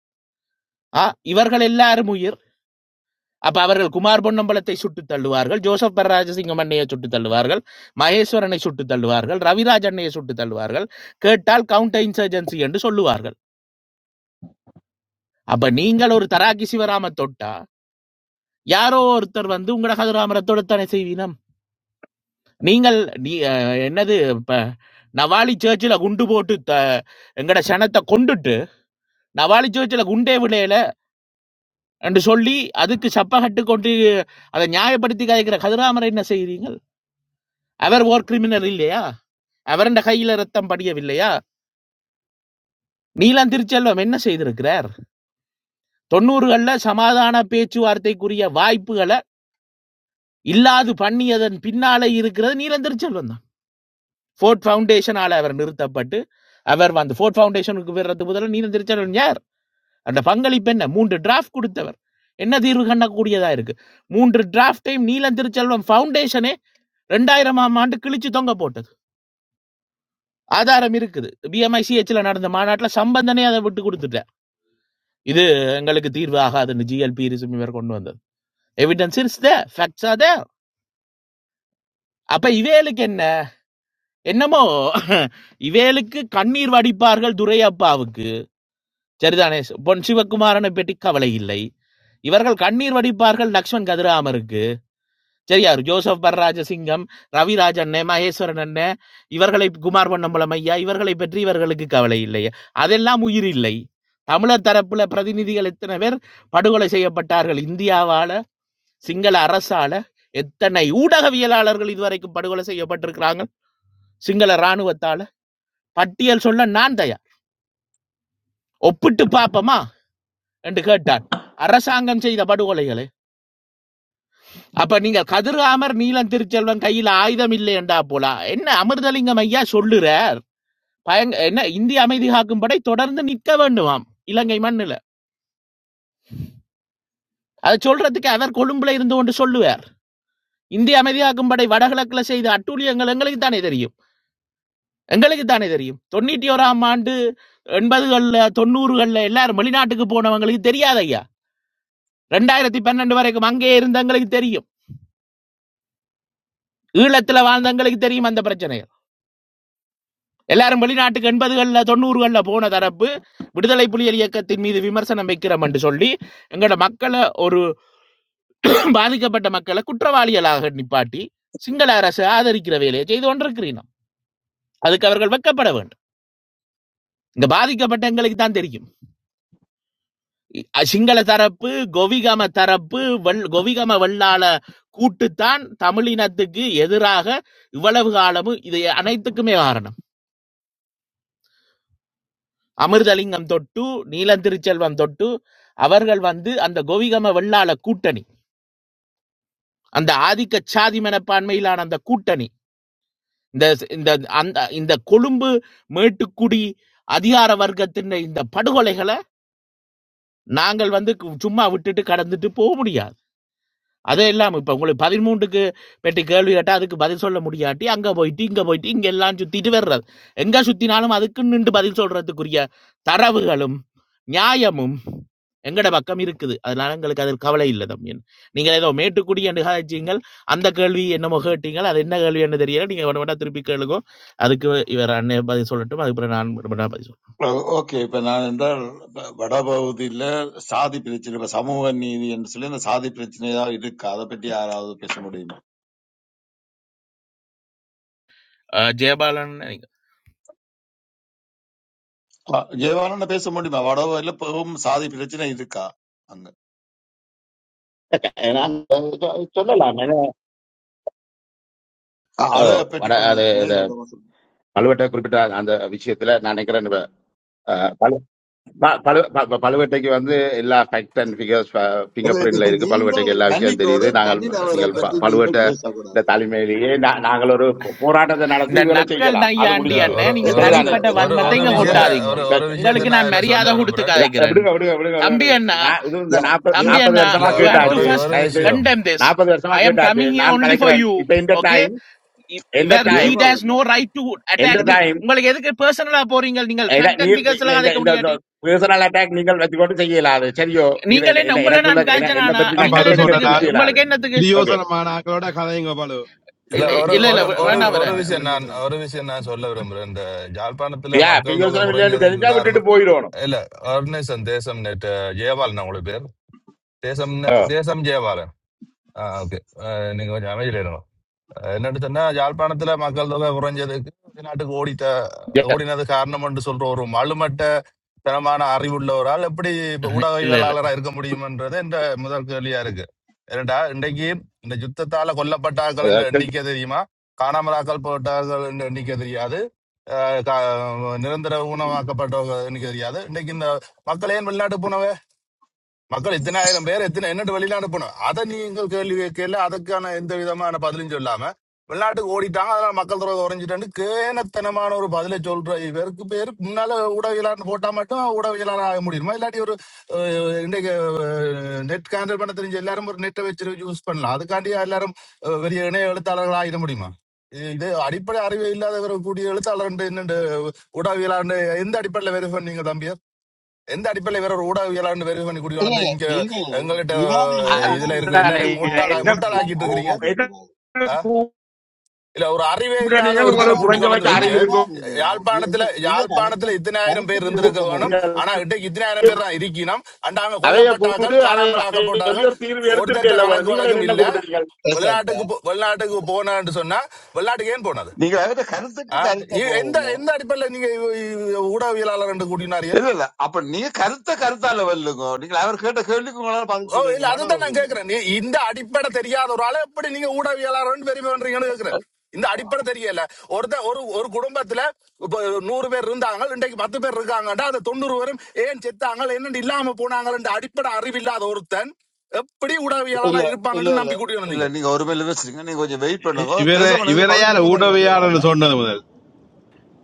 ஆ இவர்கள் எல்லாரும் உயிர் அப்ப அவர்கள் குமார் பொன்னம்பலத்தை சுட்டு தள்ளுவார்கள் ஜோசப் பரராஜசிங்கம் அண்ணையை சுட்டு தள்ளுவார்கள் மகேஸ்வரனை சுட்டு தள்ளுவார்கள் ரவிராஜ் அண்ணையை சுட்டு தள்ளுவார்கள் கேட்டால் கவுண்டர் இன்சர்ஜென்சி என்று சொல்லுவார்கள் அப்ப நீங்கள் ஒரு தராக்கி சிவராம தொட்டா யாரோ ஒருத்தர் வந்து உங்களோட கதிராமரை தொடுத்தானே செய்வீனம் நீங்கள் நீ- அஹ், என்னது இப்ப நவாலி சர்ச்சில் குண்டு போட்டு த- எங்கட சனத்தை கொண்டுட்டு நவாலி சர்ச்சில் குண்டே விளையல என்று சொல்லி அதுக்கு சப்ப கட்டு கொண்டு அதை நியாயப்படுத்தி கதைக்கிற கதிராமரை என்ன செய்கிறீர்கள் அவர் ஓர் கிரிமினல் இல்லையா அவரண்ட கையில ரத்தம் படியவில்லையா நீலம் திருச்செல்வம் என்ன செய்திருக்கிறார் தொண்ணூறுகள்ல சமாதான பேச்சுவார்த்தைக்குரிய வாய்ப்புகளை இல்லாது பண்ணியதன் பின்னாலே இருக்கிறது நீலம் திருச்செல்வம் ஃபோர்ட் ஃபவுண்டேஷனால அவர் நிறுத்தப்பட்டு அவர் அந்த ஃபோர்ட் ஃபவுண்டேஷனுக்கு வர்றது முதல்ல நீதி திருச்செல்வன் யார் அந்த பங்களிப்பு என்ன மூன்று டிராஃப்ட் கொடுத்தவர் என்ன தீர்வு கண்ணக்கூடியதா இருக்கு மூன்று டிராஃப்டையும் நீலம் திருச்செல்வம் ஃபவுண்டேஷனே ரெண்டாயிரமாம் ஆண்டு கிழிச்சு தொங்க போட்டது ஆதாரம் இருக்குது பிஎம்ஐ சிஹெச்ல நடந்த மாநாட்டில் சம்பந்தனே அதை விட்டு கொடுத்துட்டார் இது எங்களுக்கு தீர்வு ஆகாதுன்னு ஜிஎல்பி இவர் கொண்டு வந்தது evidence is the facts are there அப்ப இவேலுக்கு என்ன என்னமோ இவேலுக்கு கண்ணீர் வடிப்பார்கள் துரையப்பாவுக்கு சரிதானே பொன் சிவகுமாரனை பற்றி கவலை இல்லை இவர்கள் கண்ணீர் வடிப்பார்கள் லக்ஷ்மண் கதிராமருக்கு சரியா ஜோசப் பரராஜ சிங்கம் ரவிராஜ் அண்ணே மகேஸ்வரன் அண்ணே இவர்களை குமார் பொன்னம்பலம் ஐயா இவர்களை பற்றி இவர்களுக்கு கவலை இல்லை அதெல்லாம் உயிர் இல்லை தமிழர் தரப்புல பிரதிநிதிகள் எத்தனை பேர் படுகொலை செய்யப்பட்டார்கள் இந்தியாவால சிங்கள அரசால எத்தனை ஊடகவியலாளர்கள் இதுவரைக்கும் படுகொலை செய்யப்பட்டிருக்கிறாங்க சிங்கள இராணுவத்தால பட்டியல் சொல்ல நான் தயார் ஒப்பிட்டு பார்ப்போமா என்று கேட்டார் அரசாங்கம் செய்த படுகொலைகளை அப்ப நீங்கள் கதிராமர் நீலன் திருச்செல்வன் கையில் ஆயுதம் இல்லை என்றா போலா என்ன அமிர்தலிங்கம் ஐயா சொல்லுறார் பயங்க என்ன இந்திய அமைதி காக்கும் படை தொடர்ந்து நிற்க வேண்டுமாம் இலங்கை மண்ணுல அதை சொல்றதுக்கு அவர் கொழும்புல இருந்து கொண்டு சொல்லுவார் இந்திய அமைதி காக்கும் படை வடகிழக்குல செய்த அட்டூழியங்கள் எங்களுக்கு தானே தெரியும் எங்களுக்கு தானே தெரியும் தொண்ணூற்றி ஓராம் ஆண்டு எண்பதுகள்ல தொண்ணூறுகள்ல எல்லாரும் வெளிநாட்டுக்கு போனவங்களுக்கு தெரியாது ஐயா ரெண்டாயிரத்தி பன்னெண்டு வரைக்கும் அங்கேயே இருந்தவங்களுக்கு தெரியும் ஈழத்துல வாழ்ந்தவங்களுக்கு தெரியும் அந்த பிரச்சனை எல்லாரும் வெளிநாட்டுக்கு எண்பதுகள்ல தொண்ணூறுகள்ல போன தரப்பு விடுதலை புலிகள் இயக்கத்தின் மீது விமர்சனம் வைக்கிறோம் என்று சொல்லி எங்களோட மக்களை ஒரு பாதிக்கப்பட்ட மக்களை குற்றவாளிகளாக நிப்பாட்டி சிங்கள அரசு ஆதரிக்கிற வேலையை செய்து கொண்டிருக்கிறீங்க அதுக்கு அவர்கள் வெட்கப்பட வேண்டும் இங்க பாதிக்கப்பட்ட எங்களுக்கு தான் தெரியும் அ- சிங்கள தரப்பு கோவிகம தரப்பு வெள் கோவிகம வெள்ளாள கூட்டுத்தான் தமிழினத்துக்கு எதிராக இவ்வளவு காலமும் இது அனைத்துக்குமே காரணம் அமிர்தலிங்கம் தொட்டு நீலந்திருச்செல்வம் தொட்டு அவர்கள் வந்து அந்த கோவிகம வெள்ளாள கூட்டணி அந்த ஆதிக்க சாதி மனப்பான்மையிலான அந்த கூட்டணி இந்த இந்த அந்த இந்த கொழும்பு மேட்டுக்குடி அதிகார வர்க்கத்தின் இந்த படுகொலைகளை நாங்கள் வந்து சும்மா விட்டுட்டு கடந்துட்டு போக முடியாது அதே இல்லாமல் இப்போ உங்களுக்கு பதிமூன்றுக்கு பெட்டி கேள்வி கேட்டால் அதுக்கு பதில் சொல்ல முடியாட்டி அங்கே போயிட்டு இங்கே போயிட்டு இங்கே எல்லாம் சுற்றிட்டு வர்றது எங்கே சுற்றினாலும் அதுக்கு நின்று பதில் சொல்கிறதுக்குரிய தரவுகளும் நியாயமும் எங்கட பக்கம் இருக்குது அதனால எங்களுக்கு அதில் கவலை இல்லை தம்பி நீங்கள் ஏதோ மேட்டுக்குடி என்று காய்ச்சிங்கள் அந்த கேள்வி என்னமோ கேட்டீங்கள் அது என்ன கேள்வி என்று தெரியல நீங்கள் வேணும் வேணா திருப்பி கேளுங்க அதுக்கு இவர் அண்ணே பதில் சொல்லட்டும் அதுக்கப்புறம் நான் வேணும் வேணா பதில் சொல்றேன்
ஓகே இப்ப நான் என்றால் வ- வடபகுதியில சாதி பிரச்சனை இப்ப சமூக நீதி என்று சொல்லி அந்த சாதி பிரச்சனையா இருக்கு அதை பற்றி யாராவது பேச முடியுமா
அஹ் ஜெயபாலன்
ஜெயவான பேச முடியுமா வடபகுதியில பெரும் சாதி பிரச்சனை இருக்கா அங்க
நான் சொ- சொல்லலாம் ஏன்னா,
அ- அதை
அஹ்,
பற்றி
வட-
கொஞ்சம்
அது அது
மேலோட்டமா சொல்லுங்க
மலுவட்ட குறிப்பிட்ட அந்த விஷயத்துல நான் நினைக்கிறேன் ப- பழு ப- ப- பழுவேட்டைக்கு வந்து எல்லா ஃபேக்ட் அண்ட் ஃபிகர்ஸ் ஃபிங்கர்
இல்ல
பிரிண்ட்ல
நீ-
இருக்கு
நீங்கள்
பழுவேட்டைக்கு எல்லா விஷயம் தெரியுது
மன்னிக்கோடு
நாங்கள்
தனி நபரை
நீங்கள் ப-
பற்றி நீங்கள்
பழுவேட்டை இந்த
பேசக்கூடாது
தலைமையிலேயே நா- நாங்கள் ஒரு போ- போராட்டத்தை நடத்தி
இந்த
இவளை
நக்கல்
செய்யலாம் அது
இல்ல
நையாண்டி
முடிஞ்சது
அண்ணே
ஒரு
நீங்க
ஒரு
இல்ல
சரிதானே
இல்ல
தனிப்பட்ட
இல்ல
ஒரு
அ-
வன்மத்தை
ஒரு
இங்க
அவ-
அதான்
விஷயத்த
ப-
கொட்டாதீங்க
ஒரு
இப்ப-
ஒரு விஷயத்த
உங்களுக்கு
நான்
நான்
இதுல சொல்ல
மரியாதை கொடுத்து
விரும்புறேன்
ர-
கதைக்கிறேன்
விடுங்க விடுங்க விடுங்க விடுங்க
தம்பி
விடுங்க.
அண்ணா
நான் இது இந்த
யா-
நாற்பது
தம்பி
ஜெய-
நாற்பது
அண்ணா
இல்ல
வருஷமா
ஓ,
யூ ஹாவ் டு
ஒரு
கேட்டாச்சு
ஃபர்ஸ்ட்
ஒரு
தயவு
விஷயம்
கண்டெம் திஸ்
நாற்பது வருஷமா
ஐ அம்
கேட்டாச்சு
கமிங் ஹியர்
நான்
ஒன்லி ஃபார்
கலைக்கிறேன்
யூ
இப்ப இந்த
ஓகே
டைம் எந்த
இவர் he
time
Jayapalan
days no right to
எந்த
அட்டாக்
இல்ல இல்ல
மீ
டைம்
உங்களுக்கு எதுக்கு பர்சனலா போறீங்க நீங்கள்
ഇത-
ஃபேக்ட்
നീ
அண்ட்
ഇ- ഇ-
ஃபிகர்ஸ் எல்லாம்
ഇ-
கதைக்க முடியாட்டி
ഇ- പേഴ്സണൽ അറ്റാക്ക് നിങ്ങൾ വെച്ചുകൊണ്ട് ചെയ്യലാത് ശരിയോ നീ
நீங்கள்
എന്നെ-
என்ன
എന്നെ-
உங்களை
എനക്കുള്ള
நான்
എന- എന്നെ
கதைச்சனானா
പറ്റിന
தான்
நீங்கள்
பலு
കരുത്തെ നിങ്ങൾ
சொன்ன
என்னத்துக்கு
തിരിച്ച്
நான்
ചെയ്യലാത്
உங்களுக்கு என்னத்துக்கு
ഓക്കെ
பிரியோசனமான ஆக்களோட கதைங்க பலு
இல்ல
இல்ல
இது ஒரு
ஒரு
இல்ல இல்ல,
ஒரு
பிரியோசனம்
வே-
இல்லாத
ஒரு
வேண்டாம்
ஆளோட
வேற
ஒரு
என்ன
கதைச்சு
விஷயம் நான்
பிரியோசனம்
ஒரு விஷயம் நான் சொல்ல விரும்புறேன் இந்த ஜாழ்ப்பாணத்துல
യാ
மக்கள் தொகை
പ്രിയോസനം ഇല്ലാണ്ട്
குறைஞ்சதுக்கு
തെളിഞ്ഞാ വിട്ടിട്ട്
காரணம்
പോയിടണം
இல்ல ஆர்கனைசன் தேசம் நேற்று ஜெயபாலன் உங்களுக்கு பேர் தேசம்
ഓ,
தேசம் ஜெயபாலன் ஆ ஓகே ஆ, நீங்க கொஞ்சம் அமைதியில இருங்க அஹ் என்னன்னு சொன்னா யாழ்ப்பாணத்துல மக்கள் தொகை குறைஞ்சதுக்கு வெளிநாட்டுக்கு ஓடிட்ட
yes.
ஓடினது காரணம் என்று சொல்ற ஒரு மழுமட்ட தனமான அறிவுள்ள ஒரு ஆள் எப்படி இப்ப
இல்ல இல்ல
ஊடகவியலாளராக இருக்க முடியும்ன்றது என்ற முதல் கேள்வியா இருக்கு ஏன்டா இன்றைக்கு இந்த யுத்தத்தால கொல்லப்பட்டார்கள் என்ற
അതൊക്കെ
எண்ணிக்கை தெரியுமா காணாமலாக்கல் போட்டார்கள் என்ற எண்ணிக்கை தெரியாது அஹ் கா- நிரந்தர ஊனமாக்கப்பட்டவர்கள் எண்ணிக்கை தெரியாது இன்றைக்கு இந்த மக்கள் ஏன் வெளிநாட்டு போனவ மக்கள் எத்தனாயிரம் பேர் எத்தனை என்னட்டு வெளியில அனுப்பணும் அதை நீங்கள் கேள்வி கேட்கல அதுக்கான எந்த விதமான பதிலும் சொல்லாம வெளிநாட்டுக்கு ஓடிட்டாங்க அதனால மக்கள் தொடர்பு உறைஞ்சிட்டு கேனத்தனமான ஒரு பதிலை சொல்ற இவருக்கு பேர் முன்னால ஊடகவியலாளர் போட்டா மட்டும் ஊடகவியலாளர் ஆக முடியுமா இல்லாட்டி ஒரு அஹ், இன்றைக்கு நெட் கேண்டல் பண்ண தெரிஞ்ச எல்லாரும் ஒரு நெட்டை வச்சு யூஸ் பண்ணலாம் அதுக்காண்டி எல்லாரும் அஹ், பெரிய இணைய எழுத்தாளர்கள் ஆகிட முடியுமா இது இது அடிப்படை அறிவு இல்லாதவர் கூடிய எழுத்தாளர் என்னண்டு ஊடகவியலாளர் எந்த அடிப்படையில வெரிஃபை பண்ணீங்க தம்பி எந்த அடிப்படையில் வேற ஒரு ஊடகவியலாளர்னு வெரிஃபை பண்ணி கூட்டி
இல்ல,
வந்து இங்க
நீங்க
எங்ககிட்ட
விவாதிங்க ஆனா
இதுல இருக்கிற
அதானே,
எப்படி
எல்லாரையும்
நான்
முட்டாளா
என்ன
செய்யுது
முட்டாளாக்கிட்டு இருக்கிறீங்க
அவனா
கூ- என்ன
கொடுத்துருவாரு
ஆ?
கூப்பிட
இல்ல ஒரு அறிவே இல்லாத
நீங்கள்
ஒருத்தனை
உங்களுக்கு
கூட்டி
குறைஞ்ச
கொண்டு
வச்சு
வந்து
மிக
வச்சு
அறிவு இருக்கும்
விவாதிங்களோ மிக
யாழ்ப்பாணத்துல
மிக நடத்த
யாழ்ப்பாணத்துல இத்தனாயிரம் பேர்
கருத்துக்கு
இருந்திருக்க
கருத்த
வேணும் ஆனா இன்றைக்கு இத்தனாயிரம் பேர் தான் இருக்கணும் அண்டாங்க
அதைய
கொல்லப்பட்டார்கள்
கூப்பிட்டு அதை
காணாமல்
அதை சொல்லி
ஆக்கப்பட்டார்கள்
ஒரு தீர்வு எடுத்திருக்க
ஒருத்தர்கிட்ட
இல்ல
கணக்கு
நீங்களே
வழக்கம்
என்ன
இல்ல
கூப்பிட்டுருக்கீங்க
போதும் சார்
வெளிநாட்டுக்கு போ- வெளிநாட்டுக்கு போனேன்னு சொன்னா வெளிநாட்டுக்கு ஏன் போனது
நீங்க அவர்கிட்ட கருத்துக்கு
ஆ?
கருத்த
இ- எந்த
போதுங்க
எந்த அடிப்படையில் நீங்க ஊடகவியலாளர் என்று கூட்டினாரு
இல்ல இல்ல அப்ப நீங்க கருத்த கருத்தா லெவல்லுங்க நீங்க அவர் கேட்ட கேள்விக்கு உங்களால பதில்
ஓ
சொல்லிடுற
இல்ல
மனதை
அதுதான் நான்
சொல்லுங்க
கேக்குறேன் நீ- இந்த அடிப்படை தெரியாத ஒரு ஆளை எப்படி நீங்க ஊடகவியலாளர்னு பெருமை பண்றீங்கன்னு கேக்குறேன் இந்த அடிப்படை தெரியல ஒருத்த ஒரு ஒரு குடும்பத்துல இப்ப நூறு பேர் இருந்தாங்க இன்றைக்கு பத்து பேர் இருக்காங்கடா அந்த தொண்ணூறு பேரும் ஏன் செத்தாங்க என்னன்னு இல்லாம போனாங்கன்ற அடிப்படை அறிவு இல்லாத ஒருத்தன் எப்படி
இல்ல
ஊடகவியலாளர்
இல்ல
இருப்பாங்கன்னு
இல்ல
நம்பி கூட்டிக்கணும்
இல்ல
நீங்க
நீங்க ஒரு மேல வச்சிருங்க நீங்க கொஞ்சம் வெயிட்
இ-
பண்ணுங்க
இவரே
தேசம் பண்ணதுக்கு
இவரே
பதில்
யார்
சொல்ல போறீங்க அதிக வளர்ந்த
ஊடவையாளர் சொன்னது முதல்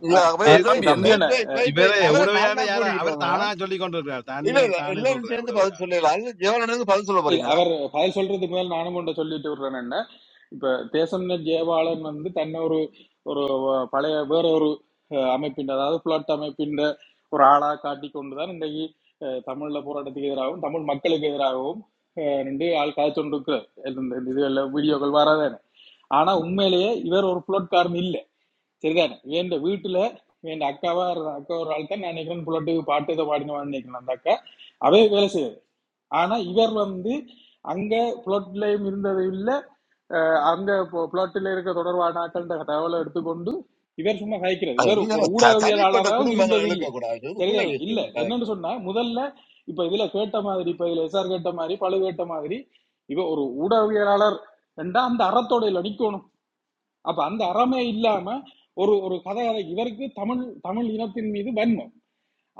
நீங்க வெயிட்
ஏ-
தம்பி
வெயிட்
என்ன
தம்பி
வெயிட்
அண்ணன்
வெயிட் வெயிட்
இவரே
வெயிட் அவரை நாலு
ஊடவையாளர்
நாள்
யார
கூட்டிக்கிட்டு
அவர்
வந்தா
தானா சொல்லி கொண்டிருக்கிறார்
இல்ல
தானே
இல்ல
தானே
எல்லாரும் சேர்ந்து
சொல்றார்
பதில் சொல்லல அது ஜெயவலனுக்கு பதில் சொல்ல
இல்ல
போறீங்களா
அவர் பதில் சொல்றதுக்கு முதல் நானும் கொண்டு சொல்லிட்டு விடுறேன் என்ன இப்ப தேசம்ன ஜெயபாலன் வந்து தன்னை ஒரு ஒரு வ- பழைய வேற ஒரு அஹ், அமைப்பின் அதாவது புலட் அமைப்பின் ஒரு ஆளா காட்டி கொண்டுதான் இன்றைக்கு அஹ், தமிழ்ல போராட்டத்துக்கு எதிராகவும் தமிழ் மக்களுக்கு எதிராகவும் அஹ், நின்று ஆள் காய்ச்சொண்டிருக்கிற இது எல்லாம் வீடியோக்கள் வராதானே ஆனா உண்மையிலேயே இவர் ஒரு புலட்காரன் இல்லை சரிதானே என் வீட்டுல என் அக்காவா இருந்த அக்கா ஒரு ஆள் தான் நான் நினைக்கிறேன் புலட்டு பாட்டு இதை பாடினவான்னு நினைக்கிறேன் அந்த அக்கா அவே வேலை செய்யுது ஆனா இவர் வந்து அங்க பிளாட்லயும் இருந்தது இல்ல அங்க பிளாட்ல இருக்க தொடர்பான ஆட்கள்கிட்ட தகவலை எடுத்துக்கொண்டு இவர் சும்மா கதைக்கிறது
அது
இவர்
நீங்க
ஒரு
த- தனிப்பட்ட
ஊடகவியலாளராகவும்
குடும்பங்களை
இருந்தது
இழுக்க
இல்ல
கூடாது இது பிள்ளை
சரிதானே இல்ல
வச்சுங்க
என்னன்னு சொன்னா முதல்ல இப்ப இதுல கேட்ட மாதிரி இப்ப இதுல எஸ்ஆர் கேட்ட மாதிரி பழு கேட்ட மாதிரி இவ ஒரு ஊடகவியலாளர் என்றா அந்த அறத்தோடையில நிக்கணும் அப்ப அந்த அறமே இல்லாம ஒரு ஒரு கதை கதை இவருக்கு தமிழ் தமிழ் இனத்தின் மீது வன்மம்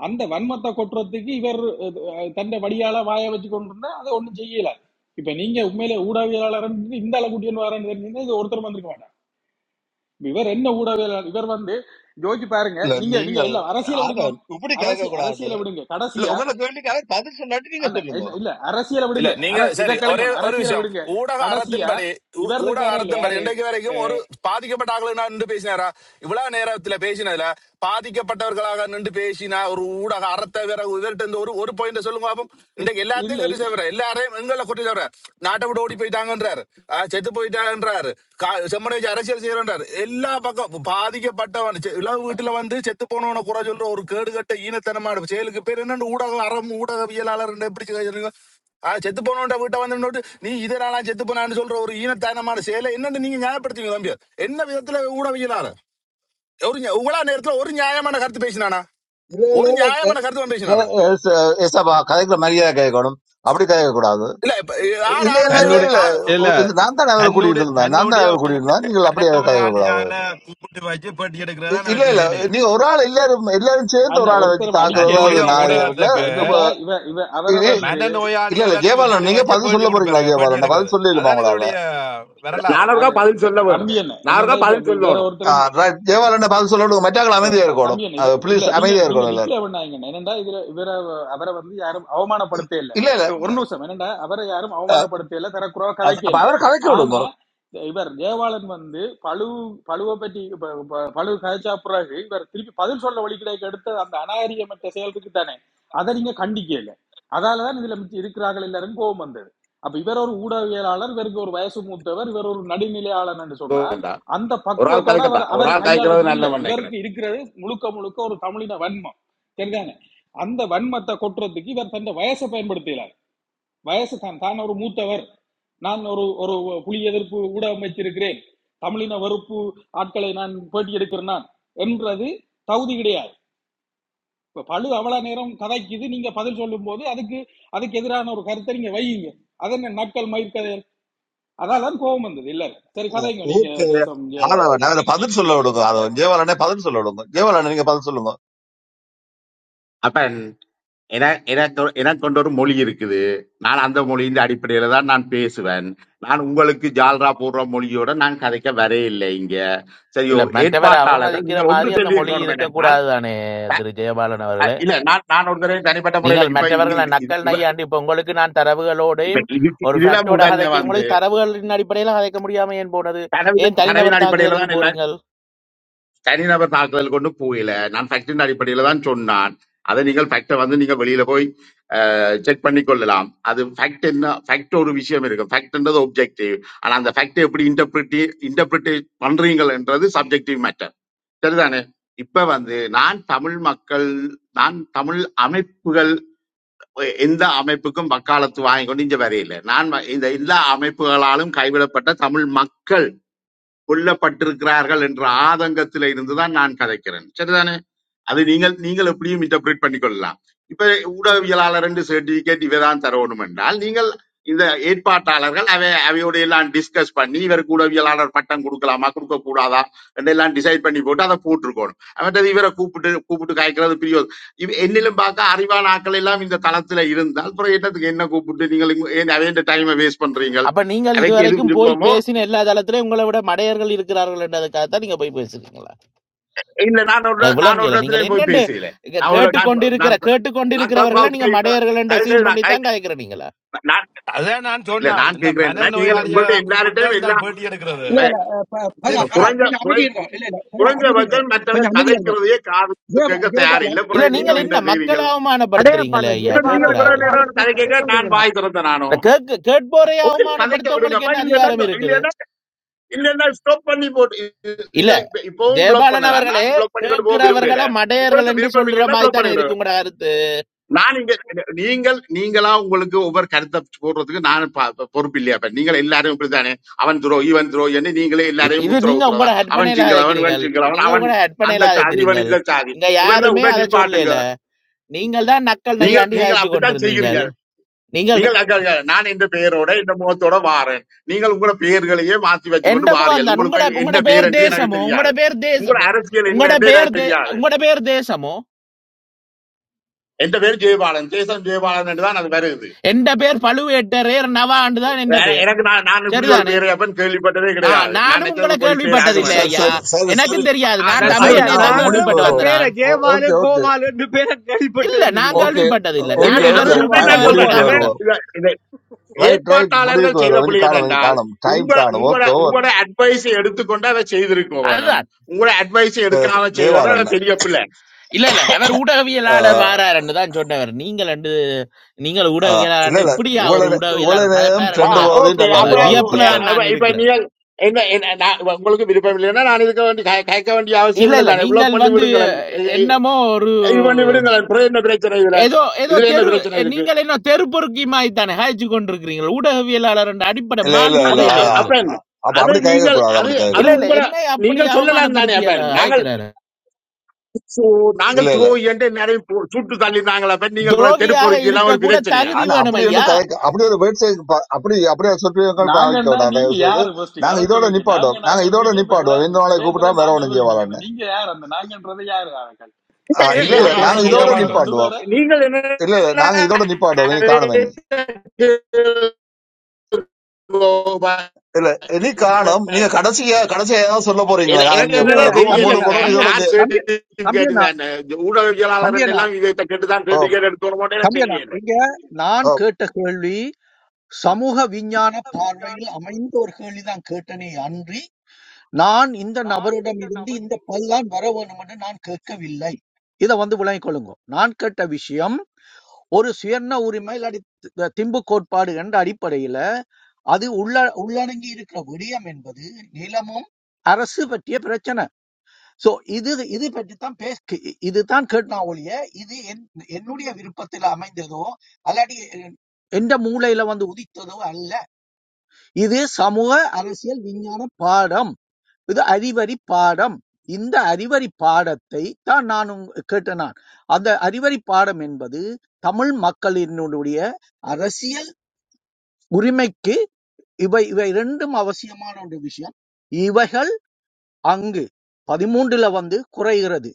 அந்த வன்மத்தை கொட்டுறதுக்கு இவர் அஹ், தன்னை வடியால வாய வச்சு கொண்டிருந்தா அதை ஒண்ணும் செய்யல இப்ப நீங்க உண்மையில ஊடகவியலாளர் இந்த அளவு குட்டியன் வரேன்னு தெரிஞ்சீங்கன்னா இது ஒருத்தர் வந்திருக்க மாட்டார் இப்ப இவர் என்ன ஊடகவியலாளர் இவர் வந்து யோசிச்சு பாருங்க
இல்ல
நீங்க நீங்க
நீங்கள்
எல்லாம் அரசியலை
ஆட
விடுங்க
இப்படி கேட்க
அரசி
கூடாது
அரசியலை விடுங்க
இல்ல
கடைசியா
உங்களோட கேள்விக்காக பதில் சொல்லாட்டி நீங்க
அண்ணன்
சொல்லுங்க
என்ன இல்ல அரசியலை
இல்ல
விடுங்க அர
நீங்க
இதை
சரி ஒரே
கலைங்க
ஒரு
அரசியலை
விஷயம்
விடுங்க
ஊடக
கடைசியா
அறத்தின்படி ஊ-
இவர்
ஊடக
இருக்காரு இல்ல
அறத்தின்படி
யாரு
இன்றைக்கு வரைக்கும் ஒரு பாதிக்கப்பட்ட ஆகலாம் என்று பேசினாரா இவ்வளவு நேரத்துல பேசினதுல பாதிக்கப்பட்டவர்களாக நின்று பேசினா ஒரு ஊடக அறத்தை வேற இதற்கு இந்த ஒரு ஒரு பாயிண்ட் சொல்லுங்க பாப்போம்
இ-
இன்றைக்கு
இல்ல
எல்லாத்தையும் கட்டி சேவிர எல்லாரையும் எங்களை கொட்டி சேவிர நாட்டை விட்டு ஓடி போயிட்டாங்கன்றாரு ஆஹ் செத்து போயிட்டாங்கன்றாரு கா- செம்மனை வச்சு அரசியல் செய்யறன்றாரு எல்லா பக்கம் பாதிக்கப்பட்டவன் செ- இளவு வீட்டுல வந்து செத்து போனவன குறை சொல்ற ஒரு கேடுகட்ட ஈனத்தனமான செயலுக்கு பேர் என்னன்னு ஊடக அறம் ஊடகவியலாளர் எப்படி சொல்றீங்க ஆஹ் செத்து போனவன்ட வீட்டை வந்து நின்னுட்டு, நீ இதனாலாம் செத்து போனான்னு சொல்ற ஒரு ஈனத்தனமான செயலை என்னன்னு நீங்க நியாயப்படுத்துவீங்க தம்பி என்ன விதத்துல ஊடகவியலாளர் ஒரு நியா- உங்களா நேரத்துல ஒரு நியாயமான கருத்து பேசினானா
இல்ல இல்ல
ஒரு
இல்ல
நியாயமான
க-
கருத்து பேசினானா
கதை- ஏச- ஏசப்பா கதைக்குள்ள மரியாதை கேட்கணும் அப்படி கேட்க கூடாது
இல்ல இப்ப யார்
இல்ல இல்ல இல்ல
ஆரம்பிச்சது
தன்னுடைய
இல்ல
பா-
இல்ல
ஒ- இது நான் தான் அவரை கூட்டிட்டு
தன்னுடைய
இருந்தேன் நான் தான்
தன்னுடைய
அவரை கூட்டிட்டு இருந்தேன் நீங்கள் அப்படி கேட்க கூடாது
மனநோயாளியால கூப்பிட்டு வச்சு பேட்டி
இ-
எடுக்கிறதான்
இல்ல
அவற்றை
இல்ல
வேலையே
நீங்க ஒரு ஆள் எல்லாரும் எல்லாரும் சேர்ந்து ஒரு
அண்ணா
ஆளை வச்சு
ஒருத்தர் அடிக்க
தாக்குறது அது
தன்னுடைய
இல்லையா வேற
நாரியம் இல்ல
இப்ப
ஊடகத்துக்கு
இப்ப
என்னடா இவ இவ அவரை
இது
வந்து
இல்ல இல்ல
மனநோயாளிகளை
ஜெயபாலன்
கூப்பிட்டு
நீங்க
வச்சு
பதில்
பேட்டி
சொல்ல போறீங்களா
கொடுப்பாரு பேட்டி
ஜெயபாலன்
எடுக்கிறது
பதில் சொல்லிடுமா
அதான்
உங்களால
இவருடைய வரலாறு
நானூறுக்கா
யாரு
பதில்
த-
சொல்ல வேணும்
தம்பி என்ன என்னண்டா
நானூறுக்கா
இப்ப
பதில்
இப்ப வேற
ஆ,
ஒருத்தரும்
right. ஜெயபாலன் பதில் சொல்ல விடுங்க மற்றாக்கள்
அஹ்,
அமைதியா
த-
இருக்கணும்
தம்பி என்ன இப்ப- இல்ல
ப்ளீஸ்
நீங்க
அமைதியா
நீங்க
இருக்கணும் எல்லாரும்
டிக்ளேர் பண்ணாங்க என்ன என்னண்டா இதுல வேற அவரை வந்து யாரும் அவமானப்படுத்தே இல்ல
இல்ல இல்ல
ஒரு நிமிஷம் என்னண்டா அவரை யாரும் அவமானப்படுத்தே இல்ல தரக்குறவா
അത്
கதைக்கே
അപ്പൊ
இல்ல
അവരെ കഥയ്ക്ക്
ஆனா
വിടുന്നു
இவர் ஜெயவாளன் வந்து பழு பழுவை பற்றி ப- ப- பழு கதைச்சா பிறகு இவர் திருப்பி பதில் சொல்ல வழி கிடைக்க எடுத்த அந்த அநாகரியமற்ற செயலுக்கு தானே அதை நீங்க கண்டிக்கல அதாலதான் இதுல மிச்சம் இருக்கிறார்கள் எல்லாரும் கோபம் வந்தது அப்ப இவர் ஒரு ஊடகவியலாளர் இவருக்கு ஒரு வயசு மூத்தவர் இவர் ஒரு நடுநிலையாளர் சொன்னா
சொல்லணும்
அந்த
ஒரு ஆள்
பக்குவத்தோட
கதைக்கட்டா
அவர்
ஒரு
அவர்
ஆள் கதைக்கிறது
கையாளுறதுக்கு இல்ல
நல்ல
இவருக்கு
நினைக்கிறேன்
இருக்கிறது முழுக்க முழுக்க ஒரு தமிழின வன்மம் சரிதானே அந்த வன்மத்தை கொட்டுறதுக்கு இவர் தன் வயசை பயன்படுத்துகிறார் வயசு தான் தான் ஒரு மூத்தவர் நான் ஒரு ஒரு புலி எதிர்ப்பு ஊடகம் வச்சிருக்கிறேன் தமிழின வெறுப்பு ஆட்களை நான் பேட்டி எடுக்கிறேன் நான் என்றது தகுதி கிடையாது இப்ப பழு அவ்வளவு நேரம் கதைக்குது நீங்க பதில் சொல்லும் போது அதுக்கு அதுக்கு எதிரான ஒரு கருத்தை நீங்க வையுங்க அதென்ன நக்கல் மயிர்கதை அதான் கோபம் வந்தது இல்ல சரி கதைங்க நீங்க
ஓகே
தேசம் ஜெயவாணன்
ஆளவன் அவரை பதில் சொல்ல விடுங்க அதை ஜெயவாலனே பதில் சொல்ல விடுங்க ஜெயவாலன் நீங்க பதில் சொல்லுங்க
அப்ப என- எனக்கு எனக்கு கொண்ட ஒரு மொழி இருக்குது நான் அந்த மொழியின் அடிப்படையில தான் நான் பேசுவேன் நான் உங்களுக்கு ஜால்ரா போடுற மொழியோட நான் கதைக்க வரையில்லை இங்க சரியோ
இல்ல மற்றவரை
ஏற்பாட்டாளர்கள்
அவமதிக்கிற
நீங்கள் ஒன்று
மாதிரி அந்த
சொல்லி
மொழி
இருக்கணும் என்றால்
இருக்கக்கூடாது தானே திரு ஜெயபாலன்
அஹ்,
அவர்களே
இல்ல நான் நான் ஒரு தடவை தனிப்பட்ட முறையில
நீங்கள்
இப்ப இங்க
மற்றவர்களை
இது- இது-
நக்கல்
இவ-
நையாண்டி இப்ப உங்களுக்கு நான்
இப்ப
தரவுகளோடையும்
இது-
ஒரு
இதுல
ஃபேக்டோட
முதல்ல
கதைக்க
வந்து
உங்களுக்கு தரவுகளின் அடிப்படையில கதைக்க முடியாம ஏன் போனது ஏன்
கனவின் கனவின்
தனிநபர்
அடிப்படையில
தாக்குதலுக்கு
தான்
போறீங்கள்
தனிநபர் தாக்குதல் கொண்டு போயில நான் ஃபேக்டின் அடிப்படையில தான் சொன்னான் அதை நீங்கள் ஃபேக்டை வந்து நீங்க வெளியில போய் செக் பண்ணி கொள்ளலாம் அது ஃபேக்ட் என்ன ஃபேக்ட் ஒரு விஷயம் இருக்கு ஃபேக்ட்ன்றது ஒப்ஜெக்டிவ் ஆனா அந்த ஃபேக்டை எப்படி இன்டர்பிரிட்டி இன்டர்பிரிட்டேட் பண்றீங்கன்றது சப்ஜெக்டிவ் மேட்டர் சரிதானே இப்ப வந்து நான் தமிழ் மக்கள் நான் தமிழ் அமைப்புகள் எ- எந்த அமைப்புக்கும் வக்காலத்து வாங்கி கொண்டு இங்க வரையில நான் வ- இந்த எல்லா அமைப்புகளாலும் கைவிடப்பட்ட தமிழ் மக்கள் கொல்லப்பட்டிருக்கிறார்கள் என்ற ஆதங்கத்தில இருந்துதான் நான் கதைக்கிறேன் சரிதானே அது நீங்கள் நீங்கள் எப்படியும் இன்டர்பிரேட் பண்ணிக்கொள்ளலாம் இப்ப ஊடகவியலாளர் என்று சர்டிபிகேட் இவதான் தர வேணும் என்றால் நீங்கள் இந்த ஏற்பாட்டாளர்கள் அவை அவையோட எல்லாம் டிஸ்கஸ் பண்ணி இவருக்கு ஊடகவியலாளர் பட்டம் கொடுக்கலாமா கொடுக்க கூடாதா என்றெல்லாம் டிசைட் பண்ணி போட்டு அதை போட்டிருக்கணும் அவற்றது இவரை கூப்பிட்டு கூப்பிட்டு காய்க்கிறது பெரிய ஒரு- இவ- என்னிலும் பார்க்க அறிவான ஆட்கள் எல்லாம் இந்த தளத்துல இருந்தால் அப்புறம் என்னத்துக்கு என்ன கூப்பிட்டு நீங்கள் இங்க- ஏன் அவைய டைமை வேஸ்ட் பண்றீங்க
அப்ப நீங்கள்
அவைக்கு எது
இதுவரைக்கும் போய்
விருப்பமோ
பேசின எல்லா தளத்திலையும் உங்களை விட மடையர்கள் இருக்கிறார்கள் என்றதுக்காகத்தான் நீங்க போய் பேசுறீங்களா
இல்ல நான் ஒரு
எனக்கு
இட- நான் ஒரு
விளங்கியல நீங்கள்
இடத்துலயும் போய்
என்னென்று
பேசல
இங்க
நான் ஒரு நான்
கேட்டுக்கொண்டிருக்கிற
நான் நான் கிளப்
கேட்டுக்கொண்டிருக்கிறவர்களை நீங்க
ஹவுஸ்ல இப்பதான்
மடையர்கள் என்று
தயவு
அசியும்
செய்து நான்
பண்ணி தான்
கை-
கதைக்கிறீங்களா
நான்
அதான் நான்
இல்ல
சொன்னேன்
நான்
இந்த
கேக்குறேன் என்னன்னா, நீங்கள் உங்கள்ட்ட
மனநோயாளிகளை கூப்பிட்டு தான்
எல்லார்ட்டையும்
இந்த
எல்லா
ஆள் பேட்டி எடுக்கிறது
இல்ல
இப்ப
இல்ல அஹ், ப- பரா
சரி
இப்ப
பரா
குறைஞ்ச
கொஞ்சம்
குறை
அமைதி இருக்கும் இல்ல இல்ல பரா அமைதி
குறைஞ்சபட்சம்
இருக்கும்
மற்றவங்க
கொஞ்சம் அமைதி
கதைக்கிறதையே காதுக்கு
ஜெயபா-
கேட்க தயார் இல்ல
ஜெயபாலன்
இல்ல
பிறகு நீங்கள்
நீங்கள்
ஜெயபாலன்
என்ன
என்ன மக்களை
செய்றீங்கள்
அடையப்பா
அவமானப்படுத்துறீங்களே
அந்த
ஐயா
இப்ப நீங்கள்
ஜெயபாலம்
இவ்வளவு
கேட்கிறார்கள்
கோபாலம்
நேரம்
தான்
கதை
கிடைக்க
கேட்க நான்
விடுங்கடா
வாய் திறந்த
இல்ல
நானும்
கேக்கு கேட்போரை
ஓகே கதைக்க
அவமானப்படுத்தவங்களுக்கு
விடுங்கப்பா
என்ன
இல்லைன்னா
அதிகாரம் இருக்குது
இல்லைன்னா இல்லைன்னா ஸ்டாப் பண்ணி போட்டு
இல்ல
நீங்கள் இப்ப- இப்பவும் பிளாக்
ஜெயபாலன்
பண்ணலாம்
அவர்களே
நான் பிளாக் பண்ணி கொண்டு போக
கேட்கிறவர்களை
விரும்புறேன்
மடையர்கள்
உங்களுக்கு
என்று
விருப்பம்
சொல்ற
இல்லைன்னா
மாதிரி
பிளாக்
தானே
பண்ணி
இருக்கு உங்களோட கருத்து
நான் இங்க நீங்கள் நீங்களா உங்களுக்கு ஒவ்வொரு கருத்தை போடுறதுக்கு நான் பொறுப்பு இல்லையா இப்ப நீங்கள் எல்லாரும் இப்படித்தானே அவன் துரோ இவன் துரோ என்று நீங்களே
இ-
எல்லாரையும்
இது
உத்தரவு
நீங்க உங்களோட
உத்தரவுதான் அவன்
ஹட்பனையில
சிங்களவன்
அதைக்கிறீங்க
இவன் சிங்களவன்
நீங்க
அவன்
உங்களோட
அந்த
ஹட்பனையில
சாதி
அதைக்கிறீங்க
இவன் இந்த சாதி
இங்க
முதல்ல
யாருமே
உடனே
அதை
நிப்பாட்டுங்க
சொல்லல நீங்கள் தான் நக்கல்
நீங்கள்
நையாண்டி
நீங்கள்
அழைச்சு
அப்படித்தான்
கொண்டிருந்தீங்க
செய்கிறீங்க
நீங்கள்
நீங்கள் அங்க- அங்க நான் இந்த பெயரோட இந்த முகத்தோட வாரேன் நீங்கள் உங்களோட பெயர்களையே மாத்தி வச்சுக்கொண்டு
எந்த முகம்
வாரியல்
தான் உங்களோட
உங்களுக்கு என்ன
உங்களோட பேர்
பெயர் என்று எனக்கு
தேசமோ
தெரியாது
உங்களோட பேர்
உங்களோட
தேசமோ
அரசியல் என்ன
உங்களோட
என்று
பேர்
எனக்கு
தே
தெரியாது
உங்களோட பேர் தேசமோ
எந்த பேர் ஜெயபாலன் ஜெயசன் ஜெயபாலன் என்று தான் அது வருது
எந்த பேர் பழுவேட்டரையர் நவ ஆண்டு தான் எந்த
எ-
பேர்
எனக்கு நான் நான் இப்படி ஒரு
சரிதானே
பேரையப்பன் கேள்விப்பட்டதே
ஆ
கிடையாது நான்
நானும் உங்களை
நினைச்சது போயிட்டே ஆக
சரி
கேள்விப்பட்டதில்லை
சரி
வேண்டும்
ஐயா
சரி சரி சரி
எனக்கும் தெரியாது நான்
ச-
தட்ஸ்
தம்பி
சரி
ஐயா
குட்
என்னைய
நான்
தான்
ஒரு முடிவுக்கு
நாங்களும்
கேள்விப்பட்டு
இந்த
வருவோம்
வந்தேன்
பேரை
நான்
ஓ-
ஜெயபாலு
ஓகே ஓகே
கோபாலு என்று பேரை
இல்ல
கேள்விப்பட்டது இல்லை
நான்
இதுவரை
ஓகே ஓ-
கேள்விப்பட்டதில்லை
என்ன இது
இல்ல
ஓகே
நான்
பேரு
அது
இவர்
ஓகே
அதான்
ஜெயபாலு
நாங்க
நான்
கூப்பிட்டவருக்கு
சொல்றேன்
முடிவுக்கு
கோபாலு
தான்
அவன்
வந்தேன்
வருவோம்
இத- இத
ரைட் ரைட்
ஏற்பாட்டாளர்கள்
முடிவுக்கு
செய்த
வருவோம் இனி
புள்ளி
காணும் இனி
என்னென்றால்
காணும் டைம்
உங்க
காணும்
உங்களோட
ஓகே
உங்களோட அட்வைஸை எடுத்துக்கொண்டு அதை செய்திருக்க வேணும்
அதுதான்
உங்களோட அட்வைஸை
ஓவர்
எடுக்காம செய்தது அது
ஜெயவாலன்
பெரிய பிள்ளை
இல்ல இல்ல அவர் ஊடகவியலாளர்
ஆஹ்
வாராருன்னு தான் சொன்னவர் நீங்கள் ரெண்டு நீங்கள்
ஆஹ் இல்ல
ஊடகவியலாளர்னு
இல்ல
இப்படியா ஒரு
இவ்வளவு நே- இவ்வளவு
ஊடகவியலாளர்
நேரம்
கதைப்பார்
ஆ
ட்ரெண்டு
என்ற
போதையும்
ஓகே
நல்லா
வ-
அப்புறம்
வியப்புல
விவாதிச்சீங்கள்
தான்
இப்ப
நான்
இப்ப
இருக்கிறேன்
நீங்கள் என்ன என்ன- நான் இப்ப உங்களுக்கு விருப்பம் இல்லைன்னா நான் இருக்க வேண்டிய கே- கேட்க வேண்டிய அவசியம்
இல்ல
இல்லை
இல்ல
தானே பிளாக்
நீங்கள்
பண்ணி
வந்து
விடுங்களேன் இது
என்னமோ ஒரு
இது பண்ணி விடுங்களேன் அப்புறம் என்ன பிரச்சனை இதுல
ஏதோ ஏதோ
இதுல என்ன
தெரு
பிரச்சனை இருக்கு
நீங்கள் என்ன தெரு பொறுக்கி மாதிரி தானே ஹாய்ச்சி கொண்டிருக்கிறீங்க ஊடகவியலாளர் என்ற அடிப்படை
இல்ல இல்ல
மாண்பு
அது
கூட
இல்ல
இல்லை
அ-
ஆஹ்
உங்களுக்கு
அப்பன்
அப்ப
அது
அப்படி கேட்க
நீங்கள்
கூடாது
அது
அப்படி கேட்க
அது
இல்ல
கூடாது
இல்ல
உங்களை
என்னை அப்படி
நீங்கள் சொல்லலாம் தானே
அவமானப்படுத்தியல்ல
அப்பன் நாங்கள்
அழைக்கிறாரு
சு- நாங்கள்
இல்ல
த்ரோ என்று நிறைய பு- சுட்டு தள்ளினாங்களா அப்பன் நீங்கள் பிற- தெரு
துரோகியாக
பொறுக்கிலாம்
இருக்க
ஒரு
கூட
பிரச்சனையா
தகுதி
ஆனா
வேணும்
அப்படி ஒன்றும்
ஐயா
கதை அப்படி ஒரு வேட்சை ப- அப்படி அப்படியே சொற்பியங்கள் பாவிக்க
நாங்கன்னா
வேண்டாம்
நீங்க
தயவு செய்து
யாரு ஃபர்ஸ்ட்
நாங்க
அதை
இதோட
சொல்லுங்க நாங்க
நிப்பாட்டுவோம் நாங்க இதோட
நாங்கன்றீங்க இப்ப
நிப்பாட்டுவோம்
எவ்வளவு
எந்த நாளை
நிறைய
கூப்பிட்டா
தடவை
வேற
நாங்க
ஒன்றும்
சொல்லிட்டீங்க அந்த
செய்வாரான்னு
நீங்க யார் அந்த நாங்கன்றது யாரு ஆக்கள்
இப்ப
ஆஹ்
இது-
இல்ல
எந்த
இல்ல
ஒரு
இது-
நாங்க
இது-
நாளைக்கு
தேசம்
இ-
கூப்பிட
இதோட
ஜெயவாளர்
போறீங்களோ
இ-
ரெண்டு
நிப்பாட்டுவோம்
பேரு
நீங்கள் என்ன
இல்ல இல்ல நாங்க இதோட நிப்பாட்டுவோம் இனி காணும் இனி இல்ல இனி காணும் நீங்க கடைசியா கடைசியா ஏதாவது சொல்ல போறீங்களா
என- எனக்கு
நாங்க
இல்ல
என்னடா
இல்ல
ரூம
தம்பி
தெரியல
மூட
அண்ணா
இந்த
போறோம்
தம்பி
இதோட
அண்ணா
ஆர்
நி-
தம்பி தம்பி
சர்டிபிகேட்
அண்ணா
இந்த
தம்பி
ஊடகவியலாளர்
அண்ணா
எல்லாம் இதை கேட்டுதான்
ஓ,
சர்டிபிகேட் எடுத்து வர மாட்டேன்னு
தம்பி அண்ணா
தெரியல
இங்க நான்
ஓ.
கேட்ட கேள்வி சமூக விஞ்ஞான பார்வையில் அமைந்த ஒரு கேள்விதான் கேட்டனே அன்றி நான் இந்த நபரிடம் இருந்து இந்த பல்லான் வர வேண்டும் என்று நான் கேட்கவில்லை இதை வந்து விளங்கிக் கொள்ளுங்க நான் கேட்ட விஷயம் ஒரு சுயண்ண உரிமை இல்லாட்டி தி- திம்பு கோட்பாடு என்ற அடிப்படையில அது உள்ள உள்ளடங்கி இருக்கிற விடயம் என்பது நிலமும் அரசு பற்றிய பிரச்சனை சோ இது இது பற்றித்தான் பேச கி- இதுதான் கேட்டா ஒழிய இது என் என்னுடைய விருப்பத்தில் அமைந்ததோ அல்லாடி எந்த மூளையில வந்து உதித்ததோ அல்ல இது சமூக அரசியல் விஞ்ஞான பாடம் இது அறிவரி பாடம் இந்த அறிவரி பாடத்தை தான் நான் உங்க- கேட்ட நான் அந்த அறிவரி பாடம் என்பது தமிழ் மக்களினுடைய அரசியல் உரிமைக்கு இவை இவை இரண்டும் அவசியமான ஒரு விஷயம் இவைகள் அங்கு பதிமூன்றுல வந்து குறைகிறது.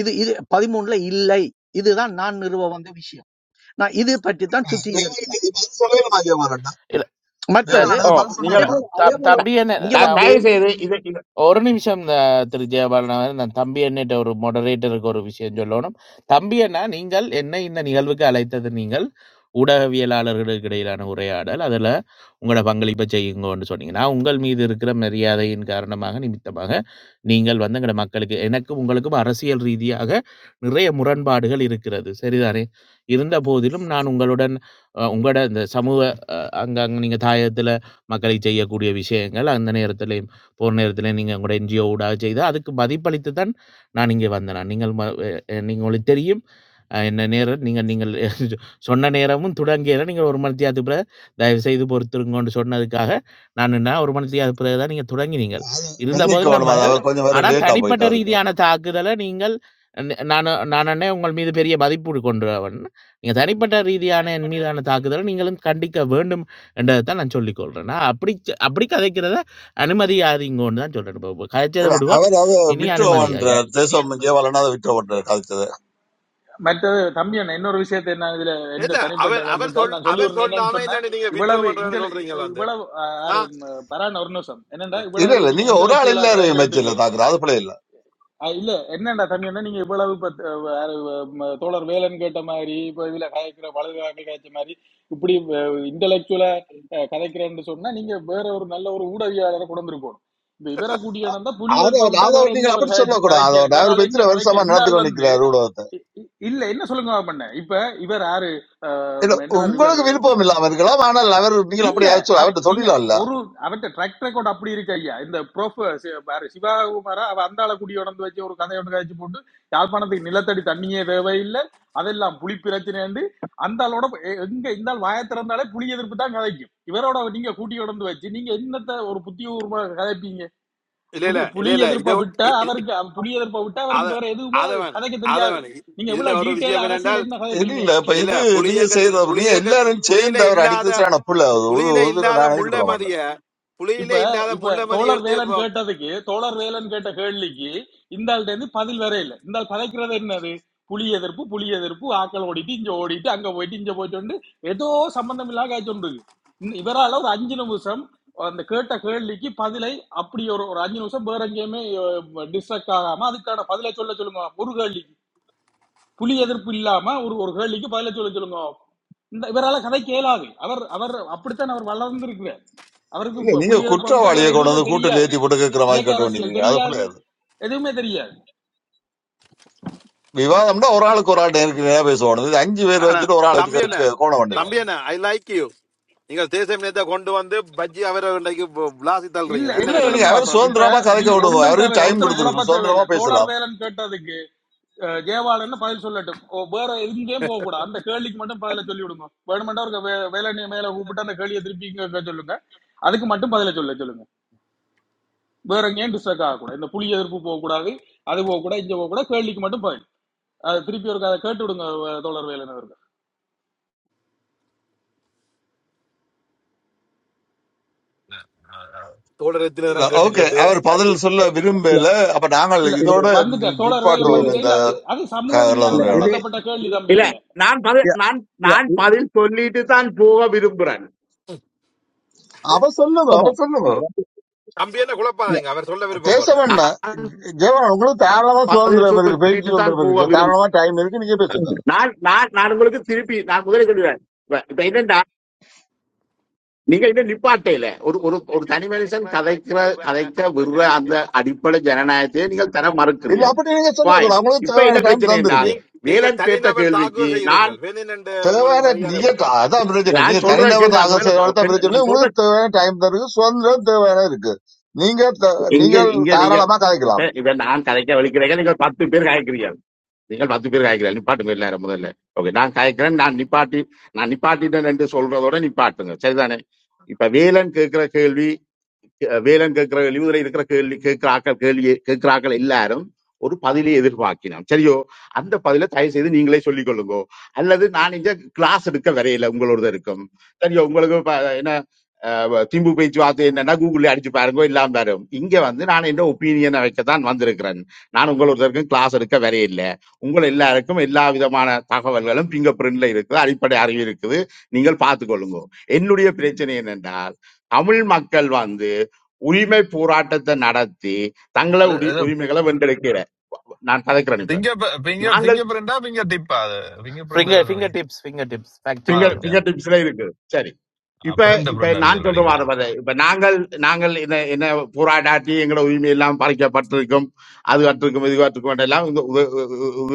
இது இது பதிமூன்றுல இல்லை. இதுதான் நான் நிறுவ வந்த விஷயம். நான் இது பற்றி தான் சுத்தி இது எடுத்தேன்.
தேவாலயம் பதில் சொல்லலைமா ஜெயமாறன்?
இல்ல இல்ல
மற்றது
த-
ஓ
தேவாலயம் பதில்
அதே
நீங்கள்
சொல்லலைமா?
போல அதே
தம்-
போல
தம்பி
இங்க
த-
என்ன
வந்து
தயவு செய்து இது
ஒரு நிமிஷம் ஆ, திரு ஜெயபாலன் அவர்கள், நான் தம்பி அண்ணிட்ட ஒரு மொடரேட்டருக்கு ஒரு விஷயம் சொல்லணும் தம்பி அண்ணா நீங்கள் என்னை இந்த நிகழ்வுக்கு அழைத்தது நீங்கள் ஊடகவியலாளர்களுக்கு இடையிலான உரையாடல் அதில் உங்களோட பங்களிப்பை செய்யுங்கன்னு சொன்னீங்க நான் உங்கள் மீது இருக்கிற மரியாதையின் காரணமாக நிமித்தமாக நீங்கள் வந்து எங்களோட மக்களுக்கு எனக்கும் உங்களுக்கும் அரசியல் ரீதியாக நிறைய முரண்பாடுகள் இருக்கிறது சரிதானே இருந்த போதிலும் நான் உங்களுடன் அ, உங்களோட இந்த சமூக அங்கே நீங்கள் தாயத்தில் மக்களை செய்யக்கூடிய விஷயங்கள் அந்த நேரத்தில் போர் நேரத்தில நீங்க உங்களுடைய என்ஜிஓ ஊடாக செய்து அதுக்கு மதிப்பளித்து தான் நான் இங்கே வந்தேன் நான். நீங்கள் ம எ எ நீங்க உங்களுக்கு தெரியும். அ என்ன நேரம் நீங்கள் நீங்கள் சொன்ன நேரமும் துடங்கிய இடம் நீங்கள் 1 மணித்தியாலத்துக்கு பிறகு தயவுசெய்து பொறுத்திருங்கோன்னு சொன்னதுக்காக நான் என்ன 1 மணித்தியாலத்துக்கு பிறகு தான் நீங்க தொடங்கினீங்க. இருந்தபோதிலும் நான்
மன்னிக்கணும் அது
வந்தது.
அவர் கொஞ்சம் வேற
ஆனா
லேட்டா போயிட்டு
தனிப்பட்ட
அவருக்கு
ரீதியான தாக்குதல நீங்கள் ந நானு நானன்னே உங்கள் மீது பெரிய மதிப்பு கொண்டவன். நீங்க தனிப்பட்ட ரீதியான என் மீதான தாக்குதல நீங்களும் கண்டிக்க வேண்டும் என்றத தான் நான் சொல்லிக் கொள்றேன். நான் அப்படி அப்படி கதைக்கிறத அனுமதியாதீங்கன்னு தான் சொல்றேன் இப்போ இப்போ கதைச்சதை
இல்ல
விடுவோம்
அவர் அது
இனி
விட்டோ பண்ற
அனுமதியாதீங்க
தேசம் ஜெயவாலன் அதை விட்டோ பண்ற
மற்றது தம்பி அண்ணன் இன்னொரு விஷயத்தை என்ன இதுல எந்த
இல்ல
தனிப்பட்ட
அவர்
கருத்து
அவர்
தான்
சொல்
நான் சொல்லி ஒரு
அவர்
என்னன்னு
சொல்லாம
சொன்னேன்
என்னன்னு நீங்க வித்ரோ
இவ்வளவு இந்த
பண்றேன்னு சொல்றீங்களா வந்து
இவ்வளவு ஆஹ்,
ஆ?
யாரு பரான் ஒரு நிமிஷம்
ஆ.
என்னண்டா
இல்ல
இவ்வளவு
இல்ல
நீங்க
நீங்க ஒரு ஆள்
இன்டலெக்சுவலா
எல்லாரும்
கதைக்கிறதுக்கு
மேட்ச்ல தாக்குற அது பிள்ளை இல்ல
அஹ் இல்ல என்னடா தம்பி என்ன நீங்க இவ்வளவு இப்ப த- வேற, ம, தோழர் வேலன் கேட்ட மாதிரி இப்ப இதுல கதைக்கிற வலதுகாக கதைச்ச மாதிரி இப்படி இன்டலெக்சுவலா கதைக்கிறேன்னு சொன்னா நீங்க வேற ஒரு நல்ல ஒரு ஊடகவியாளரை கொண்டு இருக்கணும் இப்ப இவரை கூட்டியானந்தா புலி
அதை
ஏற்ப விட்டா
அதை
வேற
நீங்க
என்ன இவர்
அப்படி
கதைச்சு
சொல்லக்கூடாது
கதைக்க
அதோட அவர்
இவரால என்ன
பெற்ற வருஷமா
கதைக்க இந்த
நடத்தி
ஆள் வந்து
கொண்டிருக்கிறார் ஊடகத்தை
இ- இ- இல்ல என்ன சொல்லுங்க பண்ண இப்ப இவர் யாரு அஹ்,
இல்ல
என்ன பேர் இவர்
உங்களுக்கு விருப்பம் இல்லாம இருக்கலாம் ஆனால் அவர் நீங்கள் அப்படி
இல்ல
ஆச்சு
அவ-
அவர்கிட்ட
நீங்க
தொழிலா இல்ல
ஒரு அவட்ட ட்ராக் ரெக்கார்ட் அப்படி இருக்கு ஐயா இந்த ப்ரோஃப் பாரு சிவகுமாரா அவ அந்தாள குடி உணர்ந்து வச்சு ஒரு கதை ஒன்று கழிச்சு போட்டு யாழ்ப்பாணத்துக்கு நிலத்தடி தண்ணியே தேவை இல்ல அதெல்லாம் புலி பிரச்சனைண்டு அந்த ஆளோட எ- எங்க இந்த ஆள் வாயை திறந்தாலே புலி எதிர்ப்பு தான் கதைக்கும் இவரோட நீங்க கூட்டி உணர்ந்து வச்சு நீங்க என்னத்த ஒரு புத்திய உருமா கதைப்பீங்க
இல்ல இல்ல
புது புலி
இல்ல
எதிர்ப்பை
இல்ல
விட்டா
இத
அவருக்கு அவ- புலி எதிர்ப்பை விட்டா
அது
அவருக்கு வேற எதுவுமே
அது வேணாம்
கதைக்க
அது
தெரியாது
வேணாம் இ-
நீங்க
இதுல
எவ்வளவு
ஒரு
டீட்டெயிலா
விஷயம்
அரசியல்
என்னென்றால்
என்ன
இல்ல
கதைப்பீங்க
இல்ல, இப்ப
இல்ல
இது
புலி
நீங்க
இயக்கத்தில்
செய்யறது
புலி
நீங்க
இயக்க
எல்லாரும்
புலியில
சேர்ந்து அவர்
இல்லாத
அடிக்கிறது சரியான புள்ள அது ஒரு
புலியில
ஒரு
இல்லாத
நான் ஏற்றுக்கொள்ள மாட்டேன்
முள்ளமதிய
இப்ப
புலியில இல்லாத
இப்ப
முள்ளமதிய
தோழர்
எடுத்து
வேலன்
இப்போ-
கேட்டதுக்கு தோழர் வேலன் கேட்ட கேள்விக்கு இந்த ஆள்கிட்ட இருந்து பதில் வேற இல்ல இந்த ஆள் கதைக்கிறது என்னது புலி எதிர்ப்பு புலி எதிர்ப்பு ஆக்கள் ஓடிட்டு இங்க ஓடிட்டு அங்க போயிட்டு இங்க போயிட்டு ஏதோ சம்பந்தம் இல்லாத காய்ச்சொண்டு இவரால ஒரு அஞ்சு நிமிஷம் அந்த கேட்ட கேள்விக்கு பதிலை அப்படி ஒரு ஒரு அஞ்சு நிமிஷம் வேற எங்கேயுமே டிஸ்ட்ரக்ட் ஆகாம அதுக்கான பதிலை சொல்ல சொல்லுங்க ஒரு கேள்விக்கு புலி எதிர்ப்பு இல்லாம ஒரு ஒரு கேள்விக்கு பதிலை சொல்ல சொல்லுங்க இந்த இவரால கதை கேளாது அவர் அவர் அப்படித்தான் அவர் வளர்ந்திருக்கிறார் அவருக்கு
இல்ல
பு-
நீங்க
புலி எதிர்ப்பை விட்டா வேற
குற்றவாளியை கொண்டு
எதுவுமே
வந்து கூட்டில்
தெரியாது
ஏத்தி போட்டு கேட்கிற மாதிரி
இயக்க
கேட்டு
அரசியல்
கொண்டிருக்கீங்க அது பிள்ளை
தெரியாது
அது
எதுவுமே தெரியாது
விவாதம்னா ஒரு ஆளுக்கு ஒரு ஆள் நேருக்கு நேரம் பேசுவானது இது அஞ்சு பேர்
ஆனா
வச்சுட்டு ஒரு ஆள் வச்சு
தம்பி
கே-
என்ன
கே- கோணம் பண்ணிடலாம்
தம்பி என்ன ஐ லைக் யூ நீங்க தேசிய நேத்தை கொண்டு வந்து பஜ்ஜி அவரை இன்றைக்கு இப்போ விளாசி தள்ளுறீங்க
இல்ல
நல்ல
இல்ல
என்ன
இல்ல, நீங்க
வேலை
சொல்லுங்க
செய்து
அவர்
அப்ப இப்ப
சுதந்திரமா கதைக்க
நீங்க
விடுங்க
ஒன்றும்
அவருக்கு
தேவையில்லை
டைம்
ஒருத்தரும் குழப்ப
கொடுத்துருக்கு சுதந்திரமா
தேவையில்லை
பேசலாம்
தோழர் வேலன் கேட்டதுக்கு அஹ், ஜெயவாளன்னு பதில் சொல்லட்டும் ஓ, வேற எங்கேயும் போக கூடாது அந்த கேள்விக்கு மட்டும் பதில சொல்லி விடுங்க வேணுமெண்டா அவருக்கு வே- வேலனைய மேல கூப்பிட்டு அந்த கேள்வியை திருப்பி இங்க கேட்க சொல்லுங்க அதுக்கு மட்டும் பதில சொல்ல சொல்லுங்க வேற எங்கேயும் டிஸ்டர்க் ஆகக்கூடாது இந்த புலி எதிர்ப்பு போகக்கூடாது அது போகக்கூடாது இங்க போகக்கூடாது கேள்விக்கு மட்டும் பதில் அது திருப்பி ஒரு கேட்டு விடுங்க அஹ், தோழர் வேலன் அவருக்கு.
தோழர் எத்தனை
இல்ல
நேரம் கேட்டு
ஓகே
கேட்டு
அவர் பதில் சொல்ல
இல்ல,
விரும்பல அப்ப நாங்கள்
இல்ல
இது
இதோட நி-
வந்துட்டார் தோழர் வேலம்
இது
நிப்பாட்டுவோம்
வந்துட்டே
இந்த
இல்ல அது அது சமூக
இல்ல
விஞ்ஞானம்
இது
கலந்துரையாடல
சம்பந்தப்பட்ட கேள்வி தம்பி
இல்ல
என்ன
நான் பதில்
யா,
நான்
யா,
நான்
இது-
பதில் சொல்லிட்டு தான் போக விரும்புறேன்
அவ சொல்லுதோ அவ
ஆமாம்
சொல்லுதோ
இங்க வந்து
தம்பி என்ன
யா.
குழப்பாதீங்க அவர் சொல்ல விருப்பப்படுறாரு
பேசவண்ணா
நான்
ஜெயவன் உங்களுக்கு தாராளமா
பதில்
சுதந்திரம் இருக்கு பேச்சு
சொல்லிட்டு தான்
சுதந்திரம்
போக
இருக்கு
விரும்புறேன்
தாராளமா டைம் இருக்கு நீங்க பேசுங்க
நான் நான் நான் உங்களுக்கு திருப்பி நான் முதல்ல சொல்லுவேன் இப்ப இப்ப என்னன்னா நீங்க இன்னும் நிப்பாட்டையில ஒரு ஒரு ஒரு தனி மனுஷன் கதைக்கிற கதைக்க விடுற அந்த அடிப்படை ஜனநாயகத்தையே நீங்கள் தர
இல்ல
மறுக்கிறீர்கள்
அப்படி நீங்க
பாயிண்ட்
சொல்லக்கூடாது உங்களுக்கு
இப்ப என்ன
தேவையான டைம்
பிரச்சனை என்றால்
தந்திருக்கு
நீங்க நீங்க
வேலன் கேட்ட
தனிநபர்
கேள்விக்கு
தாக்குதல் செய்கிறீங்க
நான்
வேணும் உங்களுக்கு
தேவையான
மரியாதை
நீங்க
கொடுப்பாங்க
த- அதான் பிரச்சனை
நான்
நீங்க
சொல்ற கேள்வி
தனிநபர்
நான்
ஆக
முதல்ல ப-
செயல்படுத்த
பெண்-
பிரச்சனை இல்லை.
நான் சொல்ற
உங்களுக்கு தேவையான டைம் தருக்கு சுதந்திரம் தேவையான இருக்கு நீங்க த-
இங்க
நீங்கள்
இங்க நீங்க
தாராளமா
இப்ப
கதைக்கலாம்
இப்ப நான் கதைக்க வலிக்கிறேன் நீங்கள் பத்து பேர் கதைக்கிறீங்க நீங்கள் பத்து பேர் காய்க்கிறார் நிப்பாட்டுங்க எல்லாரும் முதல்ல ஓகே நான் காய்க்கிறேன் நான் நிப்பாட்டி நான் நிப்பாட்டிட்டேன் என்று சொல்றதோட நிப்பாட்டுங்க சரிதானே இப்ப வேலன் கேட்கிற கேள்வி வேலம் கேட்கிற கேள்வி இதுல இருக்கிற கேள்வி கேட்கிற ஆக்கள் கேள்வி கேட்கிற ஆக்கள் எல்லாரும் ஒரு பதிலை எதிர்பார்க்கினோம் சரியோ அந்த பதிலை தயவு செய்து நீங்களே சொல்லிக் கொள்ளுங்க அல்லது நான் இங்க கிளாஸ் எடுக்க வரையில உங்களோட இருக்கும் சரியோ உங்களுக்கு இப்ப என்ன அஹ், திம்பு பேச்சு வார்த்தை என்னன்னா கூகுள்ல அடிச்சு பாருங்க இல்லாம வரும் இங்க வந்து நான் என்ன ஒப்பீனியனை வைக்கத்தான் வந்திருக்கிறேன் நான் உங்களோட கிளாஸ் எடுக்க வரையில்லை உங்கள் எல்லாருக்கும் எல்லா விதமான தகவல்களும் பிங்கர் பிரிண்ட்ல இருக்குது அடிப்படை அறிவு இருக்குது நீங்கள் பார்த்துக்கொள்ளுங்க என்னுடைய பிரச்சனை என்னென்றால் தமிழ் மக்கள் வந்து உரிமை போராட்டத்தை நடத்தி தங்களை உரி உரிமைகளை வென்றெடுக்கிற நான் கதைக்கு அனுப்பேன்
ഫിംഗർ ഫിംഗർ
நாங்கள்
ഫിംഗർ പ്രിന്റാ ഫിംഗർ ടിപ്പാ അത് finger
finger
print
finger tips finger tips fact
ആ
செக்
பிங்கர்
ഓക്കെ
பண்ணுவோம்
பிங்கர் டிப்ஸ்ல இருக்குது சரி இப்ப
പ്രിന്റ്
இப்ப
പ്രിന്റ് ആണ്
நான்
ഇതിൽ
சொல்ற வார
അടിക്കടിയാ
வரை இப்ப நாங்கள் நாங்கள் என்ன என்ன போராடாட்டி எங்களோட உரிமை எல்லாம் பறிக்கப்பட்டிருக்கும் அது அற்றிருக்கும் இது அற்றிருக்கும் எல்லாம் இந்த உ- உ- உ-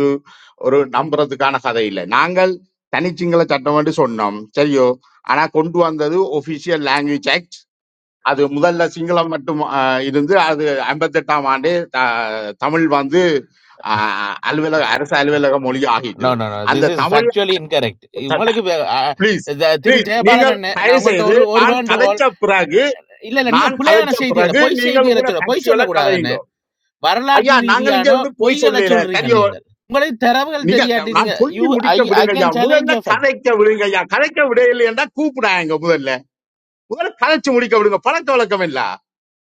ஒரு நம்புறதுக்கான கதை இல்லை நாங்கள் தனிச்சிங்கள சட்டம் என்று சொன்னோம் சரியோ ஆனா கொண்டு வந்தது ஒபிஷியல் லாங்குவேஜ் ஆக்ட் அது முதல்ல சிங்களம் மட்டும் ஆஹ், இருந்து அது ஐம்பத்தெட்டாம் ஆண்டு த- தமிழ் வந்து ஆஹ், அலுவலக அரசு அலுவலக மொழி
நோ
ஆகிட்டது
நோ நோ
அந்த
this is
Tamil
factually incorrect உங்களுக்கு வே- அ,
ப்ளீஸ்
த- திரு
ப்ளீஸ்
ஜெயபாலன்
நீங்கள்
அண்ணே நான்
தயவு
உங்கள்ட்ட
செய்து
ஒரு ஒரு
நான்
வேண்டுகோள்
கதைச்ச பிறகு
இல்ல இல்ல நீங்க
நான்
புலையான
கதைச்ச
செய்திகளை
பிறகு
பொய்
நீங்கள்
செய்திகளை
உங்களை
சொல்ல பொய்
ஃபேக்சுவலா
சொல்லக்கூடாது அண்ணே
கதையுங்க
வரலாற்று
ஐயா நாங்கள் இங்க
ரீதியான
இருந்து போய்
பொய்களை
சொல்லல
சொல்றீங்க
சரியோ
நீங்கள் உங்களுக்கு தரவுகள்
நீங்க
தெரியாட்டி
நான்
நீங்க யூ
சொல்லி
ஐ
முடிக்க
ஐ
விடுங்க ஐயா
கேன்
முதல்ல
சேலஞ்ச்
கதைக்க விடுங்க ஐயா கதைக்க விடையில்லை என்றா கூப்பிடாங்க முதல்ல முதல்ல கதைச்சு முடிக்க விடுங்க பழக்க வழக்கம் இல்ல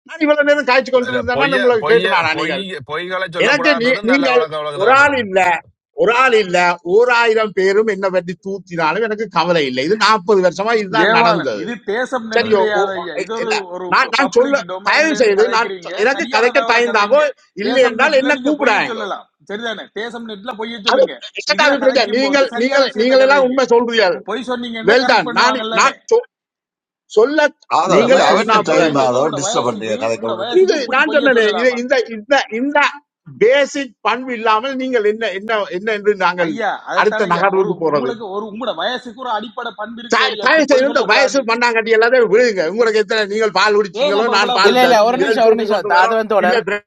நான் இவ்வளவு நேரம் காய்ச்சி கொண்டு
അല്ല,
இருந்தேன்னா
പൊയ്യ
உங்களுக்கு
പൊയ്യ
கேட்டுனானா நீங்க
പൊയ് பொய்களை
எனக்கு
சொல்லக்கூடாதுன்றது
நீ-
நல்ல
நீங்கள்
வழக்க
ஒரு
வழக்குதான்
ஆள்
பெறும்
இல்ல ஒரு ஆள் இல்ல ஓர் ஆயிரம் பேரும் என்ன பற்றி தூத்தினாலும் எனக்கு கவலை இல்லை இது நாற்பது வருஷமா இதுதான்
ஜெயவாளன்
நடந்தது
இது தேசம் நெட்
சரியோ
கிடையாது ஐயா
ஐ-
இது ஒரு
இல்ல
ஒரு
நான் நான்
பப்ளிக்
சொல்ல தயவு
டொமைன்ல இருந்து
செய்து நான்
கதைக்கிறீங்க
சொ- எனக்கு
சரியான
கதைக்க
தகவலை
தயந்தாங்கோ
கதைங்க
இல்லை
தேசம்
என்றால்
நெட்ல
என்ன
நீங்க பொய்ய
கூப்பிடாங்கோ
சொல்லலாம் சரிதானே தேசம் நெட்ல பொய்ய
அது
சொல்லுங்க
எனக்கு
இதுல
அது பிரச்சனை.
கதைக்கும் போது
நீங்கள்
சரியான
நீங்கள்
விஷயத்த
நீங்கள் எல்லாம்
கதைங்க
உண்மை சொல்றீர்கள்
பொ- பொய் சொன்னீங்கன்னா
வெல்தான்
கரெக்ட்
நான்
பண்ணுவாங்கல்லனே
நான் சொ- சொல்ல
உங்களோட
ஆதவன் இது
நீங்கள் சொன்னா
அவற்ற
வயசுக்கு
டைம்
ஜோதிச்சு
பிறகு
பாருங்க
ஆதவன்
உங்களோட
டிஸ்டர்ப்
வயசுக்கு
பண்றீங்க
உங்களோட
கதைக்க
இது
வயசுக்கு இப்படி
நான்
பொய்ய
சொன்னேனே இது
சொல்லலாமா
இந்த இந்த இந்த பேசிக் பண்பு இல்லாமல் நீங்கள் என்ன என்ன என்ன என்று நாங்கள்
ஐயா அதைத்தானே
அடுத்த
ஐயா ஒரு
நகர்வுக்கு போறது
உங்களுக்கு ஒரு உங்களோட வயசுக்கு ஒரு அடிப்படை பண்பு இருக்கிற
தாய்
இல்லையா இப்படி
தாய்
பொய்
செய்து
சொல்லக்கூடாது
வயசு பண்ணாங்கட்டி எல்லாத்தையும் விழுங்க உங்களுக்கு எத்தனை நீங்கள் பால்
ஏன்
குடிச்சீங்களோ
அப்ப
நான்
இவ்வளவு
பால்
இல்ல
போய்
ப-
இல்ல ஒரு
சொல்றீங்க
விரல்
நிமிஷம் ஒரு
தூக்கி
நிமிஷம்
கொண்டு
த- அது
வரோம்
வந்து
இல்ல
தொடர்
பிற-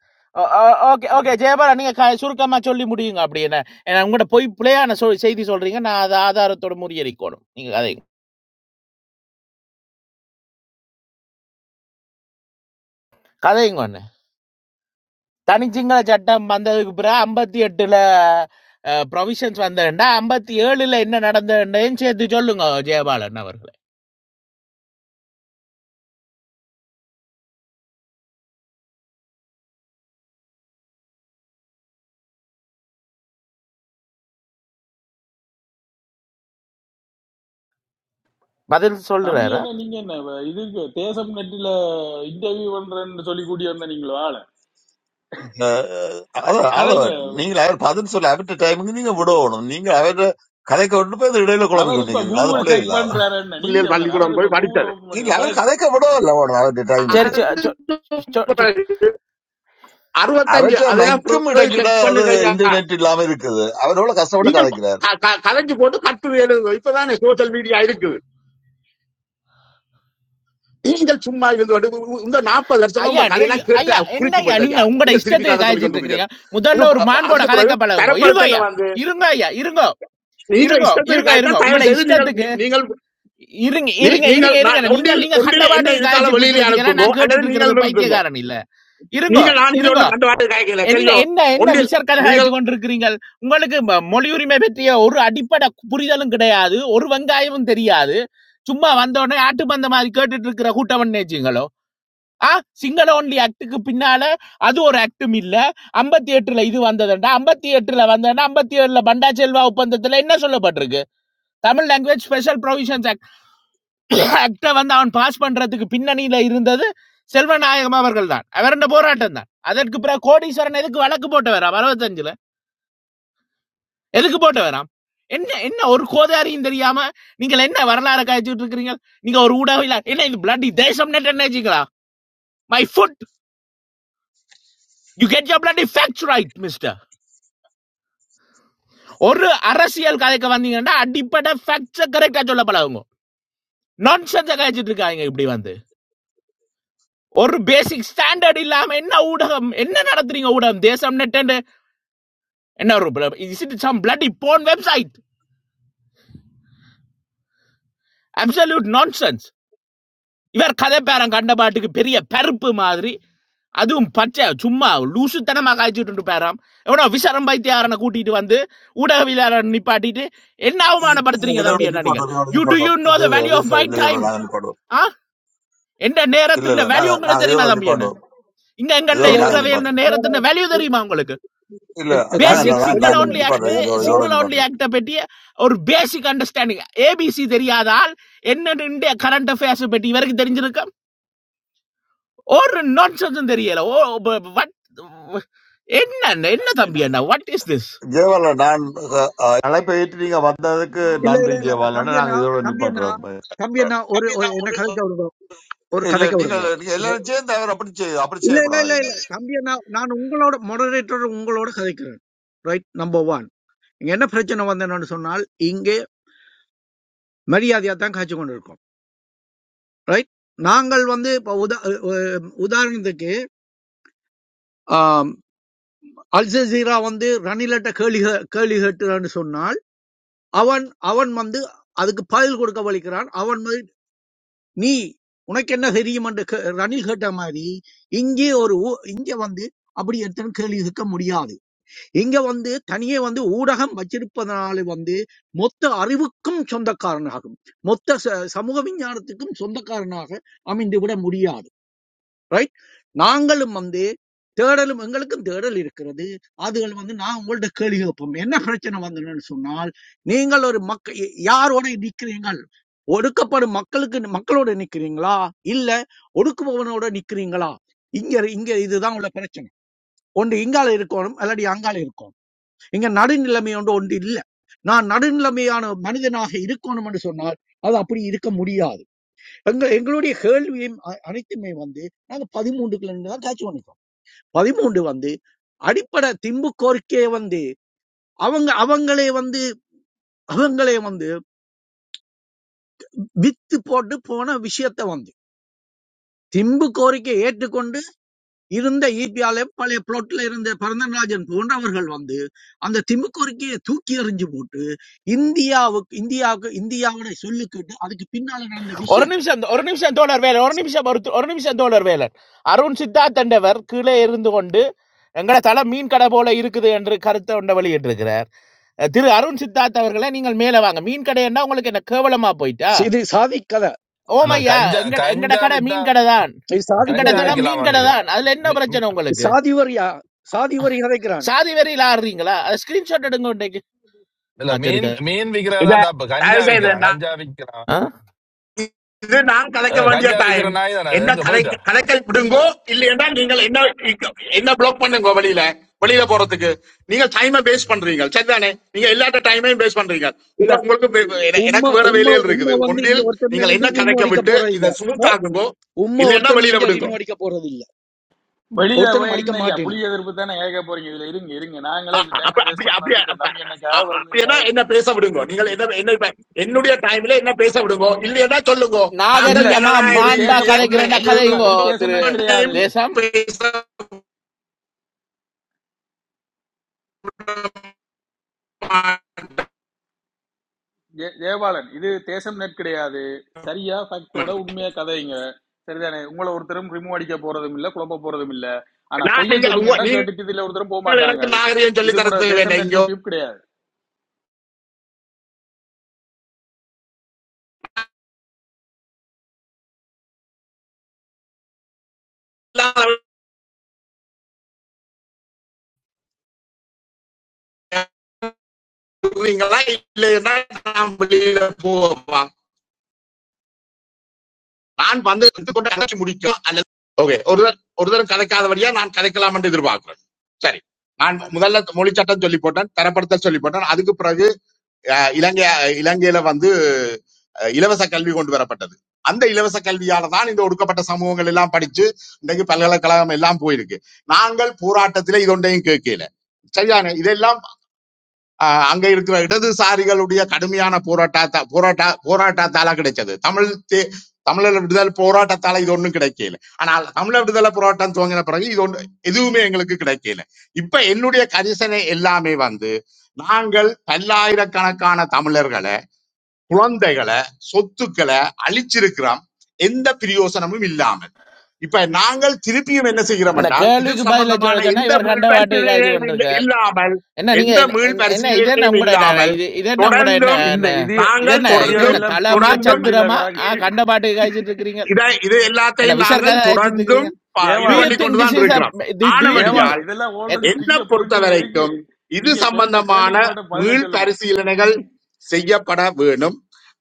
ஓகே ஓகே ஜெயபாலா நீங்க க- சுருக்கமா சொல்லி முடியுங்க அப்படி என்ன ஏன்னா உங்கள்ட்ட போய் பிள்ளையான சொல் செய்தி சொல்றீங்க நான் அதை ஆதாரத்தோட முறியடிக்கணும் நீங்க கதைங்க கதைங்க ஒண்ணு தனிச்சிங்கள சட்டம் வந்ததுக்கு பிறகு ஐம்பத்தி எட்டுல ப்ரொவிஷன்ஸ் வந்ததுண்டா ஐம்பத்தி ஏழுல என்ன நடந்ததுன்னு சேர்த்து சொல்லுங்க ஜெயபாலன் அவர்களே பதில்
தம்பி
சொல்லுறாரா
என்ன நீங்க என்ன வ- இதுக்கு தேசம் நெட்டில இன்டர்வியூ பண்றேன்னு சொல்லி கூட்டி வந்த நீங்களோ ஆளு
அவ அவ
கதைங்க
நீங்கள் அவர் பதில் சொல்ல அவர்கிட்ட டைமுக்கு நீங்க விடணும் நீங்க அவர்கிட்ட கதைக்க விட்டு போய் அந்த இடையில குழப்பி
அவர் இப்ப
கொண்டிருக்கிறீங்க அது
ஓ,
கூகுள்
பிள்ளை
செக்
இல்ல அவர்
பண்றாரு என்ன நீங்க
பிள்ளைகள்
அவர் அவர்
பள்ளிக்கூடம்
இப்ப
போய்
கூகுள
படித்தது
ஓபன் பண்ணி
இல்ல அவர்
கதைங்க
கதைக்க விடவில்ல வேணும் அவர்கிட்ட டைமுக்கு
அதுக்கு
சரி
பிறகு அறுபத்தஞ்சு
அவர்கிட்ட
அதெல்லாம்
மைக்கும் இடக்கிட
செக்
அது
பண்ணுங்க ஐயா
இன்டர்நெட் இல்லாம இருக்குது அவர் எவ்வளவு கஷ்டப்பட்டு
நீங்கள்
கதைக்கிறார்
க- க- கலைஞ்சு போட்டு கட்டுரை எழுதுங்க இப்பதானே சோஷியல் மீடியா இருக்குது நீங்கள் சும்மா இருந்து வந்து உ- உ- இந்த நாற்பது லட்சமா
ஐயா
உங்க
நீ-
கதையெல்லாம் கேட்டு
ஐயா
அ-
என்ன
புளிச்சு
ஐயா
போச்சு
நீங்க
ஐயா
உங்களோட
நீங்க திருப்பி
இஷ்டத்துக்கு
கதை சொல்லி
காய்ச்சிட்டு
கொண்டு இருக்கீங்க.
இருக்கிறீங்க
இது
முதல்ல ஒரு
ப-
மாண்போட
அதுக்கு பிறகு
கதைக்க பழகுங்க இருங்க
தரப்படுத்தல
ஐயா
வந்து
இருங்க ஐயா இருங்க
நீங்கள்
இருங்க
இஷ்டத்துக்கு
இருங்க
கதைத்தா
இருங்க
தயவு
உங்களோட
செய்து நீங்கள்
இஷ்டத்துக்கு
நீ- நீங்கள்
இருங்க
நீ-
இருங்க இருங்க
நீங்கள் நான்
இருங்க நீங்க
ஒன்றில்
நீங்க கண்ட
ஒன்றில் என்ன
பாட்டுக்கு
இருக்கால
காய்ச்சிட்டு
வெளியிலே
இருக்கிறதுக்கு எல்லாம்
அனுப்புங்கோ
நான்
அல்லது
கேட்டுட்டு இருக்கிறது
நீங்கள் நிறுத்துங்கோ
பைத்தியக்காரன் இல்ல இருங்க
நீங்கள் நான் இங்க
இருங்க
ஒன்றும் கண்டு வாட்டு காய்க்கல
என்ன
சரியோ
என்ன என்ன
ஒன்றில்
விசர் கதை காய்ச்சி
நீங்கள்
கொண்டிருக்கிறீங்கள் உங்களுக்கு ம- மொழி உரிமை பற்றிய ஒரு அடிப்படை புரிதலும் கிடையாது ஒரு வெங்காயமும் தெரியாது சும்மா வந்த உடனே ஆட்டுப்பந்த மாதிரி கேட்டுட்டு இருக்கிற கூட்டம் நினைச்சீங்களோ ஆ சிங்கள ஒன்லி ஆக்டுக்கு பின்னால அது ஒரு ஆக்டும் இல்ல ஐம்பத்தி எட்டுல இது வந்ததுண்டா ஐம்பத்தி எட்டுல வந்ததுன்னா ஐம்பத்தி ஏழுல பண்டா செல்வா ஒப்பந்தத்துல என்ன சொல்லப்பட்டிருக்கு தமிழ் லாங்குவேஜ் ஸ்பெஷல் ப்ரொவிஷன்ஸ் ஆக்டை வந்து அவன் பாஸ் பண்றதுக்கு பின்னணியில இருந்தது செல்வநாயகம் அவர்கள் தான் அவருடைய போராட்டம் தான் அதற்கு பிறகு கோடீஸ்வரன் எதுக்கு வழக்கு போட்டு வராம் அறுபத்தஞ்சுல எதுக்கு போட்டு வராம் என்ன என்ன ஒரு கோதாரியும் தெரியாம நீங்கள் என்ன வரலாறு காய்ச்சிட்டு இருக்கிறீங்க நீங்க ஒரு ஊடகம் இல்ல என்ன இது பிளட்டி தேசம் நெட் என்னச்சுங்களா my foot you get your bloody facts right mister ஒரு அரசியல் கதைக்கு வந்தீங்கன்னா அடிப்படை ஃபேக்ட்ஸை கரெக்டா சொல்ல பழகுங்க நான்சென்ஸை கழிச்சிட்டு இருக்காங்க இப்படி வந்து ஒரு பேசிக் ஸ்டாண்டர்ட் இல்லாம என்ன ஊடகம் என்ன நடத்துறீங்க ஊடகம் தேசம் நெட் என்ன ஒரு is it some bloody porn website absolute nonsense இவர் கதை பேரம் கண்ட பாட்டுக்கு பெரிய பருப்பு மாதிரி அதுவும் பச்சை சும்மா லூசுத்தனமா காய்ச்சிட்டு பேராம் எவனோ விசரம் பைத்தியாரனை கூட்டிட்டு வந்து ஊடகவியலாளர் நிப்பாட்டிட்டு என்ன அவமானப்படுத்துறீங்க
இதோட
தம்பி என்ன நீங்க
நிப்பாட்டோம் இதோட
யூ டு
நிப்பாட்டோம்
யூ நோ
இது
த
இல்ல
வேல்யூ
இது
ஆஃப் மை
சரி இல்ல இதோட
டைம்
நாங்க நிப்பாட்டோம்
ஆ எந்த
இல்ல
நேரத்தின்
இல்ல
வேல்யூ
நாங்க
உங்களுக்கு
நாங்க
தெரியுமா
இதோட
தம்பி என்ன
நிப்பாட்டோம்
இங்க எங்கள்ட்ட
இதோட
இல்ல இல்ல
நாங்க
இருக்கிறவே என்ன
நிப்பாட்டோம்
no, no,
நேரத்தின் வேல்யூ தெரியுமா உங்களுக்கு
இல்ல
அஹ், அஹ்,
நாங்க
தம்பி
பேசிக்
அண்ணா
நான்
வெளியே
சிங்கிள்
நான்
தவிர
only ஆக்ட்
நிப்பாட்டோம் இதோட
நோ
இதோட
சிங்கிள்
நிப்பாட்டோம்
only ஆக்ட பற்றி ஒரு பேசிக் அண்டர்ஸ்டாண்டிங் ஏபிசி தெரியாதால் என்ன இந்திய கரண்ட் அஃபேர்ஸ் பற்றி இவருக்கு தெரிஞ்சிருக்கும் ஒரு நான்சென்ஸும் தெரியல ஓ வட் என்ன என்ன என்ன தம்பி என்ன வாட் இஸ் திஸ்
ஜெயபாலன் நான் அஹ், அஹ், அழைப்பை ஏற்று நீங்க வந்ததுக்கு
இல்ல
நன்றி
இல்ல இல்ல
ஜெயபாலன்
தம்பி
நாங்க
அண்ணா
இதோட
தம்பி அண்ணா
நிப்பாட்டுறோம்
தம்பி அண்ணா ஒரு ஒரு என்ன கதைக்க விடுங்க ஒரு
இல்ல
கதைக்க
நீங்க
விடுங்க
நீங்க எல்லாரும் சேர்ந்து அவர் அப்படி செய்ய அப்படி
இல்ல இல்ல
செய்யக்கூடாது
இல்ல
நீங்க
இல்ல தம்பி அண்ணா நான் உங்களோட மொடரேட்டர் உங்களோட கதைக்கிறேன் ரைட் நம்பர் ஒன் இங்க என்ன பிரச்சனை வந்தேன்னு சொன்னால் இங்கே மரியாதையா தான் காய்ச்சி கொண்டிருக்கோம் ரைட் நாங்கள் வந்து இப்ப உதா அஹ் உதாரணத்துக்கு ஆம், அல் ஜசீரா வந்து ரணிலட்ட கேள்வி கே- கேள்வி கேட்டுறான்னு சொன்னால் அவன் அவன் வந்து அதுக்கு பதில் கொடுக்க வலிக்கிறான் அவன் வந்து நீ உனக்கு என்ன தெரியும் என்று கே- ரணில் கேட்ட மாதிரி இங்கே ஒரு ஊ- இங்கே வந்து அப்படி எத்தனை கேள்வி கேட்க முடியாது இங்க வந்து தனியே வந்து ஊடகம் வச்சிருப்பதனால வந்து மொத்த அறிவுக்கும் சொந்தக்காரனாகும் மொத்த ச- சமூக விஞ்ஞானத்துக்கும் சொந்தக்காரனாக அமைந்து விட முடியாது ரைட் நாங்களும் வந்து தேடலும் எங்களுக்கும் தேடல் இருக்கிறது அதுகள் வந்து நான் உங்கள்ட்ட கேள்வி கேட்போம் என்ன பிரச்சனை வந்ததுன்னு சொன்னால் நீங்கள் ஒரு மக்க யாரோட நிக்கிறீங்கள் ஒடுக்கப்படும் மக்களுக்கு மக்களோட நிக்கிறீங்களா இல்ல ஒடுக்குபவனோட நிக்கிறீங்களா இங்க இங்க இதுதான் உள்ள பிரச்சனை ஒன்று இங்கால இருக்கணும் இல்லாட்டி அங்கால இருக்கணும் இங்க நடுநிலைமையோட ஒன்று ஒன்று இல்லை நான் நடுநிலைமையான மனிதனாக இருக்கணும்னு சொன்னால் அது அப்படி இருக்க முடியாது எங்க எங்களுடைய கேள்வியும் அ- அனைத்துமே வந்து நாங்க பதிமூன்றுக்குள்ள இருந்து தான் கேட்ச் பண்ணிட்டோம் பதிமூன்று வந்து அடிப்படை திம்பு கோரிக்கையை வந்து அவங்க அவங்களே வந்து அவங்களே வந்து வித்து போட்டு போன விஷயத்தை வந்து திம்பு கோரிக்கை ஏற்றுக்கொண்டு இருந்த ஈபியாலே பழைய பிளாட்ல இருந்த பரந்தன்ராஜன் போன்றவர்கள் வந்து அந்த திமுக்குறுக்கியை தூக்கி எறிஞ்சு போட்டு இந்தியாவுக்கு இந்தியாவுக்கு இந்தியாவோட சொல்லு கேட்டு அதுக்கு பின்னால நடந்த
ஒரு
விஷயம்
நிமிஷம் ஒரு நிமிஷம் தோழர் வேலை ஒரு நிமிஷம் ஒரு ஒரு நிமிஷம் தோழர் வேலை அருண் சித்தார்த் என்றவர் கீழே இருந்து கொண்டு எங்கட தலை மீன் கடை போல இருக்குது என்று கருத்தை ஒன்றை வெளியிட்டிருக்கிறார் அஹ் திரு அருண் சித்தார்த் அவர்களை நீங்கள் மேலே வாங்க மீன் கடைன்னா உங்களுக்கு என்ன கேவலமா போயிட்டா
சரி, இது சாதி கதை
இல்ல
ஓமையா
கஞ்சா
எங்கட எங்கட
கஞ்சா
கடை
வித்தா
மீன் கடை தான்
இது சாதி
எங்கட
கஞ்சா
கதையா
தளம்
விக்கலாமா
மீன் கடை
நினைக்கிறேன்
தான் அதுல என்ன
மி-
பிரச்சனை
மி-
இது
உங்களுக்கு
சாதி வரியா சாதி வரி கதைக்கிறான்
சாதி வரியில் ஆடுறீங்களா அதை ஸ்கிரீன்ஷாட் எடுங்க இன்னைக்கு
இல்ல
ஆ
மீன்
சரிக்கா
மீன்
இல்ல
விக்கிறதான் தப்பு கஞ்சா
தயவு செய்து
விக்கலாம்
நான்
கஞ்சா விக்கலாம்
ஆ?
இது நான் கலைக்க
அஹ்,
வேண்டிய
கஞ்சா
டைம்
விக்கிற நாய் தானே அது
என்ன
எங்க
கலை
போயிட்டு
கலைக்க விடுங்கோ இல்லையா நீங்கள் என்ன இக்க- என்ன பிளாக் பண்ணுங்க வெளியில வெளியில போறதுக்கு நீங்க டைமை பேஸ் பண்றீங்க சரிதானே நீங்க எல்லாட்ட டைமையும் பேஸ் பண்றீங்க உங்க
இல்ல
உங்களுக்கு வே- வே- என- எனக்கு
உம்மை
வேற
உம்மை
வேலைகள்
உம்மை
இருக்குது
வந்து இங்க
ஒன்றில்
ஒருத்தருமே
நீங்கள்
வந்து
என்ன
ரிமூவ்
கலைக்க
அடிக்க
விட்டு
போறது இல்ல
இதை
No,
சுமூத்தாக்குங்கோ
உம்மை
இல்லைன்னா
ஒருத்தரும்
வெளியில
இங்க
விடுங்க
ரிமூவ் அடிக்க போறது இல்ல
வெளியில
ஒருத்தரும்
போய்
அடிக்க
என்ன ஐயா புலி
மாட்டேனும்
எதிர்ப்பு தானே கேட்க போறீங்க இதுல இருங்க இருங்க நாங்களே
அ-
இப்ப
அ-
டைம்
அப்ப-
வேஸ்ட்
அப்படி
பண்ணி
அப்படி
வந்துட்டோம்
அப்ப-
தம்பி என்னைக்காக
அ-
வந்து
அப்படின்னா
கதை
என்ன பேச விடுங்க நீங்கள் என்ன என்ன இப்ப என்னுடைய டைம்ல என்ன பேச விடுங்க இல்லையா சொல்லுங்க
இல்ல
நாங்கள்
நாகரிகமா
ஜனநாயக
இது
மாண்பா
தேசம்
ரீதியா
ஒன்று
கதைக்கிறேன்டா
என்ன சொல்லுங்க
கதைங்கோ
இது தேசம்
திரு
நெட் கிடையாது
எவனையும்
தேசம்
பேச விட
ஜெ- ஜெயபாலன் இது தேசம் நெட் கிடையாது சரியா ஃபேக்டோட
மாட்டோம்.
உண்மையா கதைங்க சரிதானே உங்களை ஒருத்தரும் ரிமூவ் அடிக்க போறதும் இல்ல குழப்ப போறதும் இல்ல ஆனா
நான்
பொய்ய
நீங்க உங்க-
சொன்னீங்கன்னா
நீங்கள்
கேட்டுட்டு இதுல ஒருத்தரும் போக மாட்டாங்க
எனக்கு நாகரிகம் சொல்லி
இது கூட
தரது
தேசம்
வேண்டாம்
நெட்
இங்க
யூடியூப் கிடையாது
உள்ளாங்களா இல்லைன்னா நான் வெளியில போவோம் நான் வந்து எடுத்துக்கொண்டு அழைச்சி முடிக்கும் அல்லது ஓகே ஒருவர் ஒருத்தரும் கதைக்காதபடியா நான் கதைக்கலாம் என்று எதிர்பார்க்கிறேன் சரி நான் முதல்ல மொழி சட்டம் சொல்லி போட்டேன் தரப்படுத்தல் சொல்லி போட்டேன் அதுக்கு பிறகு அஹ், இலங்கை இலங்கையில வந்து அஹ், இலவச கல்வி கொண்டு வரப்பட்டது அந்த இலவச கல்வியால தான் இந்த ஒடுக்கப்பட்ட சமூகங்கள் எல்லாம் படிச்சு இன்றைக்கு பல்கலைக்கழகம் எல்லாம் போயிருக்கு நாங்கள் போராட்டத்திலே இதொன்றையும் கேட்கல சரியான இதெல்லாம் ஆஹ் அங்க இருக்கிற இடதுசாரிகளுடைய கடுமையான போராட்டத்தா போராட்ட போராட்டத்தால கிடைச்சது தமிழ் தே- தமிழர் விடுதலை போராட்டத்தால இது ஒண்ணும் கிடைக்கல ஆனால் தமிழர் விடுதலை போராட்டம் துவங்கின பிறகு இது ஒண்ணு எதுவுமே எங்களுக்கு கிடைக்கல இப்ப என்னுடைய கரிசனை எல்லாமே வந்து நாங்கள் பல்லாயிரக்கணக்கான தமிழர்களை குழந்தைகளை சொத்துக்களை அழிச்சிருக்கிறோம் எந்த பிரயோசனமும் இல்லாம இப்ப நாங்கள் திருப்பியும் என்ன செய்கிறோம்
என்ன
என்றால் இது
கேள்விக்கு பதில சொல்ல
சம்பந்தமான
சொன்னா
எந்த
இவர்
மீள்
கண்ட வாட்டி காய்ச்சி
பரிசீலனையும் இல்ல-
கொண்டிருக்கார்
இல்லாமல்
என்ன நீங்க
எந்த
என்ன-
மீள்
என்ன என்ன, இது என்ன
பரிசீலனையும்
உங்களோட என்ன
இல்லாமல்
இது இது என்ன உங்களோட என்ன
தொடர்ந்தும்
இந்த
என்ன,
இது
இது
நாங்கள்
என்ன இது என்ன
தொடர்ந்தும்
இதுகளெல்லாம்
தளமா
பிங்க
தொடர்ந்தும்
புரிண்டில
சத்திரமா ஆ
இ-
கிடாக்கு
கண்ட பாட்டு காய்ச்சிட்டு இருக்கிறீங்க
இதை இது
என்ன
எல்லாத்தையும்
விஷாருக்காக
நாங்கள்
அழைச்சிட்டு
தொடர்ந்தும்
இருக்கிறீங்க
ப-
டு
இது
யூ
ஜெயவாளன்
பண்ணி
திங்க் திஸ்
கொண்டுதான்
இஸ்
இருக்கிறோம்
டு யூ திங்க்
ஆனபடியால்
ஜெயவாளன் இதெல்லாம் ஆல்ரெடி
என்னை
பிங்க
பொறுத்த
புரிண்டில இருக்கு
வரைக்கும் இது
நீங்க கேட்ட
சம்பந்தமான
கேள்விக்கு மட்டும் பதிலா
மீள்
சொல்லுங்க
பரிசீலனைகள் செய்யப்பட வேணும்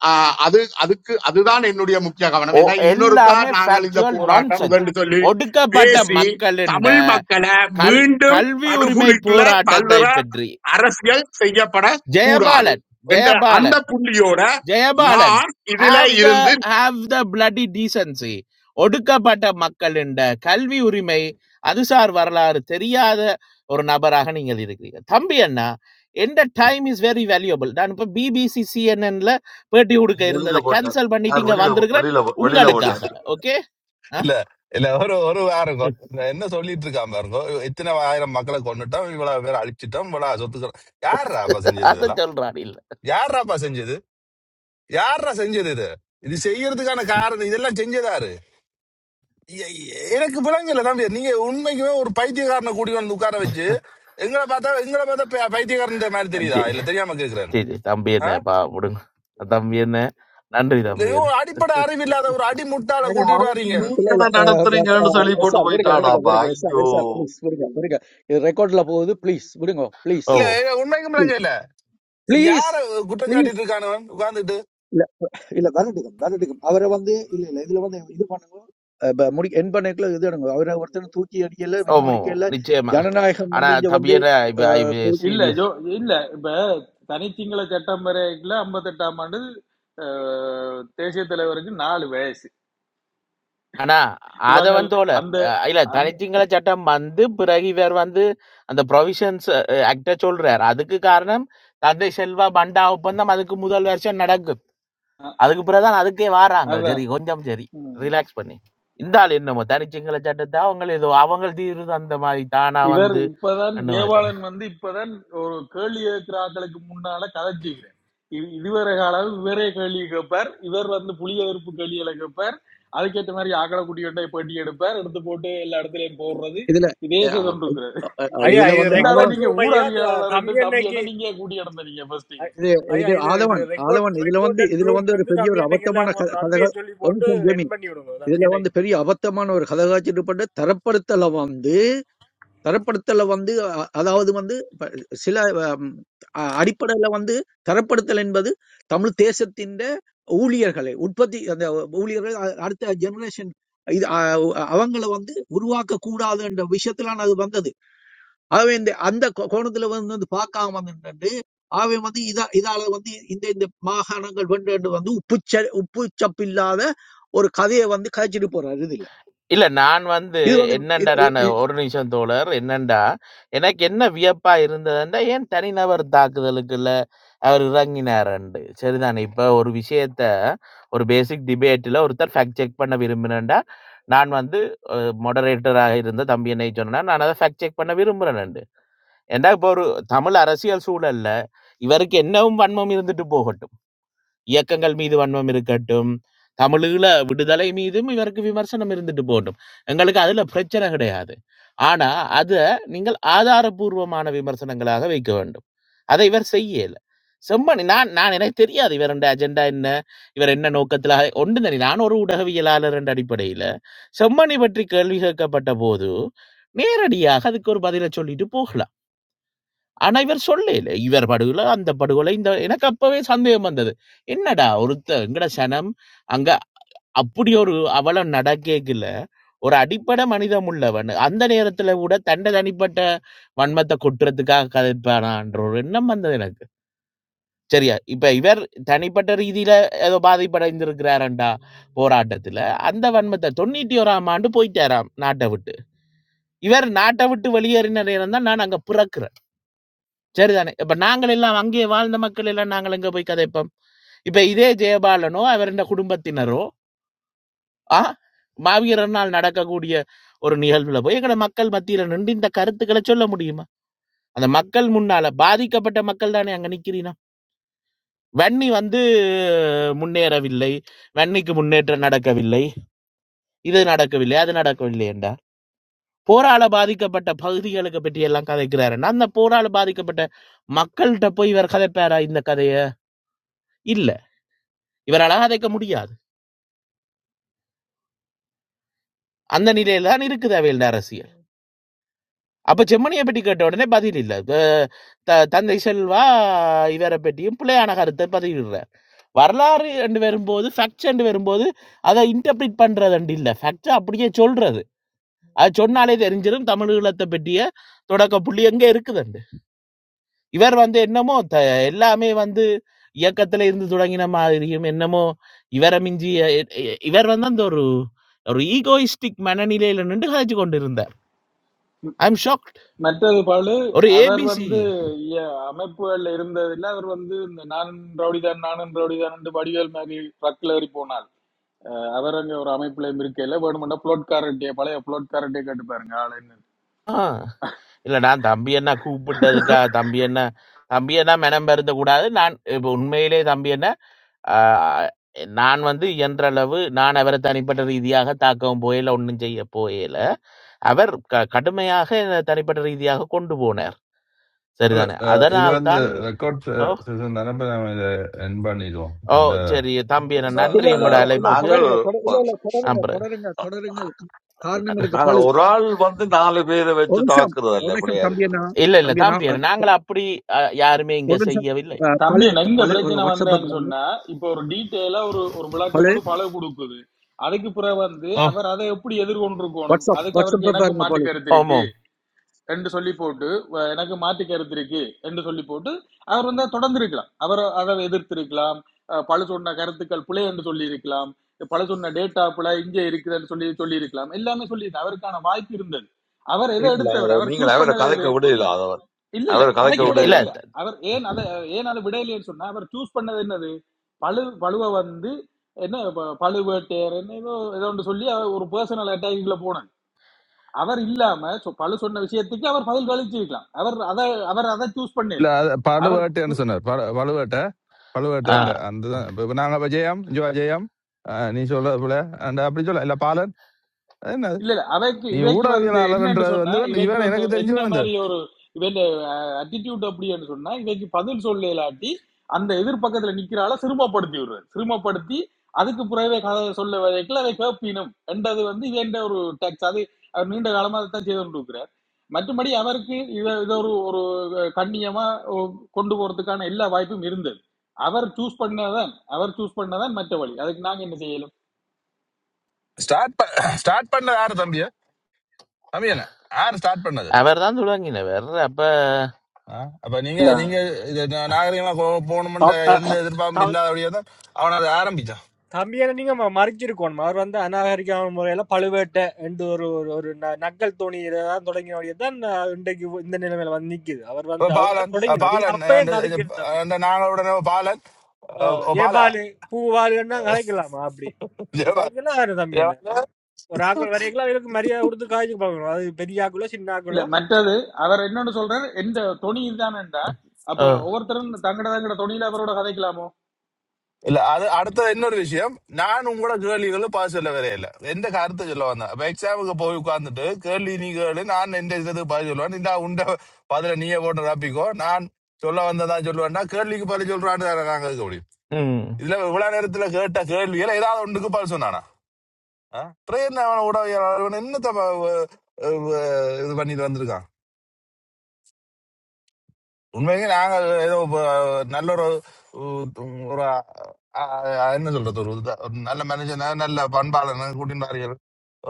ஆஹ் அது அதுக்கு அதுதான் என்னுடைய முக்கிய கவனம்
ஓ
ஏன்னா இன்னொருக்கா
எல்லாமே
நாங்கள் இந்த
ஃபேக்சுவல்
போராட்டம்
நான்சென்ஸ்
உதண்டு சொல்லி
ஒடுக்கப்பட்ட
பேசி
மக்களின்
தமிழ் மக்களை
கல்
மீண்டும்
கல்வி உரிமை
படுகொலிக்குள்ள
போராட்டத்தை
தள்ளுற
பற்றி
அரசியல் செய்யப்படக்கூடாது
ஜெயபாலன்
என்ற
ஜெயபாலன்
அந்த புள்ளியோட
ஜெயபாலன்
நான் இதுல
ஹாவ் த
இருந்து
ஹாவ் த பிளடி டீசன்சி ஒடுக்கப்பட்ட மக்களின் கல்வி உரிமை அதுசார் வரலாறு தெரியாத ஒரு நபராக நீங்கள் இருக்கிறீங்க தம்பி அண்ணா எந்த டைம் இஸ் வெரி வேல்யூபிள் நான் இப்போ பிபிசி சிஎன்என்ல பேட்டி கொடுக்க
வெளியில
இருந்ததை
போட்டார்
கேன்சல் பண்ணிட்டு
அவர்
இங்க
வெளியில
வந்திருக்கிறேன்
வெளியில வெளியில போட்டார்
உங்களுக்காக ஓகே
இல்ல இல்ல ஒரு ஒரு வாரங்க என்ன சொல்லிட்டு இருக்கான் பாருங்க இத்தனை ஆயிரம் மக்களை கொண்டுட்டோம் இவ்வளவு பேர் அழிச்சிட்டோம் இவ்வளவு சொத்துக்கிறோம் யாராப்பா செஞ்சது
அதை
இதெல்லாம்
சொல்றான் இல்ல
யாராப்பா செஞ்சது யாரா செஞ்சது இது இது செய்யறதுக்கான காரணம் இதெல்லாம் செஞ்சதாரு எ- எ- எனக்கு விளங்கல தம்பி நீங்க உண்மைக்குமே ஒரு பைத்தியக்காரனை கூட்டி வந்து உட்கார வச்சு எங்களை பார்த்தா எங்களை பார்த்தா பை- பைத்தியக்காரன் மாதிரி தெரியுதா
சரி
இல்ல தெரியாம கேக்குறேன்
சரி தம்பி
ஆ?
என்ன பா விடுங்க தம்பி என்ன நன்றி
இல்ல,
தம்பி என்ன
இவன் அடிப்படை அறிவு இல்லாத ஒரு அடிமுட்டாளை
ஏன்னா
கூட்டிட்டு
அவர்
வர்றீங்க
மீன்
இல்ல இல்ல
கடை
அஹ், ப- ப-
நடத்துறீங்கன்னு
அஹ்,
சொல்லி
எஸ்
போட்டு
சார் விடுங்க விடுங்க
போயிட்டானாப்பா
விடுங்க எஸ் சார்
ஐயோ
எஸ் சார் ப்ளீஸ் விடுங்க விடுங்க இது ரெக்கார்ட்ல போகுது ப்ளீஸ் விடுங்க ப்ளீஸ்
ஓ
இல்ல உண்மைக்கும் விளங்கல
ப்ளீஸ்
யார குற்றம்
ப்ளீஸ்
சாட்டிட்டு இருக்கானவன் உட்கார்ந்துட்டு
இல்ல இல்ல வரட்டுக்கும் வரட்டுக்கும் அவரை வந்து இல்ல இல்ல இதுல வந்து இது பண்ணுங்க அஹ் ப- முடி என் பண்ணக்குள்ள இது எடுங்க அவரை ஒருத்தர் தூக்கி அடிக்கல ரிமூவ்
ஓமோ!
அடிக்கல
நிச்சயமா.
ஜனநாயகம்
ஆனா
வந்து இங்க வந்து
தம்பியன இப்ப ஐ
அஹ்,
வி
கொடு-
இல்ல
சீரியஸ்.
ஜோ இல்ல இப்ப தனிச்சிங்கள சட்டம் வரைக்குல ஐம்பத்தெட்டாம் ஆண்டு அஹ், தேசிய தலைவருக்கு நாலு வயசு
ஆனா அத
இவங்க
வந்து தோழர்
அந்த
அ இல்ல தனி
அந்த
சிங்கள சட்டம் வந்து பிறகு இவர் வந்து அந்த புரொவிஷன்ஸ் அ ஆக்ட்ட சொல்றார். அதுக்கு காரணம் தந்தை செல்வா பண்டா ஒப்பந்தம் அதுக்கு முதல் வருஷம் நடக்கும்.
அ-
அதுக்கு பிறகு தான் அதுக்கே வாராங்க. சரி
அதான்
கொஞ்சம் சரி. ரிலாக்ஸ் பண்ணி. இந்த ஆள் என்னமோ தனி சிங்கள சட்டத்த அவங்கள ஏதோ அவங்க தீர்வு அந்த மாரி தானா
இவர்
வந்து
இப்பதான்
அந்த மாதிரி
ஜெயபாலன் வந்து இப்பதான் ஒரு கேள்வி கேட்கிற ஆட்களுக்கு முன்னால கதைச்சிக்கிறேன் இதுவரை காலம் இவரே கேள்வி கேட்பார் இவர் வந்து புலிய எதிர்ப்பு கேள்விகளை கேட்பார் அதுக்கேற்ற மாதிரி ஆக்களை குட்டியோட்டை பேட்டி எடுப்பார் எடுத்து போட்டு எல்லா இடத்துலயும் போடுறது
இதுல
இதே செய்து
அஹ்,
கொண்டிருக்கிறது
அஹ், அஹ்,
இ-
ஐயா
இதுல
இது
வந்து
இந்த
ஆ-
ஆளை
ரெக்கார்ட்
நீங்க
ரூம் ஐயா த-
ஊடகவியலாளர் என்று
தம்பி
தம்பி என்ன
அன்னைக்கு
நீங்க கூட்டி இடந்தீங்க ஃபர்ஸ்ட்
இது
ஐயா
இது
இது இது
ஆதவன்
ரெக்கார்ட்
ஆதவன் இதுல வந்து
ரெக்கார்டட்
இதுல
ரூம்
வந்து ஒரு
வந்து
பெரிய
தம்பி
ஒரு
அன்னைக்கு
அபத்தமான
எல்லாரும் ஒரு
க- கதக
நன்றியை சொல்லி
ஒரு
போட்டு
நிமிஷம் ஜெமி
என் பண்ணி விடுங்க
இதுல
தம்பி
வந்து
அன்னைக்கு
பெரிய அபத்தமான ஒரு கதகாச்சிட்டு தரப்படுத்தலை வந்து தரப்படுத்தல வந்து அ- அதாவது வந்து இப்ப சில ஹம், அ- அடிப்படையில வந்து தரப்படுத்தல் என்பது தமிழ் தேசத்தின் ஊழியர்களை உற்பத்தி அந்த ஊழியர்கள் அ- அடுத்த ஜெனரேஷன் இது அவங்கள வந்து உருவாக்க கூடாது என்ற விஷயத்துல அது வந்தது ஆகவே இந்த அந்த கோ- கோணத்துல வந்து வந்து பார்க்காம வந்து ஆகவே வந்து இதா இதால வந்து இந்த இந்த மாகாணங்கள் வேண்டும் வந்து உப்புச்ச உப்புச்சப்பில்லாத ஒரு கதையை வந்து கதைச்சிட்டு போறாரு இதுல
இல்ல நான் வந்து
இது வந்து
என்னண்டா நான் ஒரு நிமிஷம் தோழர். என்னண்டா, எனக்கு என்ன வியப்பா இருந்ததுன்னா, ஏன் தனிநபர் தாக்குதலுக்குள்ள அவர் இறங்கினாருண்டு. சரிதானே. இப்ப ஒரு விஷயத்த ஒரு பேசிக் டிபேட்ல ஒருத்தர் ஃபேக்ட் செக் பண்ண விரும்பினேன்டா, நான் வந்து அ மொடரேட்டரா இருந்த தம்பி என்னை சொன்னா, நான் அத ஃபேக்ட் செக் பண்ண விரும்புறேன்ண்டு. ஏன்டா இப்ப ஒரு தமிழ் அரசியல் சூழல்ல, இவருக்கு என்னவும் வன்மம் இருந்துட்டு போகட்டும். இயக்கங்கள் மீது வன்மம் இருக்கட்டும் தமிழீழ விடுதலை மீதும் இவருக்கு விமர்சனம் இருந்துட்டு போகட்டும் எங்களுக்கு அதுல பிரச்சனை கிடையாது ஆனா அத நீங்கள் ஆதாரபூர்வமான விமர்சனங்களாக வைக்க வேண்டும் அதை இவர் செய்யல செம்மணி நான் நான் எனக்கு தெரியாது இவருடைய அஜெண்டா என்ன இவர் என்ன நோக்கத்துல ஒன்று தனி நான் ஒரு ஊடகவியலாளர் என்ற அடிப்படையில செம்மணி பற்றி கேள்வி கேட்கப்பட்ட போது நேரடியாக அதுக்கு ஒரு பதிலை சொல்லிட்டு போகலாம் ஆனா இவர் சொல்லல இவர் படுகொலை அந்த படுகொலை இந்த எனக்கு அப்பவே சந்தேகம் வந்தது என்னடா ஒருத்த எங்கட சனம் அங்க அப்படி ஒரு அவலம் நடக்கல ஒரு அடிப்படை மனிதம் உள்ளவன் அந்த நேரத்துல கூட தண்டை தனிப்பட்ட வன்மத்தை கொட்டுறதுக்காக கதைப்பானான்ற ஒரு எண்ணம் வந்தது எனக்கு சரியா இப்ப இவர் தனிப்பட்ட ரீதியில ஏதோ பாதிப்படைந்திருக்கிறாரண்டா போராட்டத்துல அந்த வன்மத்தை தொண்ணூத்தி ஓராம் ஆண்டு போயிட்டாராம் நாட்டை விட்டு இவர் நாட்டை விட்டு வெளியேறின நேரம் தான் நான் அங்க பிறக்கிறேன் சரிதானே இப்ப நாங்கள் எல்லாம் அங்கே வாழ்ந்த மக்கள் எல்லாம் நாங்கள் எங்க போய் கதைப்போம் இப்ப இதே ஜெயபாலனோ அவருடைய குடும்பத்தினரோ ஆ மாவீரனால் நடக்கக்கூடிய ஒரு நிகழ்வுல போய் எங்கட மக்கள் மத்தியில நின்று இந்த கருத்துக்களை சொல்ல முடியுமா அந்த மக்கள் முன்னால பாதிக்கப்பட்ட மக்கள் தானே அங்க நிக்கிறீனா வன்னி வந்து முன்னேறவில்லை வன்னிக்கு முன்னேற்றம் நடக்கவில்லை இது நடக்கவில்லை அது நடக்கவில்லை என்றார் போரால பாதிக்கப்பட்ட பகுதிகளுக்கு பற்றி எல்லாம் கதைக்கிறாருன்னா அந்த போரால பாதிக்கப்பட்ட மக்கள்கிட்ட போய் இவர் கதைப்பாரா இந்த கதைய இல்ல இவரால் அதைக்க முடியாது அந்த நிலையில தான் இருக்குது அவையில் அரசியல் அப்ப செம்மணியை பற்றி கேட்ட உடனே பதில் இல்லை த- தந்தை செல்வா இவரை பற்றியும் பிள்ளையான கருத்தை பதிவிடுறார் வரலாறு என்று வரும்போது ஃபேக்ட்ஸ் என்று வரும்போது அதை இன்டர்பிரிட் பண்றது என்று இல்லை ஃபேக்ட்ஸ் அப்படியே சொல்றது அது சொன்னாலே தெரிஞ்சிடும் தமிழ் ஈழத்தை பற்றிய தொடக்க புள்ளி எங்க இருக்குதுண்டு இவர் வந்து என்னமோ த- எல்லாமே வந்து இயக்கத்துல இருந்து தொடங்கின மாதிரியும் என்னமோ இவரை மிஞ்சி இவர் வந்து அந்த ஒரு ஒரு ஈகோயிஸ்டிக் மனநிலையில நின்று கதைச்சு கொண்டிருந்தார் ஐம் ஷாக்ட்
மற்றது பாலு
ஒரு
அவர்
ஏபிசி
வந்து இய- அமைப்புகள்ல இருந்ததில்ல அவர் வந்து இந்த நானும் ரவுடிதான் நானும் ரவுடிதான் என்று வடிவேல் மாதிரி ட்ரக்ல ஏறி போனார் அஹ் அவர் அங்க ஒரு அமைப்புல இருக்கையில வேணுமெண்டா புலோட்காரர்கிட்டயே பழைய புலோட்காரர்கிட்டயே கேட்டு பாருங்க ஆள் என்ன
ஆ இல்லை நான் தம்பி என்ன கூப்பிட்டதுக்கா தம்பி என்ன தம்பி என்ன மெனம் பெருந்த கூடாது நான் இப்போ உண்மையிலே தம்பி என்ன ஆ, நான் வந்து இயன்ற அளவு நான் அவரை தனிப்பட்ட ரீதியாக தாக்கவும் போயில ஒன்றும் செய்ய போயில அவர் க கடுமையாக என்னை தனிப்பட்ட ரீதியாக கொண்டு போனார்
இல்ல
சரிதானே
அஹ் இது வந்து
அதனால்தான்
ரெக்கார்ட்
ஓ
செஷன் தானே இப்ப நம்ம இதை என் பண்ணிடுவோம்
ஓ
இந்த
சரி தம்பி என்ன
அஹ்,
இல்ல
நன்றி
இல்ல
உங்களோட
அஹ்,
இல்ல இல்ல
அழைப்புக்கு
நாங்கள்
தொடருங்க தொடர் இல்ல
ப-
இல்ல தொடருங்க
அப்புறம்
தொடருங்க தொடருங்க க- காரணம் இருக்கு பழு
நாங்கள் ஒரு ஆள் வந்து நாலு பேரை வச்சு
ஒரு நிமிஷம்
தாக்குறது
ஒரு
இல்ல
நிமிஷம்
பிள்ளையா இருக்குது
தம்பியண்ணா
இல்ல இல்ல
தம்பியண்ணா
தம்பி
அஹ்,
என்ன நாங்கள் அப்படி அ, யாருமே இங்க
ஒரு நிமிஷம்
செய்யவில்லை
அஹ்,
தம்பி
பழு
எனக்கு இந்த
பழு ஒரு
பிரச்சனை
வாட்ஸ்அப்
வந்தேன்னு
பாருங்க
சொன்னா இப்போ ஒரு டீட்டெயிலா ஒரு ஒரு விளக்கம்
பழு
வந்து பல கொடுக்குது அதுக்கு பிறகு வந்து
ஓ
அவர் அதை எப்படி எதிர்கொண்டிருக்கணும்
வாட்ஸ்அப்
அதுக்கு அவருக்கு
வாட்ஸ்அப்
எனக்கு
பாருங்க
மாட்டு
பழு
கருத்து இருக்கு
ஆமாம்
என்று சொல்லி போட்டு வ- எனக்கு மாற்று கருத்து இருக்கு என்று சொல்லி போட்டு அவர் வந்து தொடர்ந்து இருக்கலாம் அவர் அதை எதிர்த்திருக்கலாம் அஹ் பல சொன்ன கருத்துக்கள் பிழை என்று சொல்லி இருக்கலாம் பல சொன்ன டேட்டா பிழை இங்கே இருக்குதுன்னு சொல்லி சொல்லி இருக்கலாம் எல்லாமே சொல்லி அவருக்கான வாய்ப்பு இருந்தது அவர் எதை
இல்ல
எடுத்தவர்
அதவர்
அவர்
நீங்கள்
சூஸ்
அவரை
பண்ணது எது
கதைக்க விடையில அதவர்
இல்ல இல்ல
அவரை கதைக்க
கதைக்கு
இல்ல
விடையில
இல்ல
விடையில
இல்ல
த-
அவர் ஏன் அதை ஏன் அதை விடையிலேன்னு சொன்னா அவர் சூஸ் பண்ணது என்னது பழு பழுவை வந்து என்ன ப- பழுவேட்டையர் என்ன ஏதோ ஏதோ ஒன்று சொல்லி அவர் ஒரு பர்சனல் அட்டாக்கிங்ல போனாங்க அவர் இல்லாம சொ- பலு சொன்ன விஷயத்துக்கு அவர் பதில் கழிச்சிருக்கலாம் அவர் அதை அவர் அதை சூஸ் பண்ண
இல்ல
இல்லை
அது
அவர்
பழுவேட்டைன்னு
சு-
சொன்னார் பழு பழுவேட்டை பழுவேட்டை
ஆ,
ஆ.
அந்த அந்த தான் இப்போ இப்போ நாங்கள் இப்போ ஜெயம் ஜோ ஜெயம் அஹ் நீ சொல்றது போல அந்த அப்படி சொல்ல இல்ல பாலன் அது என்னது
இல்ல இல்ல அவைக்கு
நீ
இவைக்கு வந்து என்னன்னு
ஊடகவியலாளர்ன்றது
சொன்னா
வந்து இவன்
இவைக்கு
இவன்
வந்து
எனக்கு
என்ன
தெரிஞ்சவன் இந்த
மாதிரி ஒரு இவன் அட்டிடியூட் அப்படின்னு சொன்னா இவைக்கு பதில் சொல்ல இல்லாட்டி அந்த எதிர்பக்கத்துல நிக்கிறால சிறுமப்படுத்தி விடுறது சிறுமப்படுத்தி அதுக்கு பிறகு கதை சொல்ல வரைக்கும் அதை கேட்பினும் என்றது வந்து இது என்ற ஒரு டாக்ஸ் அது அவர் நீண்ட காலமா அதை தான் செய்து கொண்டிருக்கிறார் மற்றபடி அவருக்கு இத இத ஒரு ஒரு கண்ணியமா ஒ- கொண்டு போறதுக்கான எல்லா வாய்ப்பும் இருந்தது அவர் சூஸ் பண்ணதான் அவர் சூஸ் பண்ணதான் மற்ற வழி அதுக்கு நாங்க என்ன செய்யலும்
ஸ்டார்ட் ஸ்டார்ட் பண்ணது யாரு தம்பியா தம்பி என்ன யார் ஸ்டார்ட் பண்ணது
அவர் தான் தொடங்கினவர் அப்ப
ஆ? அப்ப நீங்க நீங்க இது நா- நாகரிகமா போ- போகணும்ன்ற
அப்- அ-
எந்த எதிர்பார்ப்பும் இல்லாதபடியே தான் அவன் அதை ஆரம்பிச்சான்
தம்பியான நீங்க ம- மறைச்சிருக்கணும் அவர் வந்து அநாகரிகமான முறையில பழுவேட்டை என்று ஒரு ஒரு ஒரு ந- நக்கல் தோணி தான் தொடங்கினோடைய தான் இன்றைக்கு இந்த நிலைமையில வந்து நிக்குது அவர்
அப்ப
வந்து அவர் தான்
பாலன் அஹ்
தொடங்கினார் நீங்க
பாலன்
அப்பயே
அந்த இது,
தடுக்கிறது தம்பி என்ன
அந்த நாங்களுடனே பாலன் அஹ் ஓ பாலா
ஏபாலு பூவாலுன்னா கலைக்கலாமா அப்படி அப்படி
ஜெயபால்
கலைக்கலாம் யாரு தம்பி என்ன
ஜெயபால
ஒரு ஆக்கள் வரைக்கும் அவருக்கு மரியாதை கொடுத்து காய்ச்சி பார்க்கணும் அது பெரிய ஆக்களோ சின்ன ஆக்களோ
இல்ல மற்றது அவர் என்னன்னு சொல்றாரு எந்த தொனி இதுதானேண்டா அப்ப
அஹ்,
ஒவ்வொருத்தரும் தங்கட தங்கட தொனியில அவரோட கதைக்கலாமோ
இல்ல அது அடுத்தது இன்னொரு விஷயம் நான் உங்களோட கேள்விகளும் பாஸ் சொல்ல வரையில எந்த கருத்தை சொல்ல வந்தேன் இப்ப எக்ஸாமுக்கு போய் உட்கார்ந்துட்டு கேள்வி நீ கேளு நான் எந்த இதுக்கு பதில் சொல்லுவேன் நீ தான் உண்ட பதில நீயே போட்டு ரப்பிக்கோ நான் சொல்ல வந்ததா சொல்லுவேன்னா கேள்விக்கு பதில் சொல்றான்னு தானே நாங்க இருக்க முடியும்
ம்.
இதுல இவ்வளவு நேரத்துல கேட்ட கேள்வியில ஏதாவது ஒன்றுக்கு பதில் சொன்னானா ட்ரெயின் அவன் உடவியல் என்னத்த ப- அஹ் இது பண்ணிட்டு வந்திருக்கான் உண்மையிலேயே நாங்க ஏதோ ப- நல்ல ஒரு உ- ஒரு அ- அ- என்ன சொல்றது ஒரு இதா- ஒரு நல்ல மேனேஜர் நல்ல பண்பாளன் கூட்டின்னு வாரீர்கள்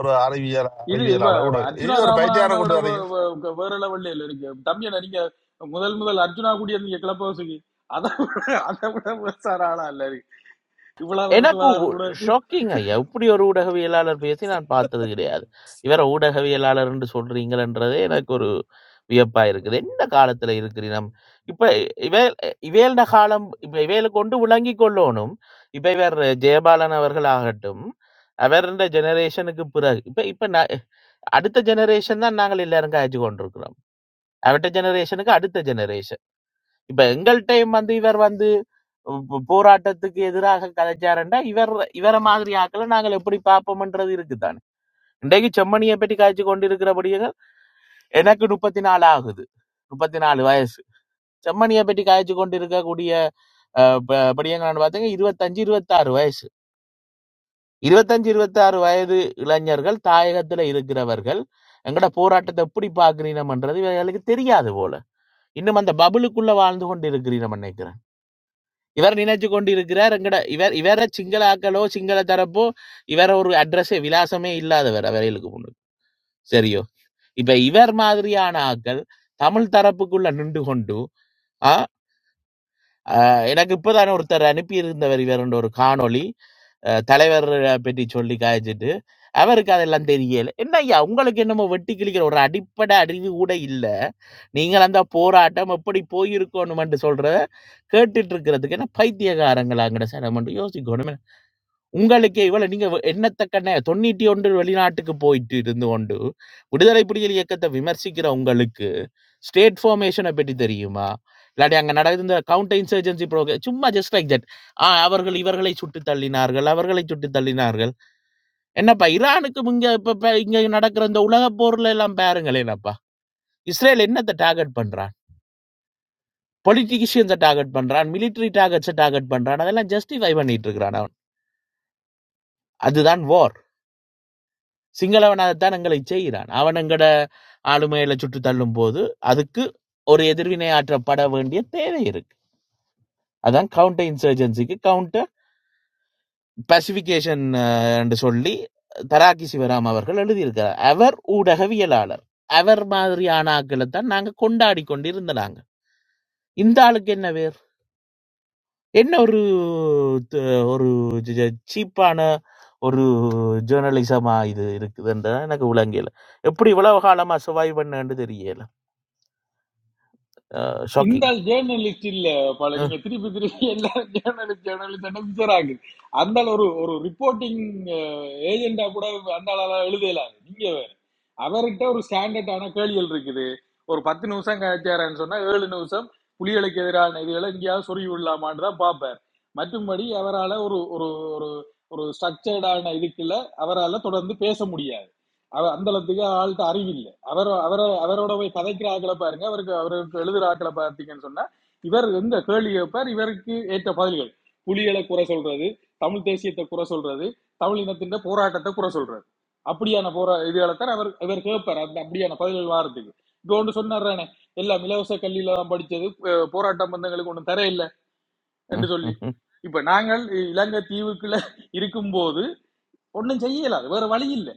ஒரு அறிவியல்
இது இவ-
அறிவியலாளர் கூட
அர்ஜுனா
இது ஒரு
ராமனான
பைத்தியார
விட
கூட்டு வரீங்க
வே- வே- வேற லெவல்ல இல்ல இருக்கு தம்பியன நீங்க முதல் முதல் அர்ஜுனா கூடிய நீங்க கிளப்ப வசுக்கு அதை விட அதை விட பெருசான ஆளா இல்ல இருக்கு இவ்வளவு
எனக்கு
வருஷம் கூட
ஷாக்கிங் ஐயா இப்படி ஒரு ஊடகவியலாளர் பேசி நான் பார்த்தது கிடையாது இவர ஊடகவியலாளர் என்று சொல்றீங்களன்றதே எனக்கு ஒரு வியப்பா இருக்குது என்ன காலத்துல இருக்கிறீ நம் இப்ப இவேல் இவேல்ட காலம் இப்ப இவேல கொண்டு விளங்கி கொள்ளணும் இப்ப இவர் ஜெயபாலன் அவர்கள் ஆகட்டும் அவர் இந்த ஜெனரேஷனுக்கு பிறகு இப்ப இப்ப நான் அடுத்த ஜெனரேஷன் தான் நாங்கள் எல்லாரும் காய்ச்சி கொண்டிருக்கிறோம் அவட்ட ஜெனரேஷனுக்கு அடுத்த ஜெனரேஷன் இப்ப எங்கள் டைம் வந்து இவர் வந்து போ- போராட்டத்துக்கு எதிராக கதைச்சாருண்டா இவர் இவர மாதிரி ஆக்களை நாங்கள் எப்படி பார்ப்போம்ன்றது இருக்குதானே இன்றைக்கு செம்மணியை பற்றி காய்ச்சி கொண்டிருக்கிறபடியாக எனக்கு முப்பத்தி நாலு ஆகுது முப்பத்தி நாலு வயசு செம்மணியை பற்றி காய்ச்சி கொண்டிருக்கக்கூடிய அஹ், ப- படியங்களான்னு பார்த்தீங்க இருபத்தஞ்சு இருபத்தாறு வயசு இருபத்தஞ்சு இருபத்தாறு வயது இளைஞர்கள் தாயகத்துல இருக்கிறவர்கள் எங்கட போராட்டத்தை எப்படி பார்க்கிறீனம்ன்றது இவர்களுக்கு தெரியாது போல இன்னும் அந்த பபுளுக்குள்ள வாழ்ந்து கொண்டு இருக்கிறீனம் நினைக்கிறேன் இவர் நினைச்சு கொண்டு இருக்கிறார் எங்கட இவர் இவர சிங்கள ஆக்களோ சிங்கள தரப்போ இவர ஒரு அட்ரஸே விலாசமே இல்லாதவர் அவர்களுக்கு முன்னுக்கு சரியோ இப்ப இவர் மாதிரியான ஆக்கள் தமிழ் தரப்புக்குள்ள நின்று கொண்டு ஆ, ஆ, எனக்கு இப்போதானே ஒருத்தர் அனுப்பி இருந்தவர் இவர் ஒரு காணொளி அ, தலைவர் பற்றி சொல்லி காய்ச்சிட்டு அவருக்கு அதெல்லாம் தெரியல என்ன ஐயா உங்களுக்கு என்னமோ வெட்டி கிழிக்கிற ஒரு அடிப்படை அறிவு கூட இல்ல நீங்கள் அந்த போராட்டம் எப்படி போயிருக்கணும்னு சொல்ற கேட்டுட்டு இருக்கிறதுக்கு என்ன பைத்தியகாரங்களாங்கிற சார் நம்ம யோசிக்கணும் உங்களுக்கே இவ்வளவு நீங்க வ- என்னத்தக்கன 91 வெளிநாட்டுக்கு போயிட்டு இருந்து கொண்டு விடுதலை புலிகள் இயக்கத்தை விமர்சிக்கிற உங்களுக்கு ஸ்டேட் ஃபார்மேஷனை பற்றி தெரியுமா இல்லாட்டி அங்க நடந்த கவுண்டர் இன்சர்ஜென்சி ப்ரோக சும்மா ஜஸ்ட் லைக் தட் ஆ அவர்கள் இவர்களை சுட்டு தள்ளினார்கள் அவர்களை சுட்டு தள்ளினார்கள் என்னப்பா ஈரானுக்கு இங்க இப்ப இப்ப இங்க நடக்கிற இந்த உலக போர்ல எல்லாம் பாருங்களேனப்பா இஸ்ரேல் என்னத்தை டார்கெட் பண்றான் பொலிட்டிஷியன்ஸை டார்கெட் பண்றான் military targets டார்கெட்ஸை டார்கெட் பண்றான் அதெல்லாம் ஜஸ்டிஃபை பண்ணிட்டு இருக்கிறான் அவன் அதுதான் war சிங்களவன் அதைத்தான் எங்களை செய்கிறான் அவன் எங்கட ஆளுமையில சுட்டு தள்ளும் போது அதுக்கு ஒரு எதிர்வினை ஆற்றப்பட வேண்டிய தேவை இருக்கு அதான் கவுண்டர் இன்சர்ஜென்சிக்கு கவுண்டர் பசிபிகேஷன் என்று சொல்லி தராக்கி சிவராம் அவர்கள் எழுதியிருக்கிறார் அவர் ஊடகவியலாளர் அவர் மாதிரியான ஆக்களை தான் நாங்க கொண்டாடி கொண்டு இருந்தனாங்க இந்த ஆளுக்கு என்ன வேர் என்ன ஒரு த- ஒரு சீப்பான ஒரு ஜேர்னலிசமா இது இருக்குதுன்றதான் எனக்கு விளங்கல எப்படி இவ்வளவு காலமா சர்வைவ் பண்ணு தெரியல
இந்த
షాకింగ్.
ஜேர்னலிஸ்ட் இல்ல பல
ஆ.
நீங்க திருப்பி திருப்பி எல்லாரும் ஜேர்னலிஸ்ட் ஜேர்னலிஸ்ட் பிக்சர் ஆகுது அந்த ஆள் ஒரு ஒரு ரிப்போர்ட்டிங் ஏஜெண்டா கூட அந்த ஆளால எழுதலாது நீங்க வேற அவர்கிட்ட ஒரு ஸ்டாண்டர்டான கேள்விகள் இருக்குது ஒரு பத்து நிமிஷம் கழிச்சாரன்னு சொன்னா ஏழு நிமிஷம் புலிகளுக்கு எதிரான இதுகளை எங்கேயாவது சொருகி விடலாமான்னு தான் பார்ப்பார் மற்றும்படி அவரால் ஒரு ஒரு ஒரு ஒரு ஸ்ட்ரக்சர்டான இதுக்குள்ள அவரால் தொடர்ந்து பேச முடியாது அவர் அந்த அளவுக்கு ஆள்கிட்ட அறிவில்லை அவர் அவர் அவரோட போய் பதைக்கிற ஆட்களை பாருங்க அவருக்கு அவருக்கு எழுதுற ஆட்களை பார்த்தீங்கன்னு சொன்னா இவர் எந்த கேள்வி கேட்பார் இவருக்கு ஏற்ற பதில்கள் புலிகளை குறை சொல்றது தமிழ் தேசியத்தை குறை சொல்றது தமிழ் இனத்தின் போராட்டத்தை குறை சொல்றது அப்படியான போரா இதுகளைத்தான் அவர் இவர் கேட்பார் அந்த அப்படியான பதில்கள் வாரத்துக்கு இப்போ ஒன்று சொன்னார்றானே எல்லாம் இலவச கல்வியில தான் படிச்சது அஹ் போராட்ட பந்தங்களுக்கு ஒன்றும் தர இல்லை என்று சொல்லி இப்ப நாங்கள் இலங்கை தீவுக்குள்ள இருக்கும்போது ஒன்றும் செய்யல அது வேற வழி இல்லை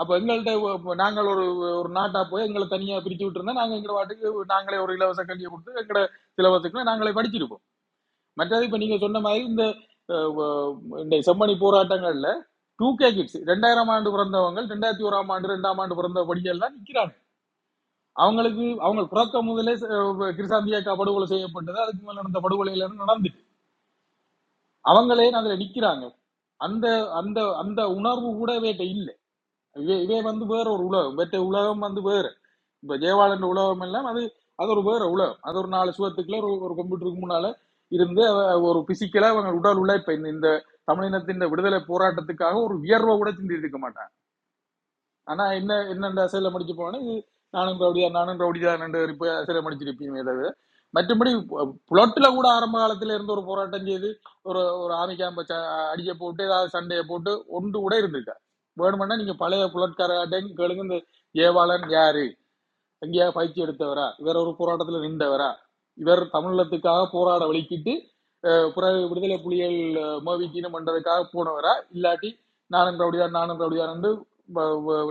அப்ப எங்கள்கிட்ட நாங்கள் ஒரு ஒரு நாட்டா போய் எங்களை தனியா பிரிச்சு விட்டுருந்தா நாங்க எங்க வாட்டுக்கு நாங்களே ஒரு இலவச கல்வியை கொடுத்து எங்கட சிலவத்துக்குள்ள நாங்களே படிச்சிருப்போம் மற்றது இப்ப நீங்க சொன்ன மாதிரி இந்த அஹ், வ- இந்த செம்மணி போராட்டங்கள்ல டூ கே கிட்ஸ் ரெண்டாயிரம் ஆண்டு பிறந்தவங்க ரெண்டாயிரத்தி ஓராம் ஆண்டு ரெண்டாம் ஆண்டு பிறந்த படிகள்லாம் நிக்கிறாங்க அவங்களுக்கு அவங்க பிறக்க முதலே அஹ், கிருசாந்தி அக்கா படுகொலை செய்யப்பட்டது அதுக்கு மேல நடந்த படுகொலையில நடந்துட்டு அவங்களே அதுல நிக்கிறாங்க அந்த அந்த அந்த உணர்வு கூடவே இல்ல இதே இதே வந்து வேற ஒரு உலகம் மற்ற உலகம் வந்து வேற இப்ப ஜெயவாளன் உலகம் எல்லாம் அது அது ஒரு வேற உலகம் அது ஒரு நாலு சுவத்துக்குள்ள ஒரு ஒரு கம்ப்யூட்டருக்கு முன்னால இருந்து அவ- ஒரு பிசிக்கலா அவங்க உடல் உழைப்ப இந்த இந்த தமிழினத்தின் விடுதலை போராட்டத்துக்காக ஒரு வியர்வை கூட சிந்திருக்க மாட்டாங்க ஆனா என்ன என்னென்ன சிலை முடிச்சு போனேன் இது நானும் ரவுடியா நானும் ரவுடியா ரெண்டு பேர் இப்ப சிலை முடிச்சிருப்பீங்க தவிர மற்றபடி புலட்டில் கூட ஆரம்ப காலத்துல இருந்து ஒரு போராட்டம் செய்து ஒரு ஒரு ஆமி கேம்ப அடிக்க போட்டு ஏதாவது சண்டையை போட்டு ஒன்று கூட இருந்திருக்கா வேணுமென்னா நீங்க பழைய புலட்காரட்டையும் கேளுங்க இந்த ஏவாளன் யாரு எங்கேயாவது பயிற்சி எடுத்தவரா இவர் ஒரு போராட்டத்துல நின்றவரா இவர் தமிழத்துக்காக போராட வலிக்கிட்டு அஹ், பிறகு விடுதலை புலிகள் மோவிக்கீனம் பண்றதுக்காக போனவரா இல்லாட்டி நானும் ரவுடியார் நானும் ரவுடியார் என்று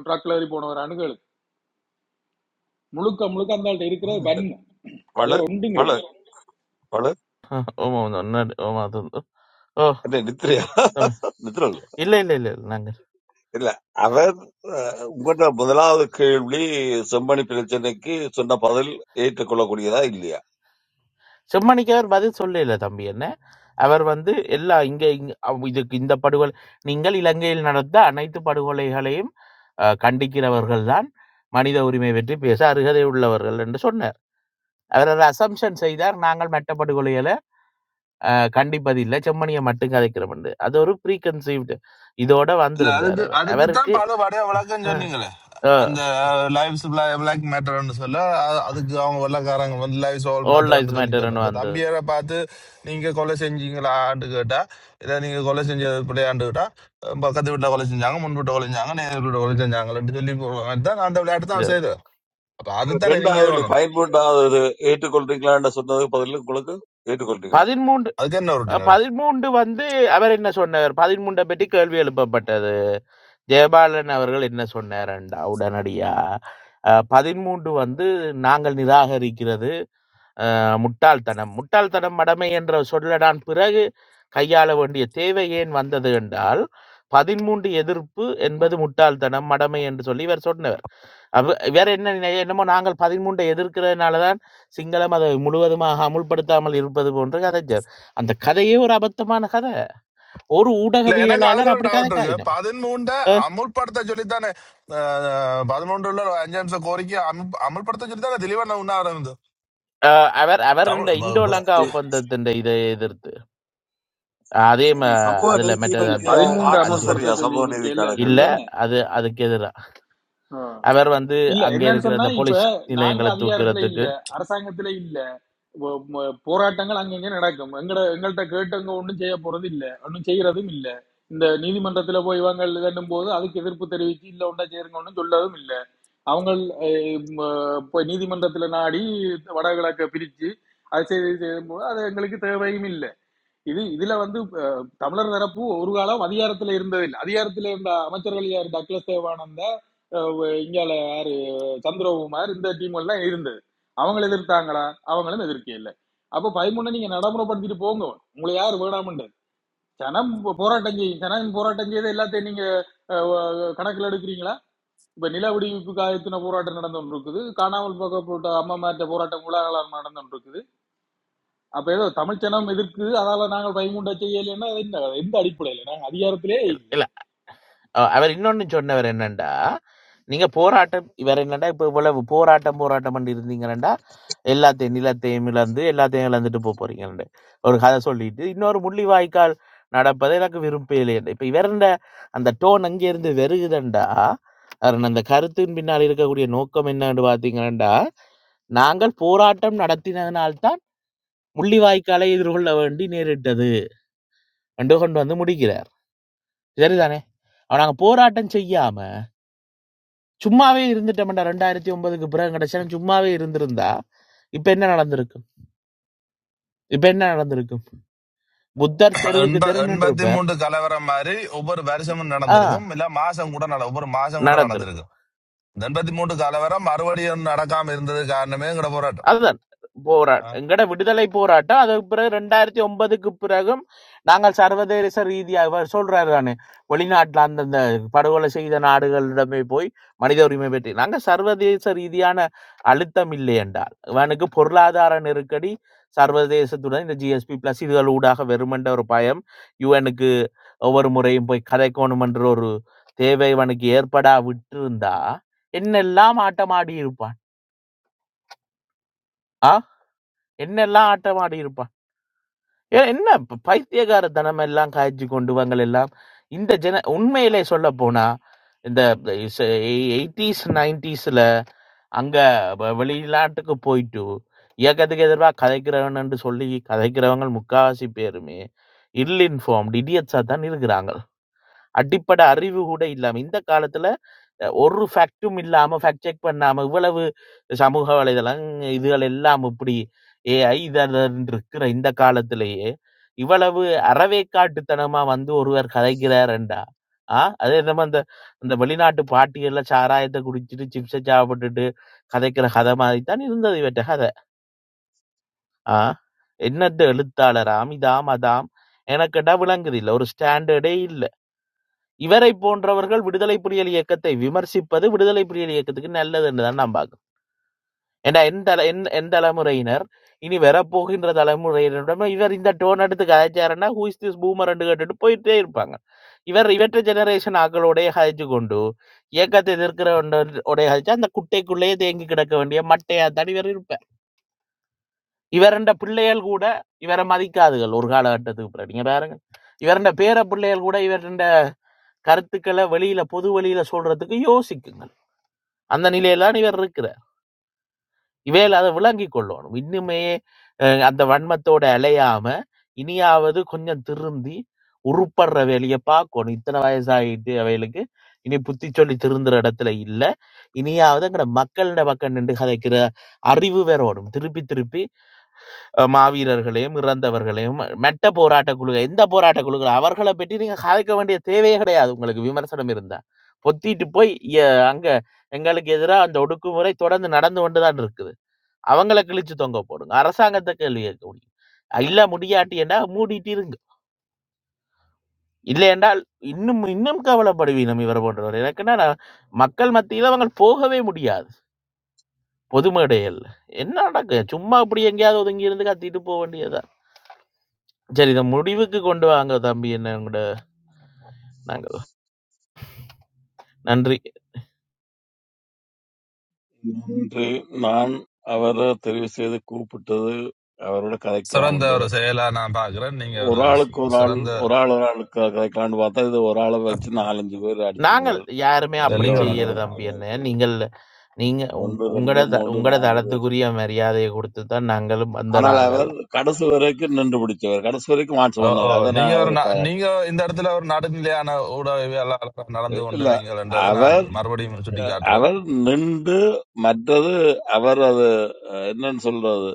ட்ரக்ல ஏறி போனவரான்னு கேளு முழுக்க முழுக்க அந்த ஆள்கிட்ட இருக்கிற வன்மை
பழு
வேற ஒன்றும்
பழு
கிடையாது
பழு
ஆமா. நன்னாடு. ஆமா. அது வந்து ஓ!
என்ன நித்ரையா
தம்பி.
நித்ர
இல்ல, இல்ல, இல்ல. நாங்க
இல்ல அவர் அஹ், உங்களோட முதலாவது கேள்வி செம்மணி பிரச்சனைக்கு சொன்ன பதில் ஏற்றுக்கொள்ளக்கூடியதா இல்லையா
செம்மணிக்கு அவர் பதில் சொல்லல தம்பி என்ன. அவர் வந்து எல்லா இங்க இங்க அவ் இதுக்கு இந்த படுகொலை நீங்கள் இலங்கையில் நடந்த அனைத்து படுகொலைகளையும் அ கண்டிக்கிறவர்கள் தான் மனித உரிமை பற்றி பேச அருகதை உள்ளவர்கள் என்று சொன்னார். அவர் ஒரு அசம்ப்ஷன் செய்தார். நாங்கள் மற்ற படுகொலைகள அ கண்டிப்பதில்லை. செம்மணிய மட்டும் கதைக்கிறோம் என்று. அது ஒரு ப்ரீ கன்சீவ்ட் இதோட
இல்ல
வந்திருந்தார்
அதுக்கு
அவர். அவருக்கு
அதுக்குத்தான் பல படைய விளக்கம் சொன்னீங்களே
அ
அந்த லைவ்ஸ் பிளாக் மேட்டர்னு சொல்ல அ- அதுக்கு அவங்க வெள்ளக்காரங்க வந்து லைவ்ஸ் ஆல்
ஆல்
மேட்டர்னு
லைஃப்ஸ்
சொல்லி சொல்ல
மேட்டர்ன்னு
இப்போ
வந்தது.
தம்பியரை பார்த்து நீங்கள் கொலை செஞ்சீங்களான்னு கேட்டா இதை நீங்கள் கொலை செஞ்சது பிள்ளையாண்டு கேட்டா அஹ் பக்கத்து வீட்டில் கொலை செஞ்சாங்க முன் வீட்டை கொலை செஞ்சாங்க நேர் வீட்டை கொலை செஞ்சாங்கன்னு சொல்லி போடுவாங்க தான் அந்த விளையாட்டு தான் செய்யுது அப்போ அதுதானே நீங்கள் இது
ரெண்டாவது
பண்ணணும்
பயன்படாதது ஏற்றுக்கொள்றீங்களான்னு சொன்னது பதில் உங்களுக்கு ஏற்றுக்கொள்றீங்களா
பதிமூன்று
அதுக்கு என்ன
அஹ்
ரொட்டினர்
பதிமூன்று வந்து அவர் என்ன சொன்னார் பதிமூன்றை பற்றி கேள்வி எழுப்பப்பட்டது ஜெயபாலன் அவர்கள் என்ன சொன்னார்டா உடனடியா அஹ் பதிமூன்று வந்து நாங்கள் நிராகரிக்கிறது அஹ் முட்டாள்தனம் முட்டாள்தனம் மடமை என்ற சொல்லடான் பிறகு கையாள வேண்டிய தேவை ஏன் வந்தது என்றால் பதிமூன்று எதிர்ப்பு என்பது முட்டாள்தனம் மடமை என்று சொல்லி இவர் சொன்னார் அப்ப வேற என்ன நினை- என்னமோ நாங்கள் பதிமூன்றை எதிர்க்கிறதுனால தான் சிங்களம் அதை முழுவதுமாக அமுல்படுத்தாமல் இருப்பது போன்ற கதைஞர் அந்த கதையே ஒரு அபத்தமான கதை ஒரு
இல்ல எனக்கு அதுல
ஊடகவியலாளர்
ஒரு
அப்படி கதை
டவுட் இருக்கு
காயினம்
பதிமூண்ட அமுல்படுத்த சொல்லித்தானே பதிமூன்றுல அஞ்சு நிமிஷம் கோரிக்கை அமுல்- அமுல்படுத்த சொல்லித்தானே தெளிவா நான் உண்ணாவிரம்
அவர் அவர் இந்த
தமிழ்
இந்தோ லங்கா
சரி
ஒப்பந்தத்தின் இதை எதிர்த்து அதே ம-
சரி, சமூக
அதுல
நீதி
மற்றது
இல்ல
அந்த
பற்றிய
அஹ்,
பதிமூன்று
ஆன்சர்
அஞ்சு
அமல்படுத்த
சரியா
சொல்லி
சமூக
இருக்கேல்ல
நீதிக்கான
இல்ல
திரிவன்
கேள்விக்கு
அது அதுக்கு எதிராக அவர் வந்து
இல்ல
அங்க
என்னன்னு
இருக்கிற
சொன்னா
அந்த
இப்ப
போலீஸ்
நாங்க
நிலையங்களை
அதிகாரத்துல
தூக்கிறதுக்கு
இல்ல அரசாங்கத்துல இல்ல வ- ம- போராட்டங்கள் அங்கங்க நடக்கும் எங்கட எங்கள்கிட்ட கேட்டவங்க ஒன்றும் செய்ய போறது இல்ல ஒன்றும் செய்யறதும் இல்ல இந்த நீதிமன்றத்துல போய் இவங்க இதன்னும் போது அதுக்கு எதிர்ப்பு தெரிவிச்சு இல்ல ஒன்றா செய்யுங்க ஒன்றும் சொல்லதும் இல்ல அவங்க இப்போ நீதிமன்றத்துல நாடி வடகிழக்க பிரிச்சு அது செய்து செய்யும்போது அது எங்களுக்கு தேவையும் இல்ல இது இதுல வந்து அஹ், தமிழர் தரப்பு ஒரு காலம் அதிகாரத்துல இருந்ததில்லை அதிகாரத்துல இருந்த அமைச்சர்கள் யாரு டக்ளஸ் தேவானந்த அஹ், வ- இங்கால யாரு சந்திரகுமார் இந்த டீம் எல்லாம் இருந்தது அவங்கள எதிர்த்தாங்களா அவங்களும் எதிர்க்கே இல்லை அப்ப பதிமூணு நீங்க நடைமுறைப்படுத்திட்டு போங்க உங்களை யாரு வேணாமன்றது ஜனம் போராட்டம் செய்யும் ஜனம் போராட்டம் செய்து எல்லாத்தையும் நீங்க அஹ், வ- கணக்குல எடுக்கிறீங்களா இப்ப நில விடுவிப்புக்கு ஆயத்தின போராட்டம் நடந்து இருக்குது காணாமல் போக்கப்பட்ட அம்மா மாற்ற போராட்டம் உலகளால் நடந்து அப்ப ஏதோ தமிழ் ஜனம் எதிர்க்குது அதால நாங்கள் பயமுண்ட செய்யலைன்னா அது என்ன எந்த அடிப்படையில நாங்க அதிகாரத்திலே இல்லை
இல்ல அஹ் அவர் இன்னொன்னு சொன்னவர் என்னண்டா நீங்க போராட்டம் இவர் என்னண்டா இப்ப இவ்வளவு போராட்டம் போராட்டம் பண்ணி இருந்தீங்கன்னா எல்லாத்தையும் நிலத்தையும் இழந்து எல்லாத்தையும் இழந்துட்டு போக போறீங்கன்னு ஒரு கதை சொல்லிட்டு இன்னொரு முள்ளி வாய்க்கால் நடப்பதை எனக்கு விருப்பம் இல்லையண்டு இப்ப இவர் அந்த டோன் அங்கே இருந்து வெறுகுதண்டா அவர் அந்த கருத்தின் பின்னால் இருக்கக்கூடிய நோக்கம் என்னன்னு பாத்தீங்கன்னா நாங்கள் போராட்டம் நடத்தினதனால்தான் முள்ளிவாய்க்காலை எதிர்கொள்ள வேண்டி நேரிட்டது என்று கொண்டு வந்து முடிக்கிறார் சரிதானே அவன் நாங்க போராட்டம் செய்யாம சும்மாவே இருந்துட்டோம்டா ரெண்டாயிரத்தி ஒன்பதுக்கு பிறகு கிடைச்சா சும்மாவே இருந்திருந்தா இப்ப என்ன நடந்திருக்கும் இப்ப என்ன நடந்திருக்கும் புத்தர் தெருவுக்கு
எண்ப
தெரு நின்று
எண்பத்தி
பேர்
மூன்று கலவரம் மாதிரி ஒவ்வொரு வருஷமும்
ஆ
நடந்திருக்கும் இல்ல மாசம் கூட நட ஒவ்வொரு மாசம் கூட
நடந்திருக்கும்
நடந்திருக்கும் இந்த எண்பத்தி மூன்று கலவரம் மறுபடியும் நடக்காம இருந்தது காரணமே எங்கட போராட்டம்
அதுதான் போராட்
ஆ.
எங்கட விடுதலை போராட்டம் அதுக்கு பிறகு ரெண்டாயிரத்தி ஒன்பதுக்கு பிறகும் நாங்கள் சர்வதேச ரீதியாக அவர் சொல்றாரு தானே வெளிநாட்டில் அந்தந்த படுகொலை செய்த நாடுகளிடமே போய் மனித உரிமை பற்றி நாங்கள் சர்வதேச ரீதியான அழுத்தம் இல்லை என்றால் இவனுக்கு பொருளாதார நெருக்கடி சர்வதேசத்துடன் இந்த ஜிஎஸ்பி பிளஸ் இதுகள் ஊடாக வெறுமென்ற ஒரு பயம் யுஎனுக்கு ஒவ்வொரு முறையும் போய் கதைக்கணும் என்ற ஒரு தேவை இவனுக்கு ஏற்படா விட்டிருந்தா என்னெல்லாம் ஆட்டமாடி இருப்பான் ஆ என்னெல்லாம் ஆட்டம் ஆடி இருப்பான் ஏ, என்ன ப- பைத்தியக்காரத்தனம் எல்லாம் காய்ச்சி கொண்டு வாங்கள் எல்லாம் இந்த ஜென உண்மையிலே சொல்ல போனா இந்த எயிட்டிஸ் நைன்டிஸ்ல அங்க வ- வெளிநாட்டுக்கு போயிட்டு இயக்கத்துக்கு எதிர்வா கதைக்கிறவன் என்று சொல்லி கதைக்கிறவங்க முக்காவாசி பேருமே இல் இன்ஃபார்ம்டு இடியட்ஸா தான் இருக்கிறாங்க அடிப்படை அறிவு கூட இல்லாம இந்த காலத்துல அஹ், ஒரு ஃபேக்ட்டும் இல்லாம ஃபேக்ட் செக் பண்ணாம இவ்வளவு சமூக வலைதளம் இதுகள் எல்லாம் இப்படி ஏஐ இதன் இருக்கிற இந்த காலத்திலேயே இவ்வளவு அறவேக்காட்டுத்தனமா வந்து ஒருவர் கதைக்கிறார் என்றா ஆ அதே நம்ம அந்த அந்த வெளிநாட்டு பாட்டிகள்ல சாராயத்தை குடிச்சிட்டு சிப்ஸை சாப்பிட்டுட்டு கதைக்கிற கதை மாதிரி தான் இருந்தது இவற்ற கதை ஆ என்னத்த எழுத்தாளராம் இதாம் அதாம் எனக்கிட்ட விளங்குது இல்லை ஒரு ஸ்டாண்டர்டே இல்லை இவரைப் போன்றவர்கள் விடுதலை புலிகள் இயக்கத்தை விமர்சிப்பது விடுதலை புலிகள் இயக்கத்துக்கு நல்லது என்றுதான் நான் பார்க்கணும் ஏண்டா என் தல என் என் தலைமுறையினர் இனி வரப்போகின்ற தலைமுறையினரிடம் இவர் இந்த டோன் எடுத்து கதைச்சாருன்னா ஹூ இஸ் திஸ் பூமர் என்று கேட்டுட்டு போயிட்டே இருப்பாங்க இவர் இவற்றை ஜெனரேஷன் ஆக்களோடைய கதைச்சு கொண்டு இயக்கத்தை எதிர்க்கிற ஒன்ற- உடைய கதைச்சு அந்த குட்டைக்குள்ளேயே தேங்கி கிடக்க வேண்டிய மட்டையா தான் இவர் இருப்பார் இவரண்ட பிள்ளைகள் கூட இவரை மதிக்காதுகள் ஒரு காலகட்டத்துக்கு பிறகு நீங்க பாருங்க இவரண்ட பேர பிள்ளைகள் கூட இவரண்ட கருத்துக்களை வெளியில பொது வெளியில சொல்றதுக்கு யோசிக்குங்கள் அந்த நிலையில இவர் இருக்கிறார் இவையில் அதை விளங்கி கொள்ளணும் இன்னுமே அஹ், அந்த வன்மத்தோட அலையாம இனியாவது கொஞ்சம் திருந்தி உருப்படுற வேலையை பார்க்கணும் இத்தனை வயசாகிட்டு அவைகளுக்கு இனி புத்தி சொல்லி திருந்துற இடத்துல இல்லை இனியாவது எங்கட மக்களிட பக்கம் நின்று கதைக்கிற அறிவு வேற வரும் திருப்பி திருப்பி அ மாவீரர்களையும், இறந்தவர்களையும், மெட்ட போராட்ட குழு எந்த போராட்ட குழுக்கள் அவர்கள பற்றி நீங்க கதைக்க வேண்டிய தேவையே கிடையாது உங்களுக்கு விமர்சனம் இருந்தா. பொத்திட்டு போய் எ அங்க எங்களுக்கு எதிரா அந்த ஒடுக்குமுறை தொடர்ந்து நடந்து கொண்டு தான் இருக்குது. அவங்கள கிழிச்சு தொங்க போடுங்க. அரசாங்கத்த கேள்வி கேட்க முடியும். இல்ல முடியாட்டி என்றா மூடிட்டு இருங்க. இல்ல என்றால் இன்னும் இன்னும் கவலைப்படுவீனம் இவர போன்றவர். எனக்கு என்னன்னா மக்கள் மத்தியில அவங்க போகவே முடியாது. பொது மேடைகள்ல. என்ன நடக்கு? சும்மா இப்படி எங்கேயாவது ஒதுங்கி இருந்து கத்திட்டு போ வேண்டியது தான். சரி. இத முடிவுக்கு கொண்டு வாங்க தம்பி என்ன கூட நாங்கள். நன்றி.
நன்றி நான் அவரை தெரிவு செய்து கூப்பிட்டது அவரோட
சிறந்த
கதைக்கலாம்
ஒரு செயலா நான் பாக்குறேன் நீங்க ஒரு
ஒரு ஆளுக்கு
சி-
ஒரு ஆள்
சிறந்த
ஒரு ஆள் ஒரு ஆளுக்கு கதைக்கலாம்னு பார்த்தா இது ஒரு ஆளை வச்சு நாலஞ்சு பேர் அடிச்சிங்க
நாங்கள் யாருமே அப்படி
நீங்க
மிகவும்
ஒரு
செய்யல தம்பி
மனவெழுப்புறாரு
என்ன. நீங்கள் நீங்க உங்
ஒன்பது ரெண்டு
உங்களோட த
மூன்று
உங்களோட
நாலு பேர்
தளத்துக்குரிய மரியாதைய குடுத்து தான் நாங்களும் வந்த
ஆனால்
நாங்கள்.
அவர் கடைசி வரைக்கும் நின்று பிடிச்சவர் கடைசி வரைக்கும் மாற்றம்
ஓ, ஓ,
பண்ணவர் அதை
நீங்க
நான்
ஒரு
அவரை
நா-
பாராட்டு
நீங்க இந்த இடத்துல ஒரு நடுநிலையான ஊடகவியலாளராக நடந்து கொண்டு
இல்ல
நீங்கள் என்றதை நான்
அவர்
மறுபடியும் சுட்டி
அஹ்,
காட்டுறேன்.
அவர் நின்று மற்றது அவர் அது அஹ், என்னன்னு சொல்றது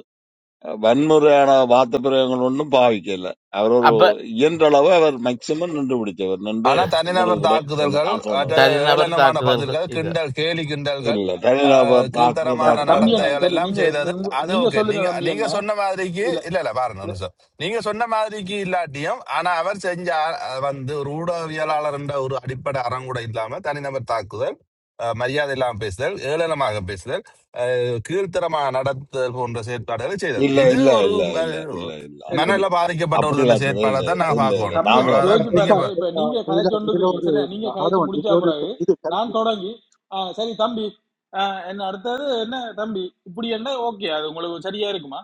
வன்முறையான வார்த்தை பிரயோகங்கள் ஒன்றும் பாவிக்கல அவர் ஒரு
அப்ப
இயன்றளவு அவர் மேக்சிமம் நின்று பிடிச்சவர் நின்று
ஆனா
உங்களுக்கு
தனிநபர்
விட சொன்ன
தாக்குதல்கள்
ஆன்சர் சொன்னவர்
மற்றது
தனிநபர்
ஏளனமான
தாக்குதல்கள்
பதில்கள்
செய்தார்.
கிண்டல் கேலி கிண்டல்கள்
இல்ல
ஆஹ்
தனிநபர் தாக்கு
த-
கீழ்த்தரமான
தம்பி
தாக்குறவரா
என்ன
நடத்தைகள்
சரி
எல்லாம்
நீங்க
செய்தது
நீங்க-
அது
நீங்க
ஓகே
சொல்லுங்க
நீங்க
தம்பி
நீங்க
என்ன
சொன்ன மாதிரிக்கு
இல்ல
இல்ல இல்ல பாருங்க ஒரு
இல்ல
நிமிஷம் நீங்க சொன்ன மாதிரிக்கு இல்லாட்டியும் ஆனா அவர் செஞ்ச ஆஹ், வந்து ஒரு ஊடகவியலாளர் என்ற ஒரு அடிப்படை அறங்கூட இல்லாம தனிநபர் தாக்குதல் ஆஹ், மரியாதை இல்லாமல் பேசுதல் ஏளனமாக பேசுதல் ஆஹ், கீழ்த்தரமாக நடத்துதல் போன்ற செயற்பாடுகளை செய்தது
இல்ல
இது
இல்ல
ஒரு
இல்ல இல்ல இல்ல
ம-
இல்ல
இல்ல
அப்படி
மனநிலை பாதிக்கப்பட்ட
அப்படி
ஒரு இந்த
இல்ல
செயற்பாடை
இல்ல
தான்
த-
நான்
இல்ல இல்ல
பார்க்கணும்
தம்பி
நான்
என்ன
விட
அவ்வளவுதான்
மாட்டேன்
யோசிச்சு
எஸ்
நீங்க
பாருங்க
சார்
இப்ப
அஹ்,
நீங்க
இதுல
கதைச்சு
இதுல
வந்துருக்கிறீங்க
ஒரு
சரியா நீங்க கதைச்சு
ஆதவன்
முடிச்சா
இதுல ஒரு
பிறகு
இது கருத்து
நான் தொடங்கி ஆ, சரி தம்பி ஆ, என்ன அடுத்தது என்ன தம்பி இப்படி என்ன ஓகே அது உங்களுக்கு சரியா இருக்குமா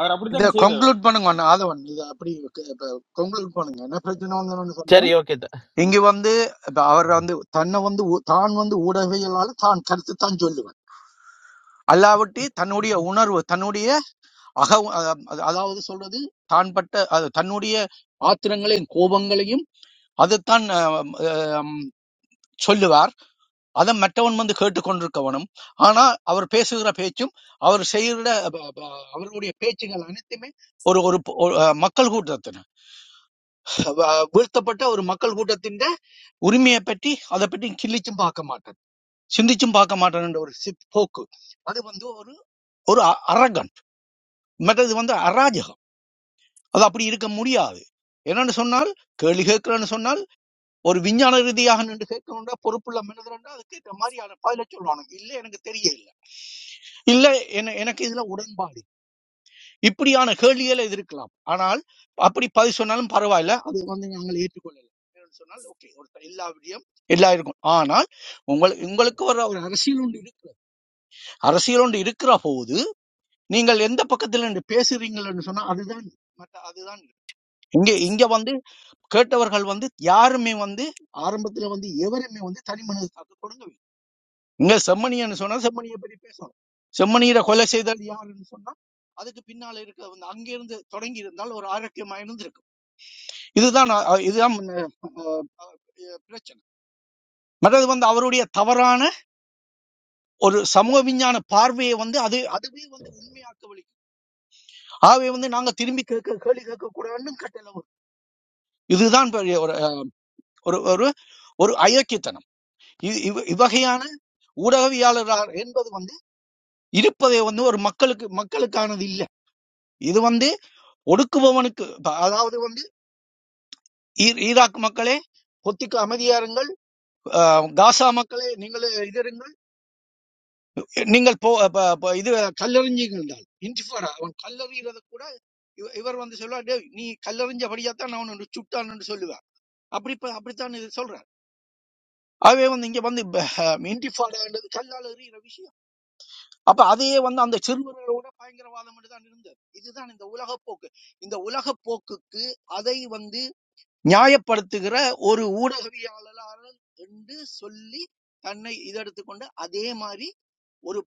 அவர்
இத
அப்படித்தான் செய்தவர்
கன்க்ளூட் பண்ணுங்க அண்ணா, ஆதவன் இது அப்படி கன்க்ளூட் பண்ணுங்க என்ன பிரச்சனை வந்து சொன்னா
சரி ஓகே. த
இங்க வந்து இப்ப அவர் வந்து தன்னை வந்து ஊ- தான் வந்து ஊடகவியலால தான் கருத்து தான் சொல்லுவார் அல்லாவிட்டு தன்னுடைய உணர்வு தன்னுடைய அக அது- அதாவது சொல்றது தான் பட்ட அது தன்னுடைய ஆத்திரங்களையும் கோபங்களையும் அதைத்தான் ஆம், ஆம், சொல்லுவார் அதை மற்றவன் வந்து கேட்டுக்கொண்டிருக்கவனும் ஆனா அவர் பேசுகிற பேச்சும் அவர் செய்கிற ப- ப- அவருடைய பேச்சுகள் அனைத்துமே ஒரு ஒரு பொ- ஒரு, அஹ், மக்கள் கூட்டத்தின் வ- வீழ்த்தப்பட்ட ஒரு மக்கள் கூட்டத்தின் உரிமையை பற்றி அதை பற்றி கிள்ளிச்சும் பார்க்க மாட்டார் சிந்திச்சும் பார்க்க மாட்டார் என்ற ஒரு சிப் போக்கு அது வந்து ஒரு ஒரு அ- அரகன் மற்றது வந்து அராஜகம் அது அப்படி இருக்க முடியாது என்னன்னு சொன்னால் கேள்வி கேட்கிறேன்னு சொன்னால் ஒரு விஞ்ஞான ரீதியாக நின்று கேட்கணும்னா பொறுப்புள்ள மனிதர்ன்றா அது கேட்க மாதிரியான பதில சொல்லுவானுங்க இல்லை எனக்கு தெரிய இல்லை இல்ல என எனக்கு இதுல உடன்பாடு இப்படியான கேள்விகள் இது இருக்கலாம் ஆனால் அப்படி பதில் சொன்னாலும் பரவாயில்ல அது வந்து நாங்கள் ஏற்றுக்கொள்ளலாம் என்னன்னு சொன்னால் ஓகே ஒரு எல்லா விடியும் எல்லாம் இருக்கும் ஆனால் உங்களுக்கு உங்களுக்கு ஒரு ஒரு அரசியல் ஒன்று இருக்கிறது அரசியல் ஒன்று இருக்கிற போது நீங்கள் எந்த பக்கத்துல நின்று பேசுறீங்கன்னு சொன்னா அதுதான் மற்ற அதுதான் இங்க இங்க வந்து கேட்டவர்கள் வந்து யாருமே வந்து ஆரம்பத்துல வந்து எவருமே வந்து தனி மனிதத்தாக கொடுங்கவில்லை இங்க செம்மணியன்னு சொன்னா செம்மணியை பற்றி பேசணும் செம்மணியரை கொலை செய்தது யாருன்னு சொன்னா அதுக்கு பின்னால இருக்க வந்து அங்கிருந்து தொடங்கி இருந்தால் ஒரு ஆரோக்கியமா இருந்திருக்கும் இதுதான் அ, அ- இதுதான் முன்ன- அஹ், அஹ், பிரச்சனை மற்றது வந்து அவருடைய தவறான ஒரு சமூக விஞ்ஞான பார்வையை வந்து அது அதுவே வந்து உண்மையாக்க வலிக்கும் ஆகவே வந்து நாங்க திரும்பி கேட்க கேள்வி கேட்க கூடாதுன்னு கட்டளை வரும். இதுதான் பெரிய ஒரு ஒரு ஒரு ஒரு அயோக்கியத்தனம் இ- இவ்- இவ்வகையான ஊடகவியாளராக என்பது வந்து இருப்பதை வந்து ஒரு மக்களுக்கு மக்களுக்கானது இல்ல இது வந்து ஒடுக்குபவனுக்கு ப- அதாவது வந்து ஈ- ஈராக் மக்களே பொத்திக்கு அமைதியாருங்கள் அஹ், காசா மக்களே நீங்கள் இது இருங்கள் நீங்கள் போ ப- ப- இது கல்லெறிஞ்சுங்கள் என்றால் இன்டிஃபாடா அவன் கல்லெறிகிறத கூட இவ- இவர் வந்து சொல்லுவார் "டேய், நீ கல்லெறிஞ்சபடியாத்தான் நான் உன்னை சுட்டான்னு சொல்லுவேன் அப்படி இப்ப- அப்படித்தான் இது சொல்றார் ஆகவே வந்து இங்க வந்து இன்டிஃபாடான்றது கல்லால் எறிகிற விஷயம் அப்ப அதையே வந்து அந்த சிறுவர்களோட பயங்கரவாதம் தான் இருந்தது இதுதான் இந்த உலகப் போக்கு இந்த உலகப் போக்குக்கு அதை வந்து நியாயப்படுத்துகிற ஒரு ஊடகவியலாளர் என்று சொல்லி தன்னை இதெடுத்துக்கொண்டு அதே மாதிரி ஒரு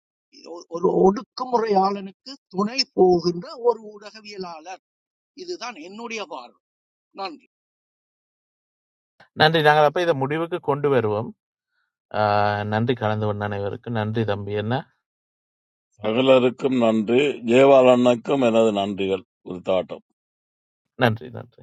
ஒரு ஒடுக்குமுறையாளனுக்கு துணை போகின்ற ஒரு ஊடகவியலாளர் இதுதான் என்னுடைய பார்வை நன்றி
நன்றி. நாங்கள் அப்ப இத முடிவுக்கு கொண்டு வருவோம். ஆ நன்றி கலந்து கொண்ட அனைவருக்கும். நன்றி தம்பி என்ன.
சகலருக்கும் நன்றி. ஜெயபாலனுக்கும் எனது நன்றிகள். உரித்தாட்டம்.
நன்றி, நன்றி.